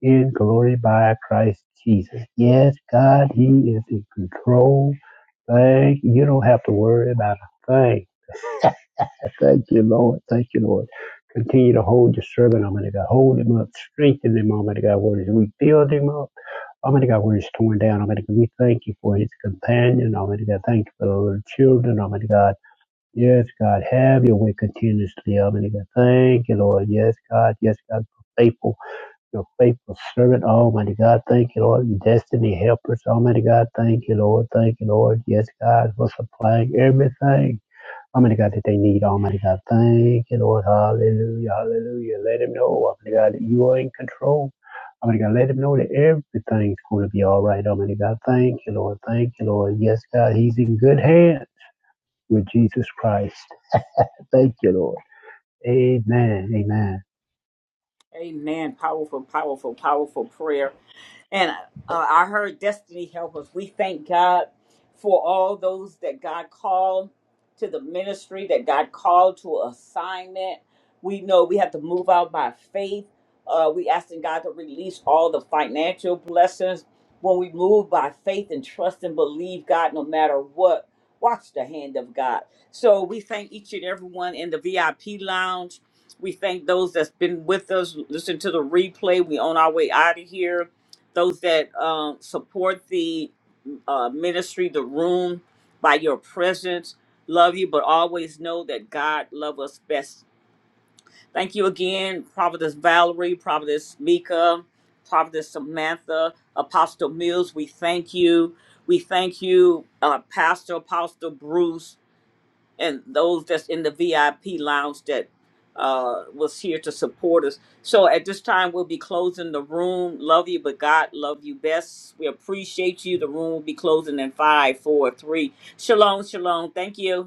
H: in glory by Christ Jesus. Yes, God, he is in control. Thank you. You don't have to worry about a thing. Thank you, Lord. Thank you, Lord. Continue to hold your servant, Almighty God. Hold him up. Strengthen him, Almighty God. Where he's weak, build him up. Almighty God, where he's torn down, Almighty God. We thank you for his companion, Almighty God. Thank you for the little children, Almighty God. Yes, God, have your way continuously, Almighty God. Thank you, Lord. Yes, God. Yes, God, for faithful, your faithful servant, Almighty God. Thank you, Lord. Your destiny helpers, Almighty God. Thank you, Lord. Thank you, Lord. Yes, God, for supplying everything. Almighty God, that they need, Almighty God. Thank you, Lord. Hallelujah. Hallelujah. Let him know, Almighty God, that you are in control. Almighty God, let him know that everything's going to be all right, Almighty God. Thank you, Lord. Thank you, Lord. Yes, God, he's in good hands with Jesus Christ. Thank you, Lord. Amen. Amen.
A: Amen. Powerful, powerful, powerful prayer. And uh, I heard Destiny help us. We thank God for all those that God called to the ministry, that God called to assignment. We know we have to move out by faith. Uh, we asking God to release all the financial blessings when we move by faith and trust and believe God no matter what. Watch the hand of God. So we thank each and everyone in the VIP lounge. We thank those that's been with us. Listen to the replay. We on our way out of here those that um, support the uh, ministry, the room, by your presence. Love you, but always know that God loves us best. Thank you again, Providence Valerie, Providence Mika, Providence Samantha, Apostle Mills. We thank you. We thank you, uh, Pastor Apostle Bruce and those that's in the VIP lounge that uh, was here to support us. So at this time, we'll be closing the room. Love you, but God love you best. We appreciate you. The room will be closing in five, four, three. Shalom, shalom. Thank you.